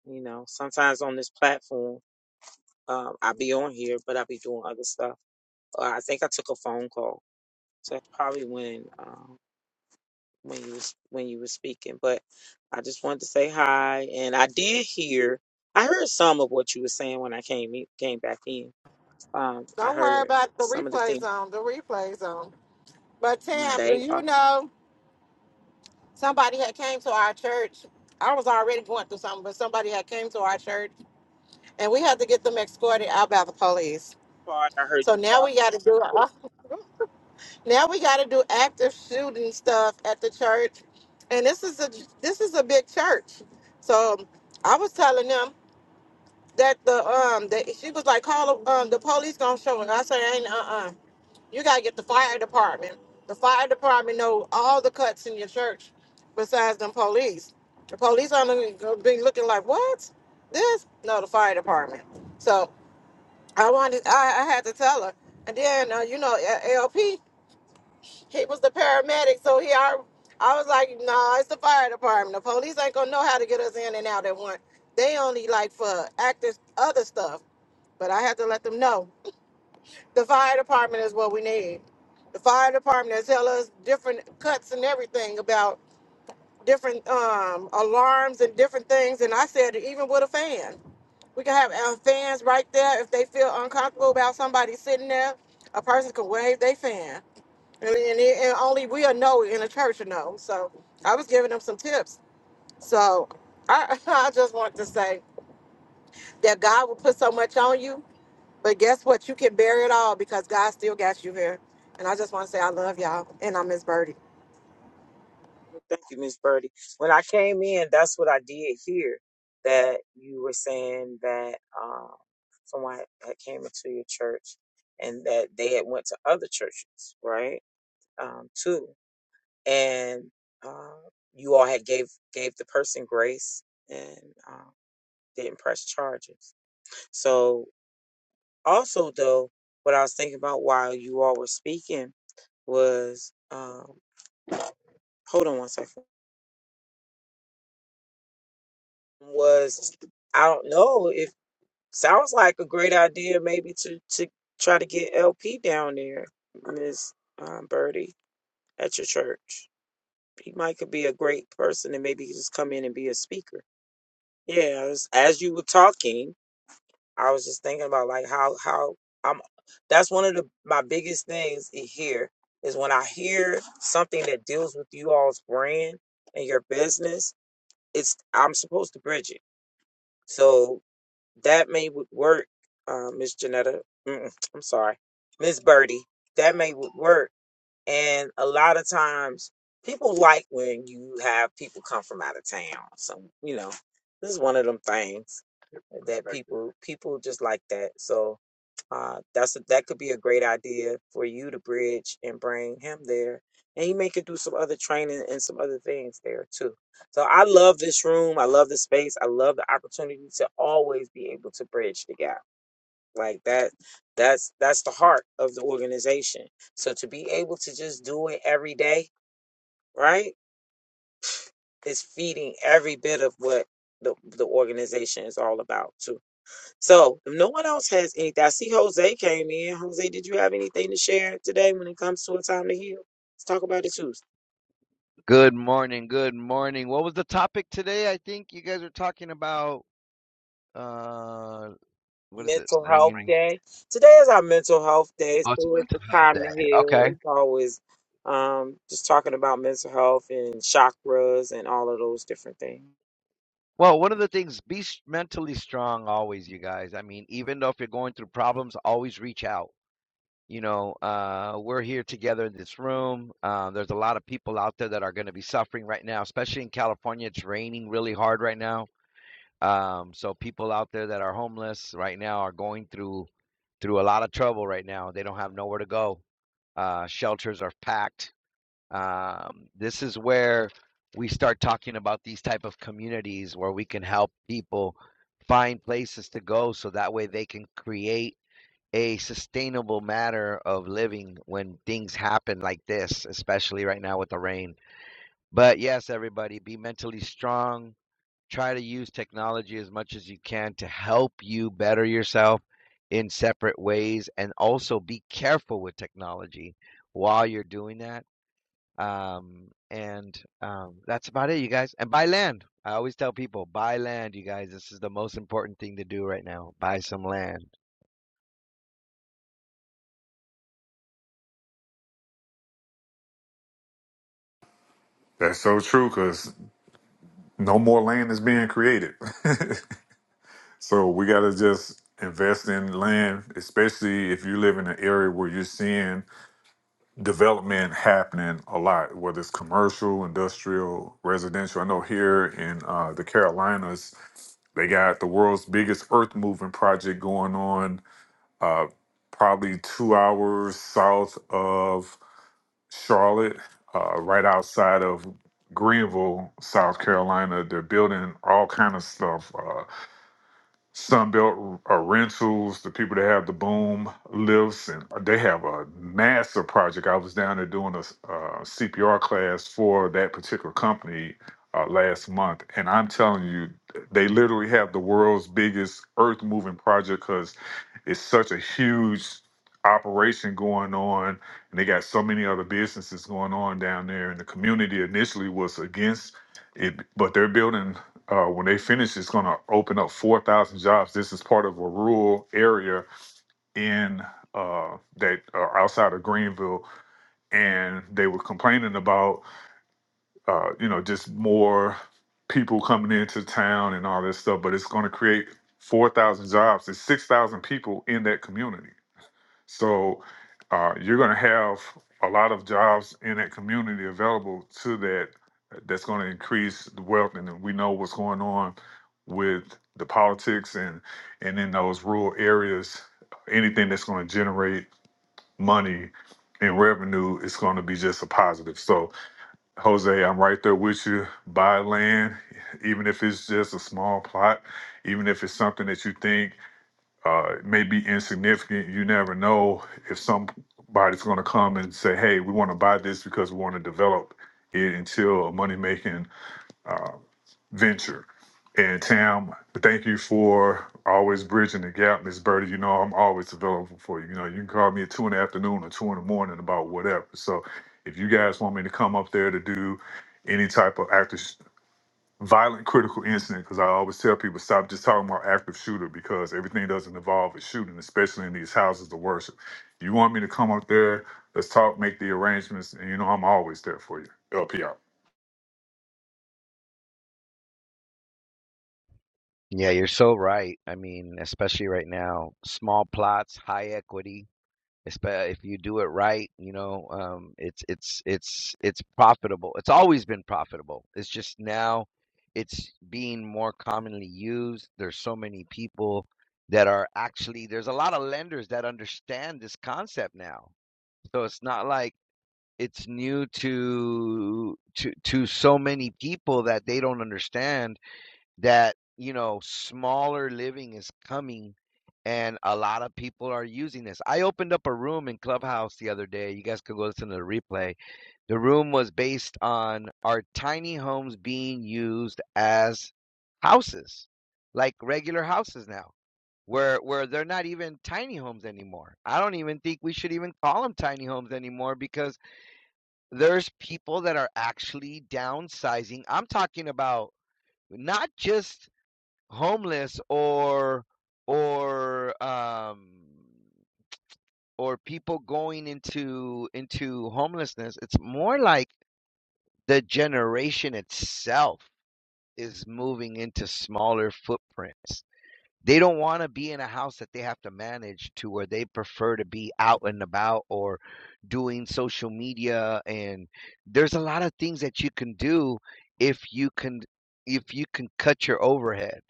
Speaker 3: You know, sometimes on this platform, um, I'll be on here, but I'll be doing other stuff. Uh, I think I took a phone call, so that's probably when um, when you was when you were speaking. But I just wanted to say hi, and I did hear. I heard some of what you were saying when I came in- came back in. Um, I
Speaker 8: Don't worry
Speaker 3: heard
Speaker 8: about the
Speaker 3: some of the
Speaker 8: replays
Speaker 3: things
Speaker 8: on, the replays on. But Tam, do
Speaker 3: they offered.
Speaker 8: you know somebody had came to our church? I was already going through something, but somebody had came to our church and we had to get them escorted out by the police.
Speaker 3: part I heard
Speaker 8: So
Speaker 3: you
Speaker 8: now we
Speaker 3: talking
Speaker 8: gotta
Speaker 3: about.
Speaker 8: do uh, now we gotta do active shooting stuff at the church. And this is a this is a big church. So I was telling them that the um that she was like call um the police gonna show and I said ain't uh uh You gotta get the fire department. The fire department know all the cuts in your church, besides them police. The police are gonna be looking like what? This? No, the fire department. So I wanted, I, I had to tell her. And then uh, you know, A- ALP, he was the paramedic, so he, I, I was like, no, it's the fire department. The police ain't gonna know how to get us in and out at once. They only like for active other stuff. But I had to let them know the fire department is what we need the fire department that tell us different cuts and everything about different um, alarms and different things. And I said, even with a fan, we can have our fans right there. If they feel uncomfortable about somebody sitting there, a person can wave their fan. And, and, it- and only we'll know in a church to know. So I was giving them some tips. So I, I just want to say that God will put so much on you. But guess what? You can bear it all because God still got you here. And I just want to say I love y'all. And I miss Birdie.
Speaker 3: Well, thank you, Miss Birdie. When I came in, that's what I did hear that you were saying that um, someone had had came into your church and that they had went to other churches, right? Um, too, and um, you all had gave gave the person grace and um, didn't press charges. So also though, what I was thinking about while you all were speaking was um, hold on one second. was I don't know if sounds like a great idea maybe to to try to get LP down there, Miss um, Birdie at your church. He might could be a great person and maybe he just come in and be a speaker. Yeah, I was- as you were talking, I was just thinking about like how how I'm. That's one of the my biggest things i- here is when I hear something that deals with you all's brand and your business. It's I'm supposed to bridge it. So That may would work, uh, Miss Janetta. Mm, I'm sorry, Miss Birdie. That may would work. And a lot of times, people like when you have people come from out of town. So you know, this is one of them things that Exactly. people people just like that. So uh, that's a, that could be a great idea for you to bridge and bring him there, and you may could do some other training and some other things there too. So I love this room. I love the space. I love the opportunity to always be able to bridge the gap. Like that, that's that's the heart of the organization. So to be able to just do it every day, right, is feeding every bit of what the the organization is all about too. So if no one else has anything, I see Jose came in. Jose, did you have anything to share today when it comes to a time to heal? Let's talk about it too.
Speaker 10: Good morning. Good morning. What was the topic today? I think you guys are talking about uh what is it?
Speaker 3: Mental health
Speaker 10: Bringing
Speaker 3: day. Today is our mental health day,
Speaker 10: Oh, it's a
Speaker 3: so it's
Speaker 10: mental
Speaker 3: the
Speaker 10: health
Speaker 3: time to
Speaker 10: day.
Speaker 3: heal.
Speaker 10: Okay.
Speaker 3: It's always um just talking about mental health and chakras and all of those different things.
Speaker 10: Well, one of the things be s- mentally strong always, you guys. I mean, even though if you're going through problems, always reach out. You know, uh we're here together in this room. Uh, there's a lot of people out there that are going to be suffering right now, especially in California. It's raining really hard right now. Um, so people out there that are homeless right now are going through through a lot of trouble right now. They don't have nowhere to go. Uh, shelters are packed. Um, this is where we start talking about these type of communities where we can help people find places to go, so that way they can create a sustainable manner of living when things happen like this, especially right now with the rain. But yes, everybody, be mentally strong try to use technology as much as you can to help you better yourself in separate ways and also be careful with technology while you're doing that um and um that's about it you guys and buy land i always tell people buy land you guys this is the most important thing to do right now buy some land
Speaker 7: That's so true because no more land is being created. so we got to just invest in land, especially if you live in an area where you're seeing development happening a lot, whether it's commercial, industrial, residential. I know here in uh, the Carolinas, they got the world's biggest earth moving project going on, uh, probably two hours south of Charlotte, uh, right outside of Greenville, South Carolina. They're building all kind of stuff, uh, Sunbelt uh, Rentals, the people that have the boom lifts, and they have a massive project. I was down there doing a uh, CPR class for that particular company uh, last month, and I'm telling you, they literally have the world's biggest earth moving project. It's such a huge operation going on, and they got so many other businesses going on down there. And the community initially was against it, but they're building. Uh, when they finish, it's going to open up 4,000 jobs. This is part of a rural area in uh, that uh, outside of Greenville, and they were complaining about, uh, you know, just more people coming into town and all this stuff. But it's going to create 4,000 jobs. It's 6,000 people in that community so uh, you're going to have a lot of jobs in that community available to that. That's going to increase the wealth, and we know what's going on with the politics and and in those rural areas. Anything that's going to generate money and revenue is going to be just a positive. So, Jose, I'm right there with you. Buy land, even if it's just a small plot, even if it's something that you think uh, it may be insignificant. You never know if somebody's going to come and say, "Hey, we want to buy this because we want to develop it into a money-making uh, venture." And Tam, thank you for always bridging the gap, Miss Birdie. You know I'm always available for you. You know you can call me at two in the afternoon or two in the morning about whatever. So if you guys want me to come up there to do any type of after violent critical incident because I always tell people stop just talking about active shooter because everything doesn't involve a shooting, especially in these houses of worship. You want me to come up there? Let's talk, make the arrangements, and you know I'm always there for you. LP out.
Speaker 10: yeah you're so right i mean especially right now small plots high equity Espe- if you do it right you know um, it's it's it's it's profitable it's always been profitable it's just now it's being more commonly used there's so many people that are actually there's a lot of lenders that understand this concept now so it's not like it's new to to to so many people that they don't understand that you know smaller living is coming and a lot of people are using this i opened up a room in clubhouse the other day you guys could go listen to the replay the room was based on our tiny homes being used as houses like regular houses now where where they're not even tiny homes anymore i don't even think we should even call them tiny homes anymore because there's people that are actually downsizing i'm talking about not just homeless or or um or people going into into homelessness it's more like the generation itself is moving into smaller footprints they don't want to be in a house that they have to manage to where they prefer to be out and about or doing social media and there's a lot of things that you can do if you can if you can cut your overhead.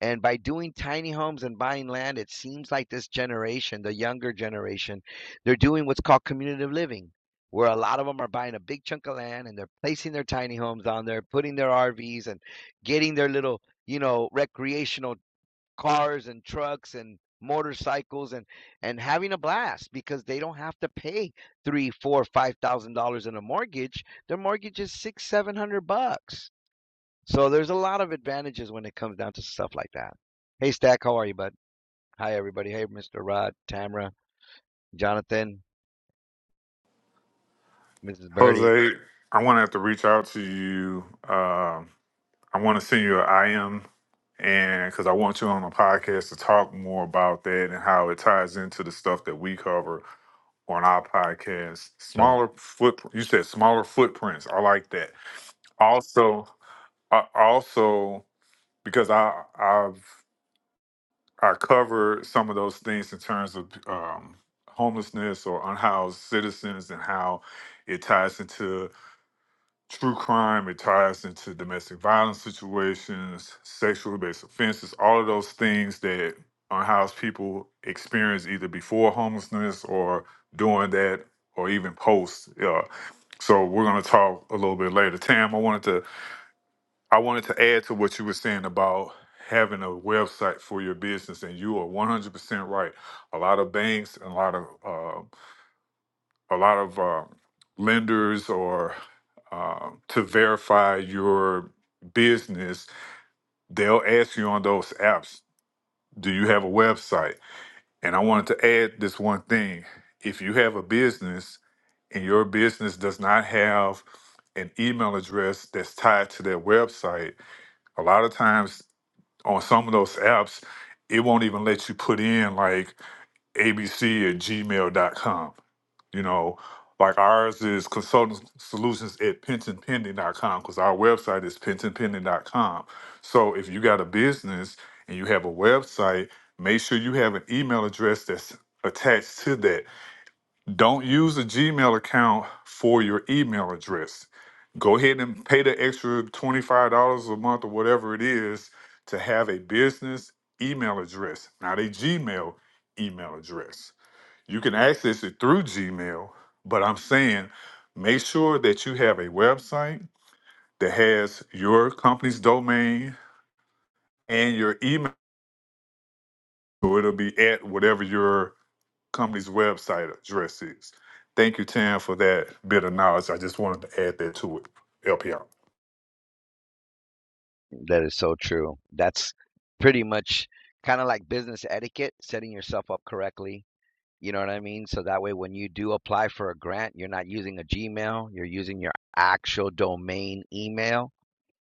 Speaker 10: And by doing tiny homes and buying land, it seems like this generation, the younger generation, they're doing what's called community living, where a lot of them are buying a big chunk of land and they're placing their tiny homes on there, putting their RVs and getting their little, you know, recreational cars and trucks and motorcycles and and having a blast because they don't have to pay three four five thousand dollars in a mortgage their mortgage is six seven hundred bucks so there's a lot of advantages when it comes down to stuff like that hey stack how are you bud hi everybody hey mr rod tamara jonathan mrs birdie
Speaker 7: Jose, I want to have to reach out to you. Um, I want to send you an IM and because I want you on the podcast to talk more about that and how it ties into the stuff that we cover on our podcast.
Speaker 10: so
Speaker 7: Smaller footprint. You said smaller footprints. I like that also I also because i i've i cover some of those things in terms of um homelessness or unhoused citizens and how it ties into true crime it ties into domestic violence situations sexually based offenses all of those things that unhoused people experience either before homelessness or during that or even post yeah so we're going to talk a little bit later tam i wanted to I wanted to add to what you were saying about having a website for your business, and you are one hundred percent right. A lot of banks and a lot of uh, a lot of uh, lenders or uh, to verify your business, they'll ask you on those apps, "Do you have a website?" And I wanted to add this one thing: if you have a business and your business does not have an email address that's tied to their website, a lot of times on some of those apps, it won't even let you put in like abc at gmail dot com. You know, like ours is consultant solutions at pension pending dot com because our website is pension pending dot com. So if you got a business and you have a website, make sure you have an email address that's attached to that don't use a Gmail account for your email address. Go ahead and pay the extra $25 a month or whatever it is to have a business email address, not a Gmail email address. You can access it through Gmail, but I'm saying make sure that you have a website that has your company's domain and your email. So it'll be at whatever your company's website address is. Thank you, Tam, for that bit of knowledge. I just wanted to add that to it. Help you out.
Speaker 10: that is so true that's pretty much kind of like business etiquette setting yourself up correctly You know what I mean? So that way, when you do apply for a grant, you're not using a Gmail, you're using your actual domain email.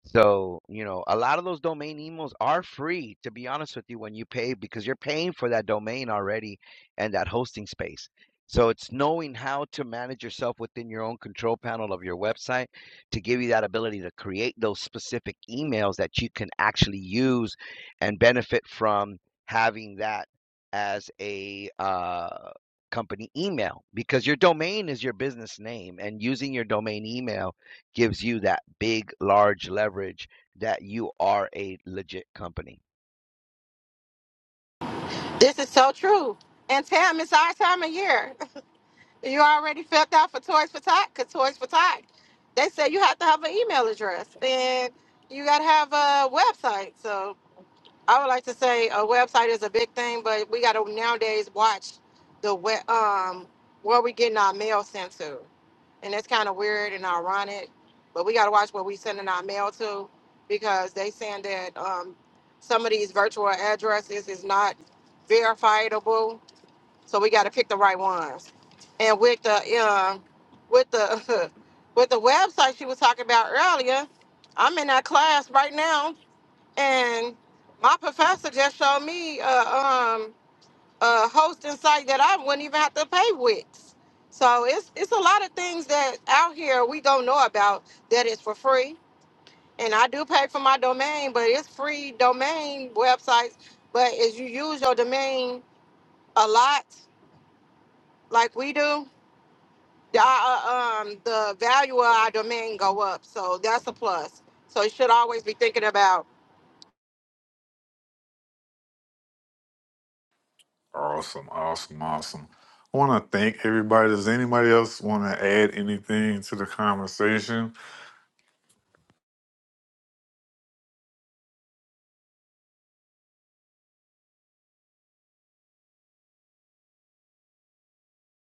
Speaker 10: So, you know, a lot of those domain emails are free, to be honest with you, when you pay because you're paying for that domain already and that hosting space. So it's knowing how to manage yourself within your own control panel of your website to give you that ability to create those specific emails that you can actually use and benefit from having that as a uh, company email because your domain is your business name and using your domain email gives you that big, large leverage that you are a legit company.
Speaker 8: This is so true. And Tam, it's our time of year. You already filled out for Toys for Tot because Toys for Tot, they say you have to have an email address and you got to have a website. So I would like to say a website is a big thing, but we got to nowadays watch the we- um where we getting our mail sent to, and that's kind of weird and ironic. But we got to watch where we sending our mail to because they saying that um, some of these virtual addresses is not verifiable, so we got to pick the right ones. And with the um with the with the website she was talking about earlier, I'm in that class right now and my professor just showed me a, um, a hosting site that I wouldn't even have to pay Wix. So it's it's a lot of things that out here we don't know about that is for free. And I do pay for my domain, but it's free domain websites. But as you use your domain a lot, like we do, the, uh, um, the value of our domain go up. So that's a plus. So you should always be thinking about
Speaker 7: Awesome, awesome, awesome. I want to thank everybody. Does anybody else want to add anything to the conversation?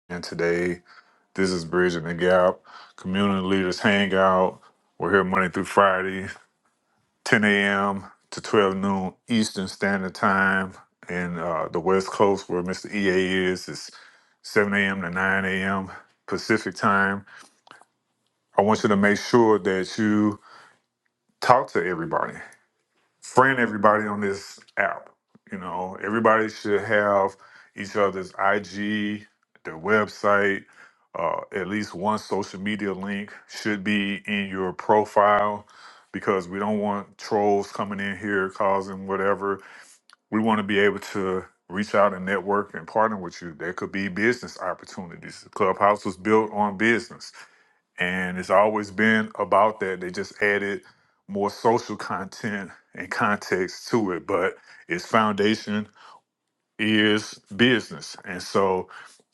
Speaker 7: And today, this is Bridging the Gap Community Leaders Hangout. We're here Monday through Friday, 10 a.m. to 12 noon Eastern Standard Time. And uh, the West Coast, where Mr. EA is, is 7 a.m. to 9 a.m. Pacific Time. I want you to make sure that you talk to everybody friend everybody on this app. You know, everybody should have each other's IG, their website, uh, at least one social media link should be in your profile because we don't want trolls coming in here causing whatever. We want to be able to reach out and network and partner with you. There could be business opportunities. Clubhouse was built on business and it's always been about that. They just added more social content and context to it, but its foundation is business. And so,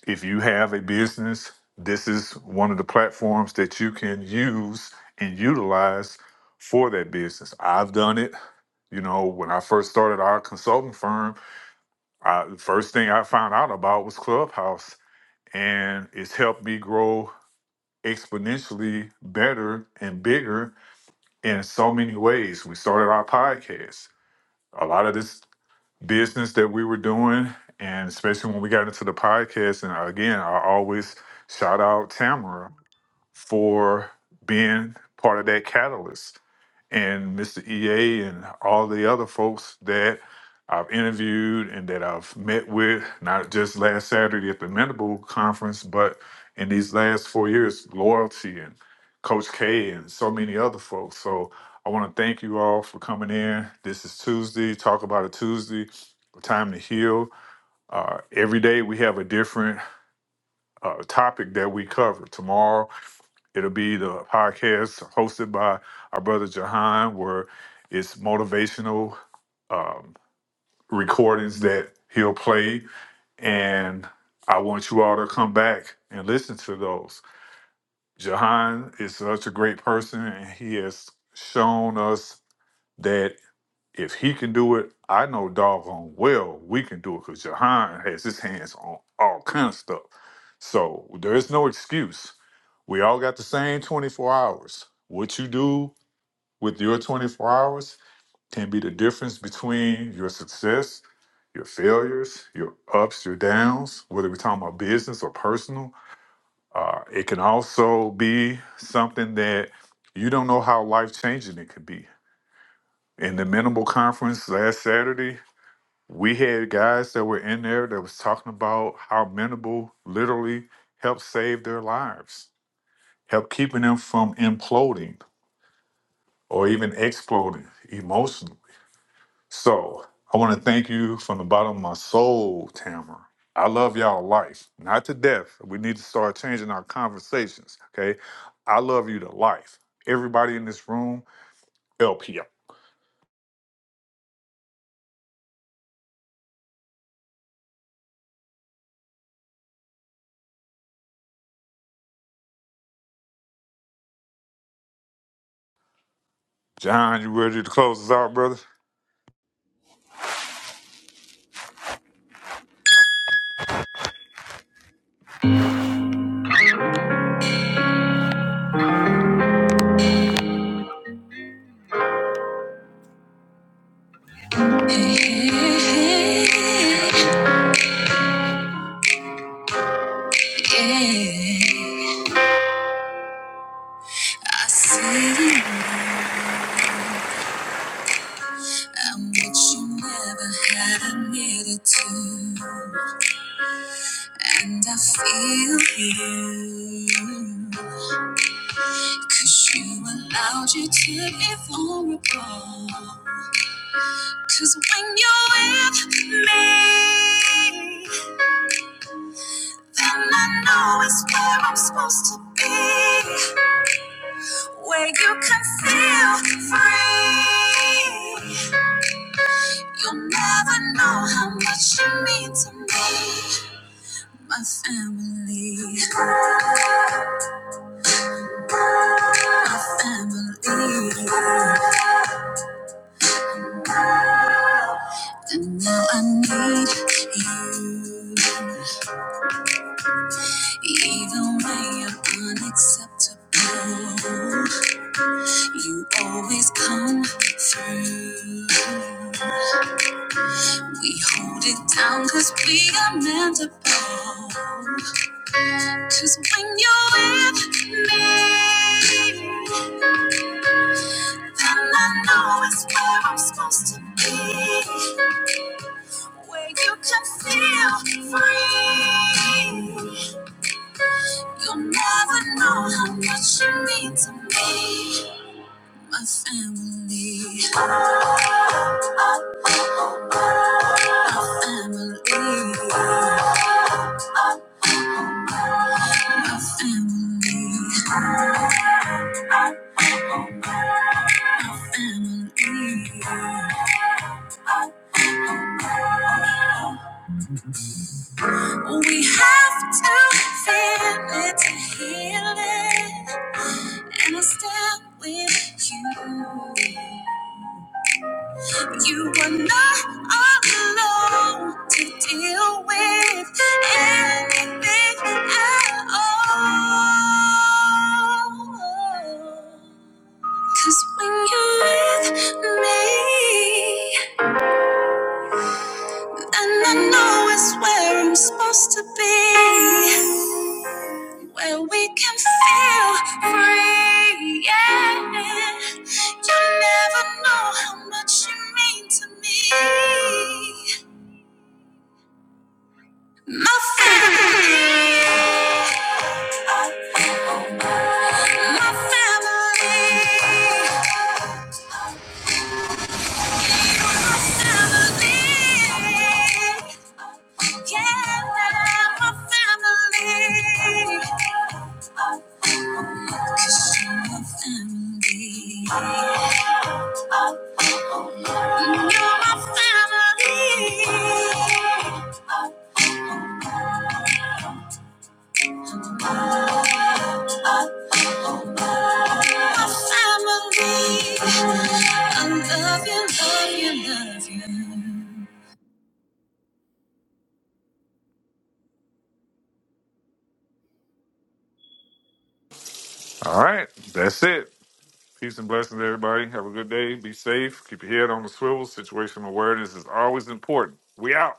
Speaker 7: if you have a business, this is one of the platforms that you can use and utilize for that business. I've done it. You know, when I first started our consulting firm, I, the first thing I found out about was Clubhouse, and it's helped me grow exponentially better and bigger in so many ways. We started our podcast. A lot of this business that we were doing, and especially when we got into the podcast, and again, I always shout out Tamara for being part of that catalyst. And Mr. EA and all the other folks that I've interviewed and that I've met with, not just last Saturday at the Mandible Conference, but in these last four years, Loyalty and Coach K and so many other folks. So I want to thank you all for coming in. This is Tuesday, Talk About a Tuesday, Time to Heal. Uh, every day we have a different uh, topic that we cover. Tomorrow, It'll be the podcast hosted by our brother Jahan, where it's motivational um, recordings that he'll play. And I want you all to come back and listen to those. Jahan is such a great person, and he has shown us that. If he can do it, I know doggone well we can do it because Jahan has his hands on all kind of stuff. So there is no excuse. We all got the same 24 hours. What you do with your 24 hours can be the difference between your success, your failures, your ups, your downs, whether we're talking about business or personal. Uh, it can also be something that you don't know how life changing it could be. In the minimal conference last Saturday, we had guys that were in there that was talking about how Menable literally helped save their lives, helped keeping them from imploding or even exploding emotionally. So I want to thank you from the bottom of my soul, Tamara. I love y'all life, not to death. We need to start changing our conversations, okay? I love you to life. Everybody in this room, LP. John, you ready to close us out, brother?
Speaker 2: Yeah, I see. I'm what you never had I needed to, and I feel you. Cause you allowed you to be vulnerable. Cause when you're with me, then I know it's where I'm supposed to be, where you can feel free. You'll never know how much you mean to me. My family, my family. And now I need you. Even when you're unacceptable, you always come through. We hold it down cause we are meant to bond. Cause when you're with me, Then I know it's where I'm supposed to be. Where you can feel free. You'll never know how much you mean to me. My family, family, my family, family. We have to feel it to heal it, and I stand with you. You are not alone to deal with anything at all. 'Cause when you're with me, And I know it's where I'm supposed to be, where we can feel free. Yeah, you never know how much you mean to me. My family, my family, family. Yeah, my family. 'Cause you're my family. You're my family. My family. I love you, love you, love you.
Speaker 7: All right, that's it. Peace and blessings, everybody. Have a good day. Be safe. Keep your head on the swivel. Situational awareness is always important. We out.